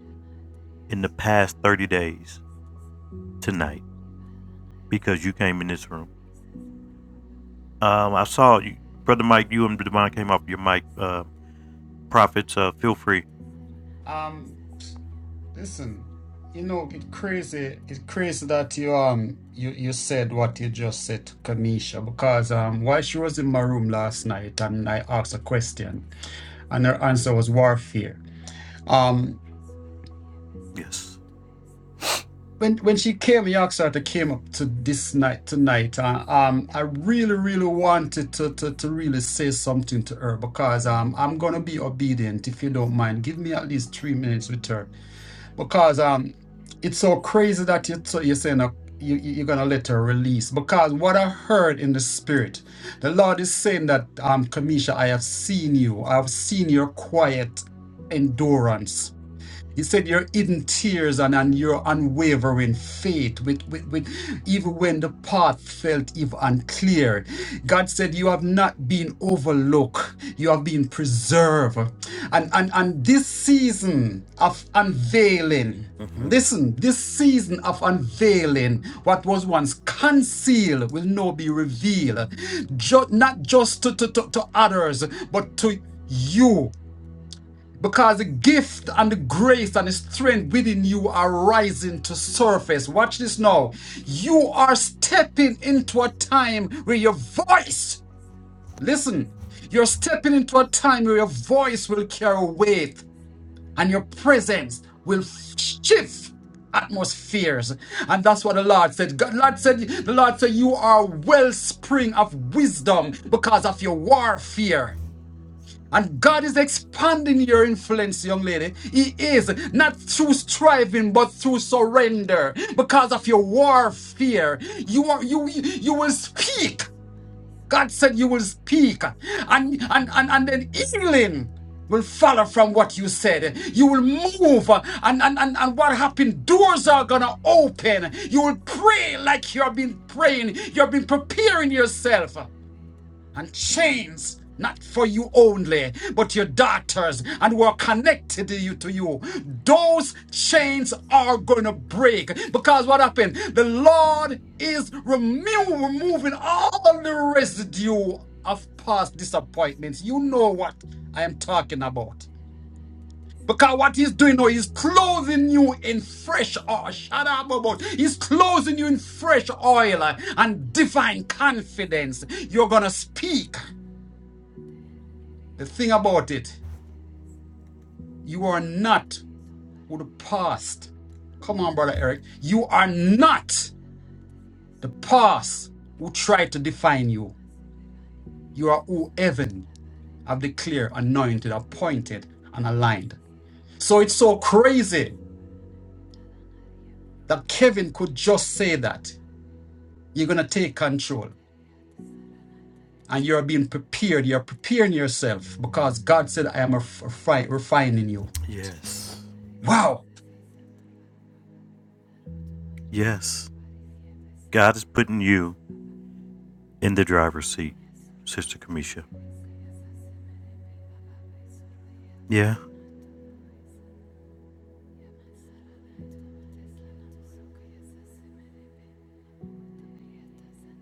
A: in the past 30 days tonight because you came in this room. Um, I saw you, brother Mike. You and Devon came off your mic. Uh, prophets, uh, feel free.
C: um, Listen, you know, it crazy. It's crazy that you um you you said what you just said to Kamisha because um while she was in my room last night and I asked a question and her answer was warfare. Um,
A: Yes.
C: when when she came, you asked her to came up to this night tonight. Uh, um, I really really wanted to to to really say something to her because um I'm gonna be obedient if you don't mind. Give me at least three minutes with her because um it's so crazy that you so you're saying uh, you, you- you're gonna let her release because what I heard in the spirit, the Lord is saying that um Kamisha, I have seen you, I have seen your quiet endurance. He said, You're hidden tears and, and your unwavering faith, with, with, with, even when the path felt even unclear. God said, You have not been overlooked, you have been preserved. And, and, and this season of unveiling, listen, this season of unveiling, what was once concealed will now be revealed, Ju- not just to, to, to, to others, but to you because the gift and the grace and the strength within you are rising to surface. Watch this now. You are stepping into a time where your voice, listen, you're stepping into a time where your voice will carry weight and your presence will shift atmospheres. And that's what the Lord said. God, Lord said the Lord said, You are a wellspring of wisdom because of your warfare. And God is expanding your influence, young lady. He is not through striving, but through surrender. Because of your warfare, you are you you you will speak. God said you will speak, and and and and then healing will follow from what you said. You will move, uh, and and and, and what happened? Doors are gonna open. You will pray like you have been praying. You have been preparing yourself and chains not for you only but your daughters and who are connected to you to you those chains are going to break because what happened the lord is remo- removing all the residue of past disappointments you know what i am talking about because what he's doing now, he's clothing you in fresh oil. Shut up about. He's clothing you in fresh oil and divine confidence. You're gonna speak. The thing about it, you are not with the past. Come on, brother Eric. You are not the past who tried to define you. You are who heaven have declared, anointed, appointed, and aligned. So it's so crazy that Kevin could just say that. You're gonna take control and you're being prepared. You're preparing yourself because God said, I am refi- refining you.
A: yes,
C: Wow.
A: yes. God is putting you in the driver's seat, Sister Kamisha. Yeah,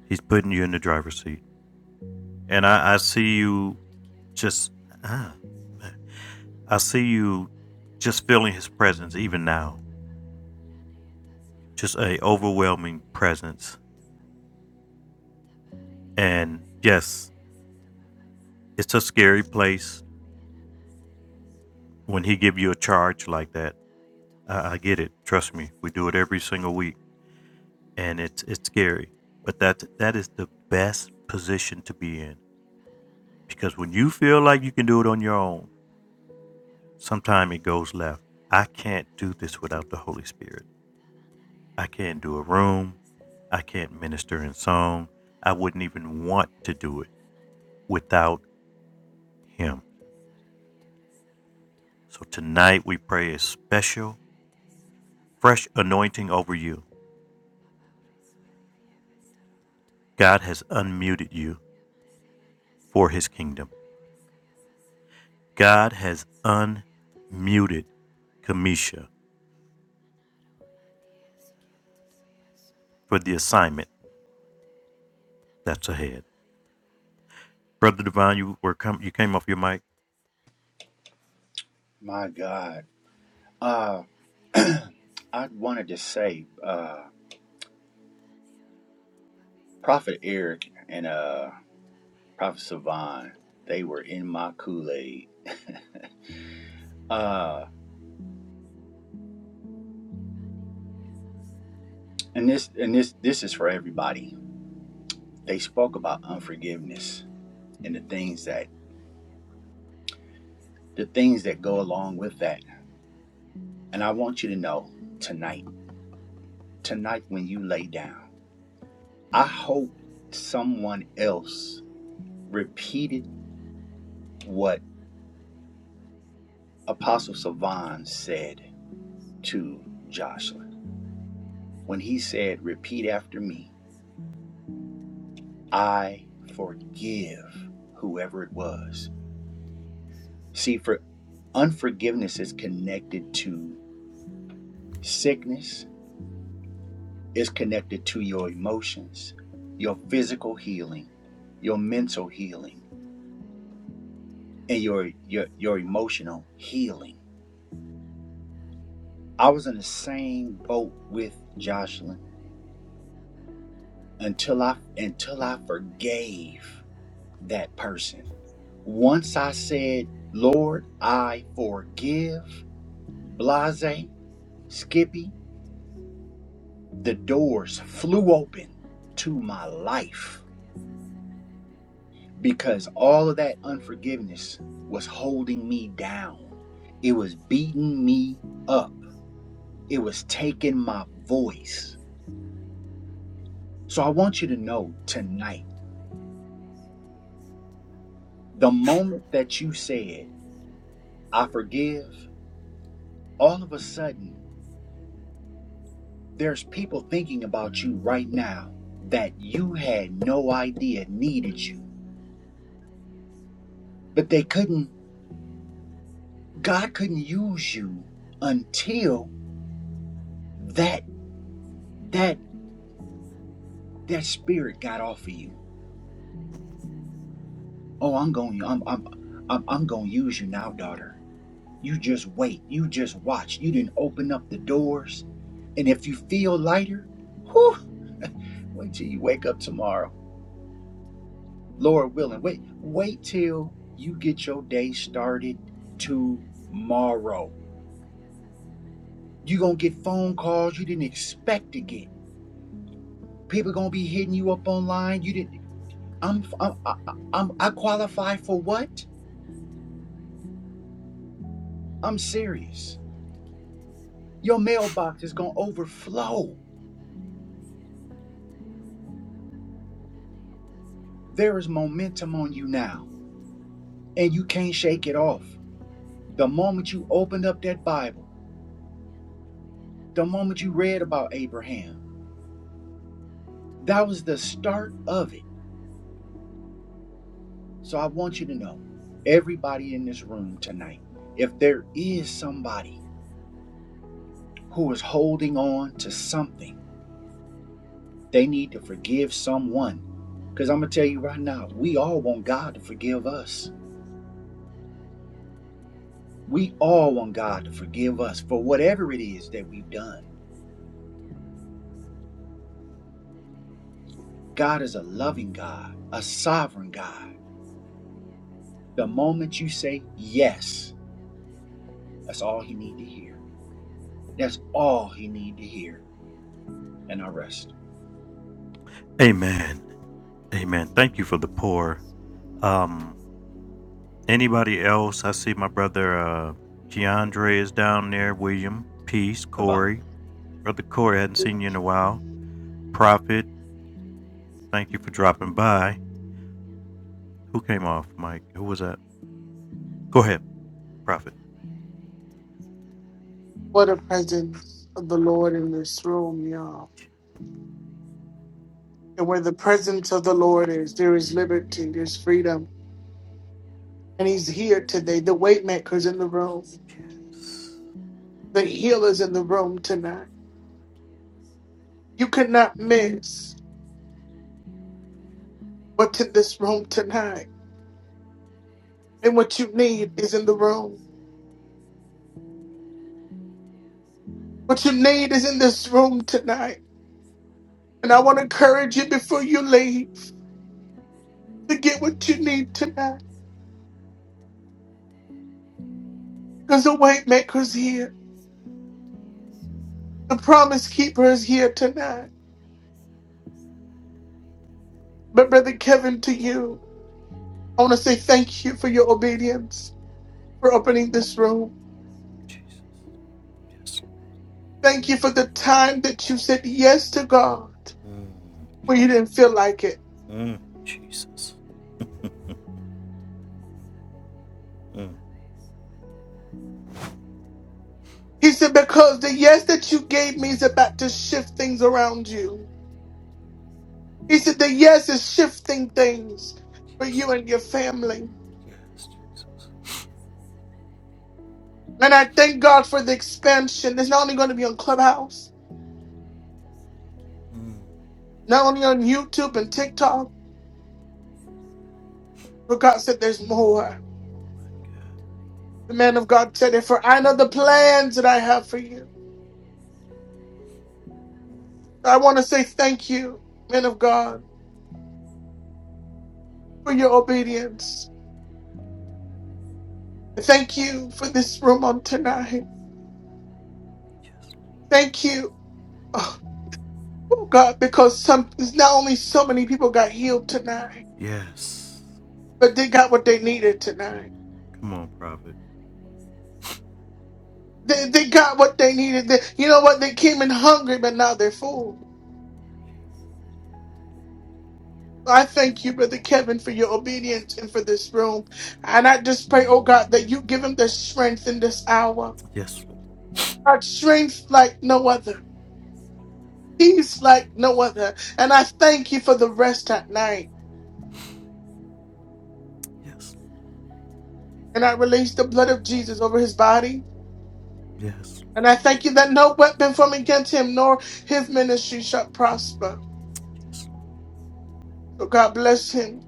A: He's putting you in the driver's seat, and I, I see you just. Ah, I see you just feeling His presence even now. Just a overwhelming presence, and yes, it's a scary place when He give you a charge like that I, I get it. Trust me, we do it every single week, and it's it's scary. But that that is the best position to be in because when you feel like you can do it on your own, sometimes it goes left. I can't do this without the Holy Spirit. I can't do a room. I can't minister in song. I wouldn't even want to do it without Him. So tonight we pray a special, fresh anointing over you. God has unmuted you for His kingdom. God has unmuted Kamisha for the assignment that's ahead. Brother Divine, you were com- you came off your mic.
B: My God. Uh I wanted to say, uh, Prophet Eric and uh Prophet Savan, they were in my Kool-Aid. Uh and this and this this is for everybody they spoke about unforgiveness and the things that the things that go along with that. And I want you to know tonight, tonight when you lay down, I hope someone else repeated what Apostle Savan said to Jocelyn when he said, "Repeat after me. I forgive whoever it was." See, for unforgiveness is connected to sickness is connected to your emotions, your physical healing, your mental healing, and your your your emotional healing. I was in the same boat with Jocelyn until I until I forgave that person. Once I said, "Lord, I forgive," Blase, Skippy, the doors flew open to my life because all of that unforgiveness was holding me down. It was beating me up. It was taking my voice. So I want you to know tonight the moment that you said, I forgive, all of a sudden, there's people thinking about you right now that you had no idea needed you, but they couldn't, God couldn't use you until that, that, that spirit got off of you Oh, I'm going. I'm I'm I'm, I'm going to use you now, daughter. You just wait. You just watch. You didn't open up the doors, and if you feel lighter, whew, wait till you wake up tomorrow, Lord willing. Wait, wait till you get your day started tomorrow. You gonna get phone calls you didn't expect to get. People gonna be hitting you up online. You didn't. I'm I'm I- I'm I qualify for what? I'm serious. Your mailbox is gonna overflow There is momentum on you now, and you can't shake it off. The moment you opened up that Bible, the moment you read about Abraham, that was the start of it. So I want you to know, everybody in this room tonight, if there is somebody who is holding on to something, they need to forgive someone. Because I'm going to tell you right now, we all want God to forgive us. We all want God to forgive us for whatever it is that we've done. God is a loving God, a sovereign God. The moment you say yes, that's all he need to hear. That's all he need to hear. And I rest.
A: Amen. Amen. Thank you for the pour. Um, anybody else? I see my brother uh Keandre is down there, William, Peace,
B: Savon.
A: Corey. Brother Corey hadn't seen you in a while. Prophet, thank you for dropping by. Who came off, Mike? Who was that? Go ahead, Prophet.
E: What the presence of the Lord in this room, y'all. And where the presence of the Lord is, there is liberty, there's freedom. And He's here today. The weight maker's in the room,
A: Yes.
E: the healer's in the room tonight. You cannot miss what's in this room tonight. And what you need is in the room. What you need is in this room tonight. And I want to encourage you before you leave to get what you need tonight. Because the weight maker's here, the promise keeper is here tonight. But, Brother Kevin, to you. I want to say thank you for your obedience, for opening this room. Thank you for the time that you said yes to God when you didn't feel like it. He said, because the yes that you gave me is about to shift things around you. He said, the yes is shifting things for you and your family. And I thank God for the expansion. It's not only going to be on Clubhouse, not only on YouTube and TikTok, but God said there's more. The man of God said it, for I know the plans that I have for you I want to say thank you, men of God, for your obedience. Thank you for this room on tonight. Thank you, oh oh God, because some not only so many people got healed tonight,
A: Yes.
E: but they got what they needed tonight.
A: Come on, Prophet.
E: They, they got what they needed. They, you know what? They came in hungry, but now they're full. I thank you, Brother Kevin, for your obedience and for this room. And I just pray, oh God, that you give him the strength in this hour. God, strength like no other. peace like no other. And I thank you for the rest at night. And I release the blood of Jesus over his body. And I thank you that no weapon formed against him nor his ministry shall prosper. So God bless him.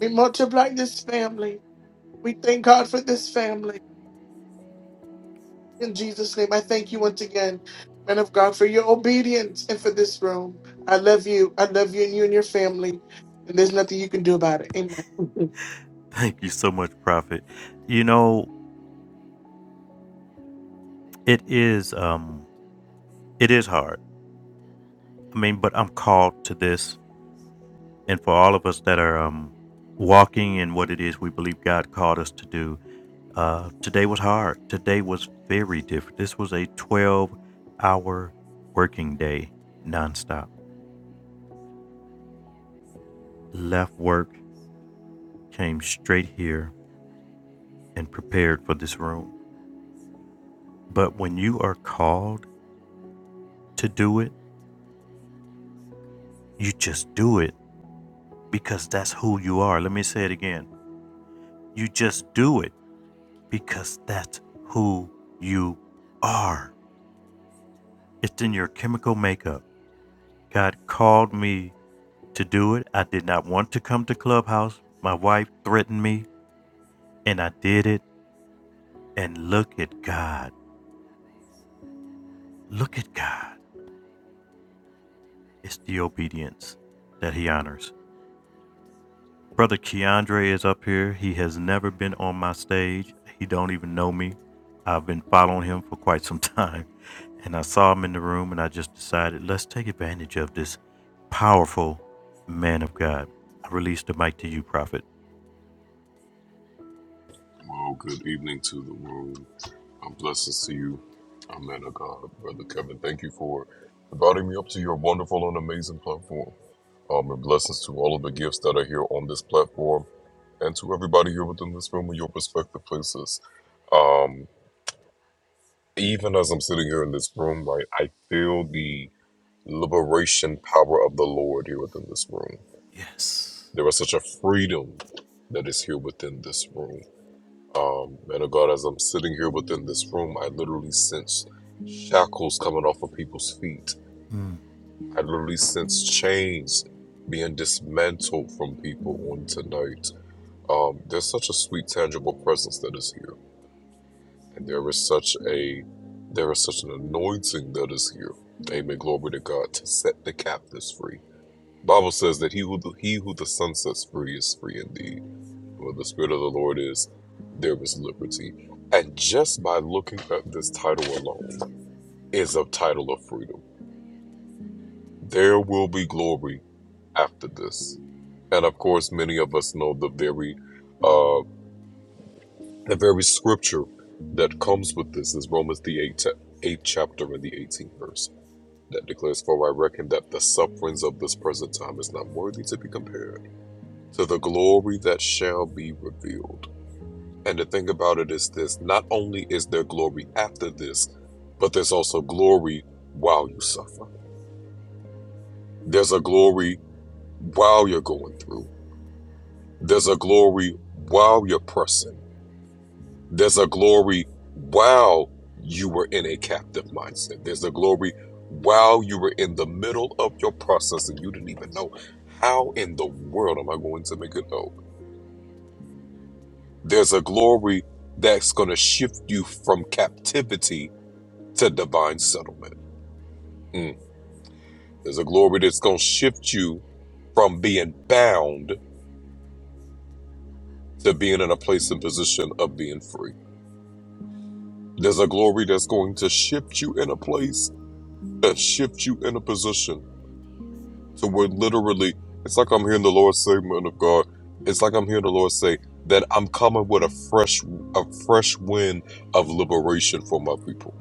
E: We multiply this family. We thank God for this family. In Jesus' name, I thank you once again, man of God, for your obedience and for this room. I love you. I love you and you and your family. And there's nothing you can do about it. Amen.
A: Thank you so much, Prophet. You know, it is um it is hard. I mean, but I'm called to this and for all of us that are um walking in what it is we believe God called us to do, uh today was hard. Today was very different. This was a 12 hour working day nonstop. Left work, came straight here and prepared for this room. But when you are called to do it, you just do it because that's who you are. Let me say it again. You just do it because that's who you are. It's in your chemical makeup. God called me to do it. I did not want to come to Clubhouse. My wife threatened me, and I did it. And look at God. Look at God. It's the obedience that He honors. Brother Keandre is up here. He has never been on my stage. He don't even know me. I've been following him for quite some time. And I saw him in the room and I just decided let's take advantage of this powerful man of God. I release the mic to you, Prophet.
H: Well, good evening to the room. Um, blessings to you. I'm man of God, Brother Kevin. Thank you for inviting me up to your wonderful and amazing platform. Um, and blessings to all of the gifts that are here on this platform and to everybody here within this room in your respective places. Um, even as I'm sitting here in this room, right, I feel the liberation power of the Lord here within this room.
A: Yes.
H: There is such a freedom that is here within this room. Um, man of God, as I'm sitting here within this room, I literally sense shackles coming off of people's feet. I literally sense chains being dismantled from people on tonight. Um, there's such a sweet, tangible presence that is here, and there is such a there is such an anointing that is here. Amen. Glory to God to set the captives free. Bible says that he who the, he who the sun sets free is free indeed. Where the Spirit of the Lord is there is liberty. And just by looking at this title alone is a title of freedom. There will be glory after this. And of course, many of us know the very uh, the very scripture that comes with this is Romans the eighth, eighth chapter and the 18th verse that declares, For I reckon that the sufferings of this present time is not worthy to be compared to the glory that shall be revealed. And the thing about it is this not only is there glory after this, but there's also glory while you suffer. There's a glory while you're going through. There's a glory while you're pressing. There's a glory while you were in a captive mindset. There's a glory while you were in the middle of your process and you didn't even know how in the world am I going to make it out. There's a glory that's going to shift you from captivity to divine settlement Mm. There's a glory that's going to shift you from being bound to being in a place and position of being free. There's a glory that's going to shift you in a place and shift you in a position to where literally it's like I'm hearing the Lord say, man of God, it's like I'm hearing the Lord say that I'm coming with a fresh, a fresh wind of liberation for my people.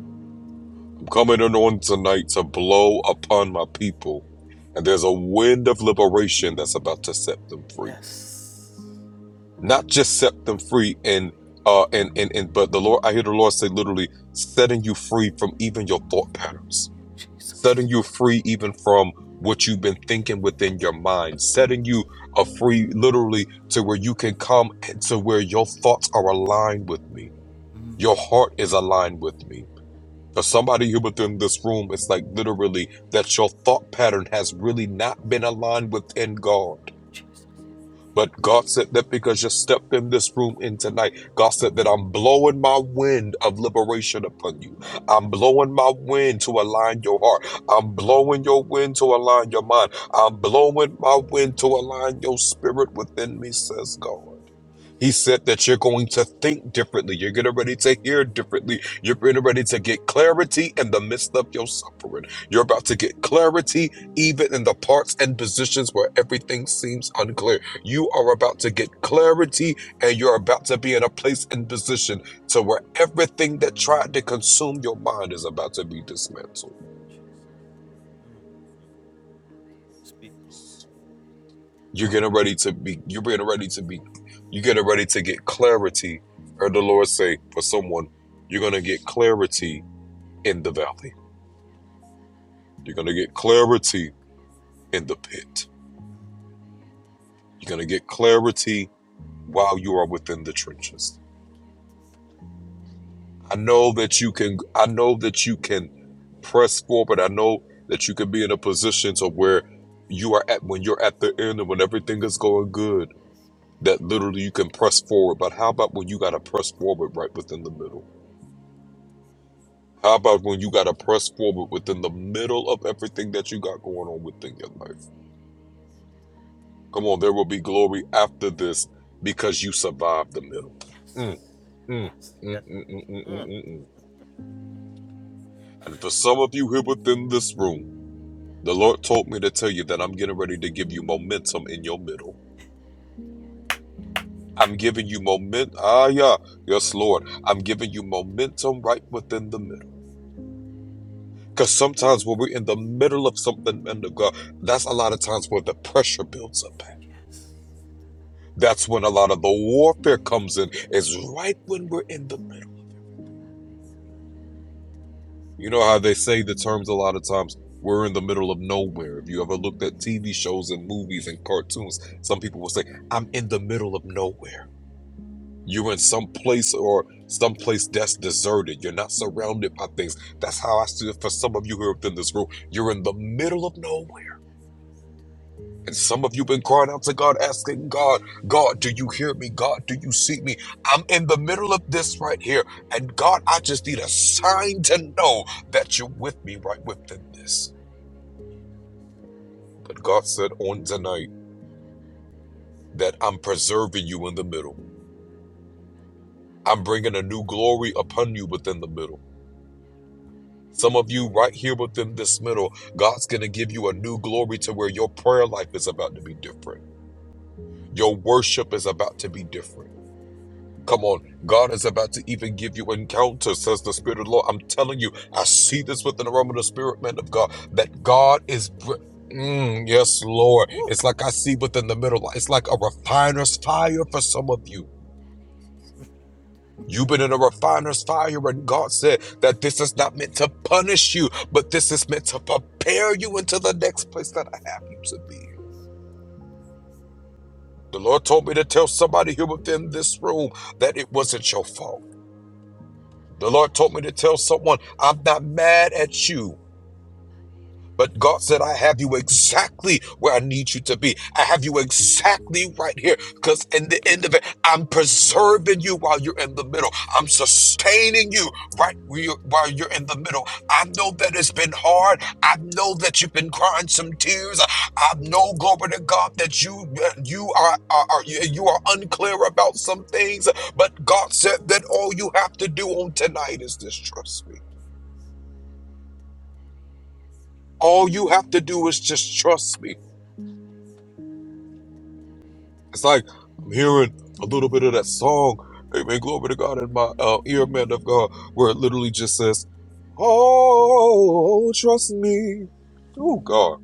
H: I'm coming in on tonight to blow upon my people. And there's a wind of liberation that's about to set them free not just set them free and uh and and and but the lord i hear the lord say literally setting you free from even your thought patterns setting you free even from what you've been thinking within your mind setting you a free literally to where you can come to where your thoughts are aligned with me your heart is aligned with me for somebody here within this room it's like literally that your thought pattern has really not been aligned within god but God said that because you stepped in this room in tonight, God said that I'm blowing my wind of liberation upon you. I'm blowing my wind to align your heart. I'm blowing your wind to align your mind. I'm blowing my wind to align your spirit within me, says God. He said that you're going to think differently. You're getting ready to hear differently. You're getting ready to get clarity in the midst of your suffering. You're about to get clarity even in the parts and positions where everything seems unclear. You are about to get clarity and you're about to be in a place and position to where everything that tried to consume your mind is about to be dismantled. You're getting ready to be you're getting ready to be you're getting ready to get clarity. Or the Lord say for someone, you're gonna get clarity in the valley. You're gonna get clarity in the pit. You're gonna get clarity while you are within the trenches. I know that you can I know that you can press forward. I know that you can be in a position to where you are at when you're at the end and when everything is going good, that literally you can press forward. But how about when you got to press forward right within the middle? How about when you got to press forward within the middle of everything that you got going on within your life? Come on, there will be glory after this because you survived the middle. Mm, mm, mm, mm, mm, mm, mm, mm, mm. mm. And for some of you here within this room, the Lord told me to tell you that I'm getting ready to give you momentum in your middle. I'm giving you moment. Ah, yeah. Yes, Lord. I'm giving you momentum right within the middle. Because sometimes when we're in the middle of something, and the God, that's a lot of times where the pressure builds up. At. That's when a lot of the warfare comes in. Is right when we're in the middle. You know how they say the terms a lot of times. We're in the middle of nowhere. If you ever looked at TV shows and movies and cartoons, some people will say, "I'm in the middle of nowhere." You're in some place or some place that's deserted. You're not surrounded by things. That's how I see it for some of you here within this room. You're in the middle of nowhere. And some of you been crying out to God, asking God, God, do you hear me? God, do you see me? I'm in the middle of this right here. And God, I just need a sign to know that you're with me right within this. But God said on tonight that I'm preserving you in the middle. I'm bringing a new glory upon you within the middle. Some of you right here within this middle, God's going to give you a new glory to where your prayer life is about to be different. Your worship is about to be different. Come on, God is about to even give you encounter, says the Spirit of the Lord. I'm telling you, I see this within the realm of the Spirit, man of God, that God is. br- Mm, yes, Lord. It's like I see within the middle. It's like a refiner's fire for some of you. You've been in a refiner's fire, and God said that this is not meant to punish you, but this is meant to prepare you into the next place that I have you to be. The Lord told me to tell somebody here within this room that it wasn't your fault. The Lord told me to tell someone, I'm not mad at you. But God said, I have you exactly where I need you to be. I have you exactly right here. Because in the end of it, I'm preserving you while you're in the middle. I'm sustaining you right where you while you're in the middle. I know that it's been hard. I know that you've been crying some tears. I know, glory to God, that you you are, are, are you you are unclear about some things. But God said that all you have to do on tonight is just trust me. All you have to do is just trust me. It's like I'm hearing a little bit of that song, Amen, glory to God, in my uh, ear, man of God, where it literally just says, Oh, trust me. Oh, God.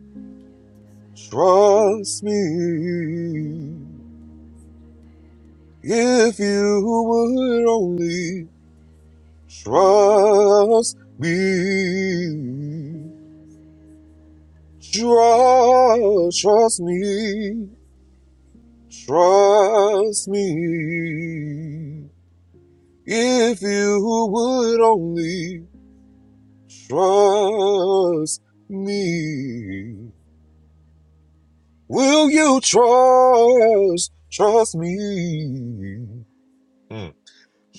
H: Trust me. If you would only trust me. Trust, trust me. Trust me. If you would only trust me, will you trust, trust me? Mm.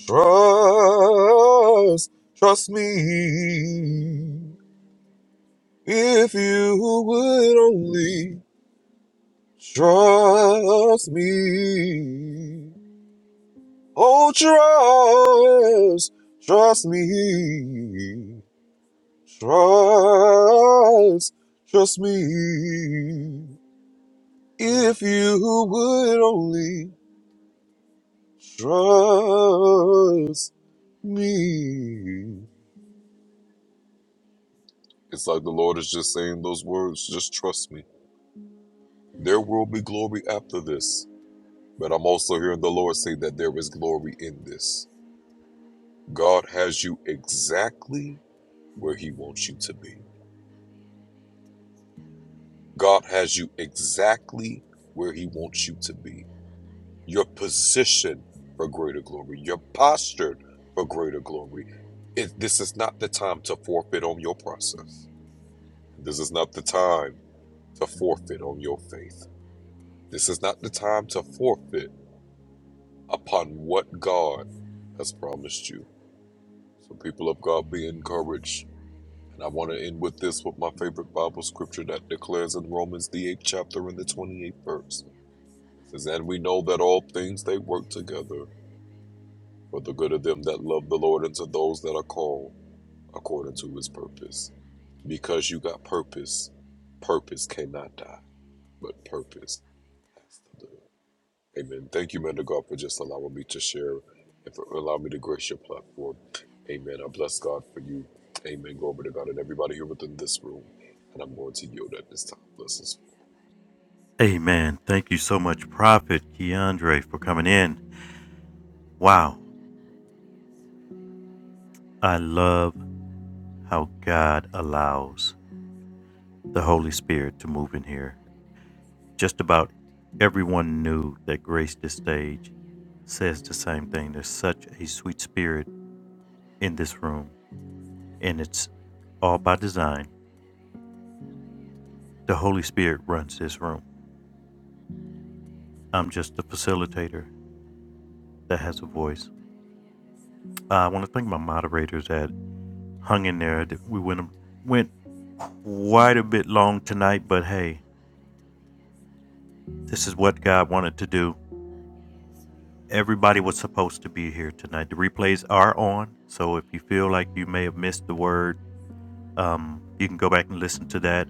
H: Trust, trust me. If you would only trust me. Oh, trust, trust me. Trust, trust me. If you would only trust me. It's like the Lord is just saying those words, just trust me. There will be glory after this. But I'm also hearing the Lord say that there is glory in this. God has you exactly where He wants you to be. God has you exactly where He wants you to be. You're positioned for greater glory. You're postured for greater glory. It, this is not the time to forfeit on your process. This is not the time to forfeit on your faith. This is not the time to forfeit upon what God has promised you. So, people of God, be encouraged. And I want to end with this with my favorite Bible scripture that declares in Romans, the 8th chapter and the 28th verse. It says, And we know that all things they work together for the good of them that love the Lord and to those that are called according to his purpose. Because you got purpose, purpose cannot die, but purpose has to live. Amen. Thank you, man to God, for just allowing me to share and for allowing me to grace your platform. Amen. I bless God for you. Amen. Glory to God and everybody here within this room. And I'm going to yield at this time. Blessings.
A: Amen. Thank you so much, Prophet Keandre, for coming in. Wow. I love how God allows the Holy Spirit to move in here. Just about everyone knew that graced the stage says the same thing. There's such a sweet spirit in this room, and it's all by design. The Holy Spirit runs this room. I'm just a facilitator that has a voice. I want to thank my moderators that hung in there. We went went quite a bit long tonight, but hey, this is what God wanted to do. Everybody was supposed to be here tonight. The replays are on, so if you feel like you may have missed the word Um, you can go back and listen to that.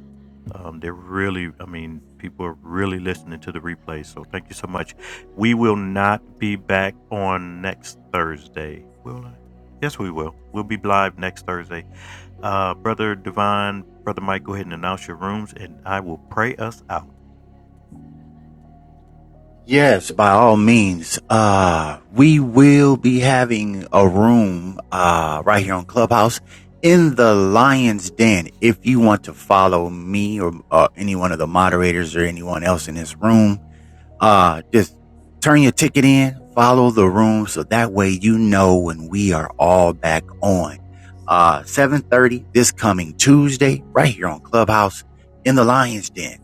A: Um, they're really, I mean, people are really listening to the replay. So thank you so much. We will not be back on next Thursday, will I? Yes, we will. We'll be live next Thursday. Uh, Brother Divine, Brother Mike, go ahead and announce your rooms, and I will pray us out.
B: Yes, by all means. Uh, we will be having a room, uh, right here on Clubhouse in the Lion's Den. If you want to follow me or, uh, any one of the moderators or anyone else in this room, Uh, just turn your ticket in, follow the room. So that way, you know, when we are all back on, uh, 730 this coming Tuesday, right here on Clubhouse in the Lion's Den.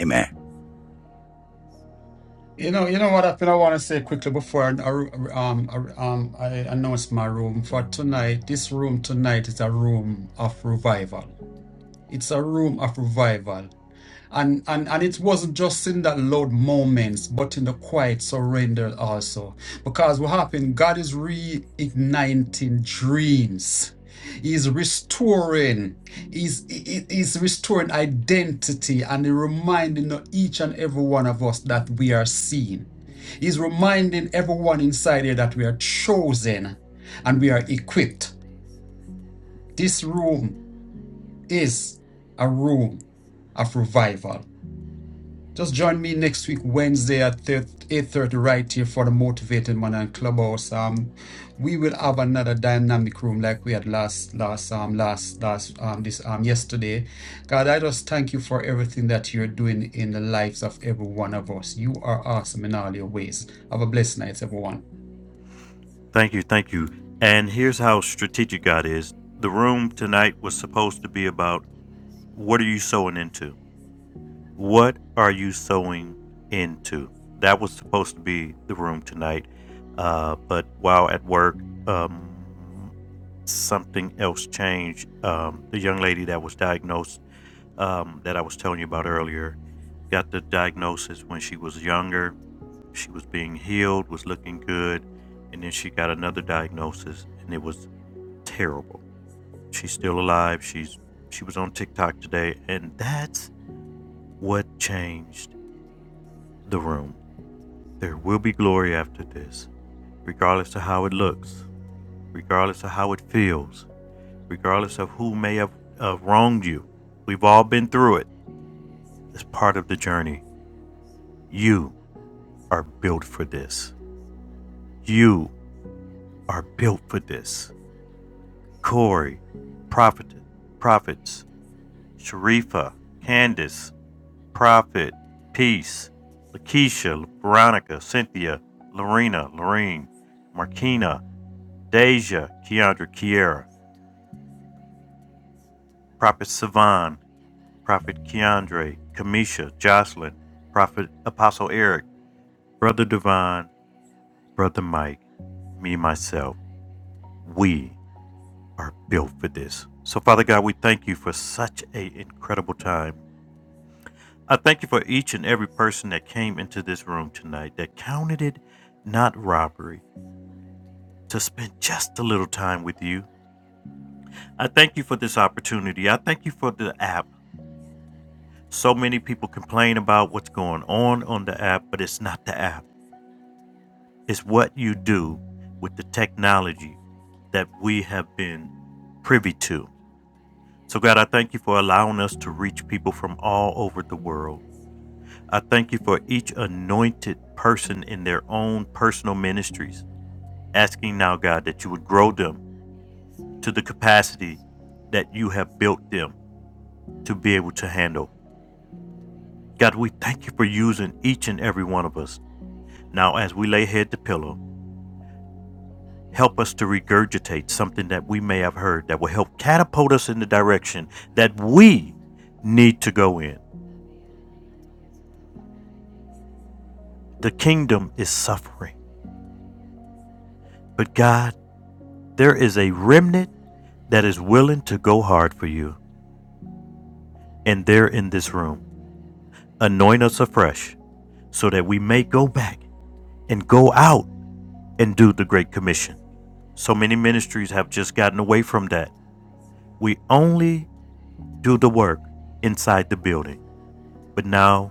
B: Amen.
C: You know, you know what I, feel I want to say quickly before I, I- um, I- um, I announce my room for tonight. This room tonight is a room of revival. It's a room of revival, and and and it wasn't just in that loud moments, but in the quiet surrender also. Because what happened? God is reigniting dreams. He's restoring. He's he- he- he's restoring identity, and he reminding each and every one of us that we are seen. He's reminding everyone inside here that we are chosen and we are equipped. This room is a room of revival. Just join me next week, Wednesday at 8.30 right here for the Motivated Man and Clubhouse. Um, we will have another dynamic room like we had last, last, um, last, last, um, this, um, yesterday. God, I just thank you for everything that you're doing in the lives of every one of us. You are awesome in all your ways. Have a blessed night, everyone.
A: Thank you, thank you. And here's how strategic God is. The room tonight was supposed to be about what are you sowing into? What are you sewing into? That was supposed to be the room tonight, uh, but while at work, um, something else changed. Um, the young lady that was diagnosed, um, that I was telling you about earlier, got the diagnosis when she was younger. She was being healed, was looking good, and then she got another diagnosis, and it was terrible. She's still alive. She's she was on TikTok today, and that's what changed the room. There will be glory after this, regardless of how it looks, regardless of how it feels, regardless of who may have uh, wronged you. We've all been through it. It's part of the journey. You are built for this. You are built for this. Corey, Prophet, Prophets, Sharifa, Candace, Prophet, Peace, Lakeisha, Veronica, Cynthia, Lorena, Lorene, Markina, Deja, Keandra, Kiera, Prophet Savan, Prophet Keandre, Kamisha, Jocelyn, Prophet Apostle Eric, Brother Divine, Brother Mike, me, myself, we are built for this. So, Father God, we thank you for such an incredible time. I thank you for each and every person that came into this room tonight that counted it not robbery to spend just a little time with you. I thank you for this opportunity. I thank you for the app. So many people complain about what's going on on the app, but it's not the app. It's what you do with the technology that we have been privy to. So, God, I thank you for allowing us to reach people from all over the world. I thank you for each anointed person in their own personal ministries, asking now, God, that you would grow them to the capacity that you have built them to be able to handle. God, we thank you for using each and every one of us. Now, as we lay head to pillow, help us to regurgitate something that we may have heard that will help catapult us in the direction that we need to go in. The kingdom is suffering, but God, there is a remnant that is willing to go hard for you, and they're in this room. Anoint us afresh so that we may go back and go out and do the Great Commission. So many ministries have just gotten away from that. We only do the work inside the building, but now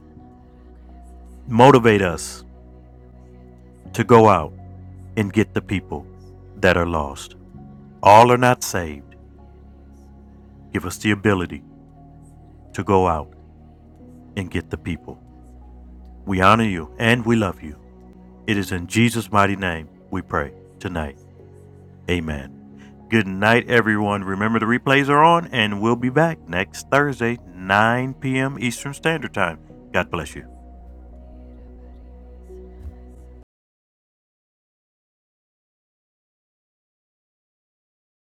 A: motivate us to go out and get the people that are lost. All are not saved. Give us the ability to go out and get the people. We honor you and we love you. It is in Jesus' mighty name we pray tonight. Amen. Good night, everyone. Remember, the replays are on, and we'll be back next Thursday, 9 p.m. Eastern Standard Time. God bless you.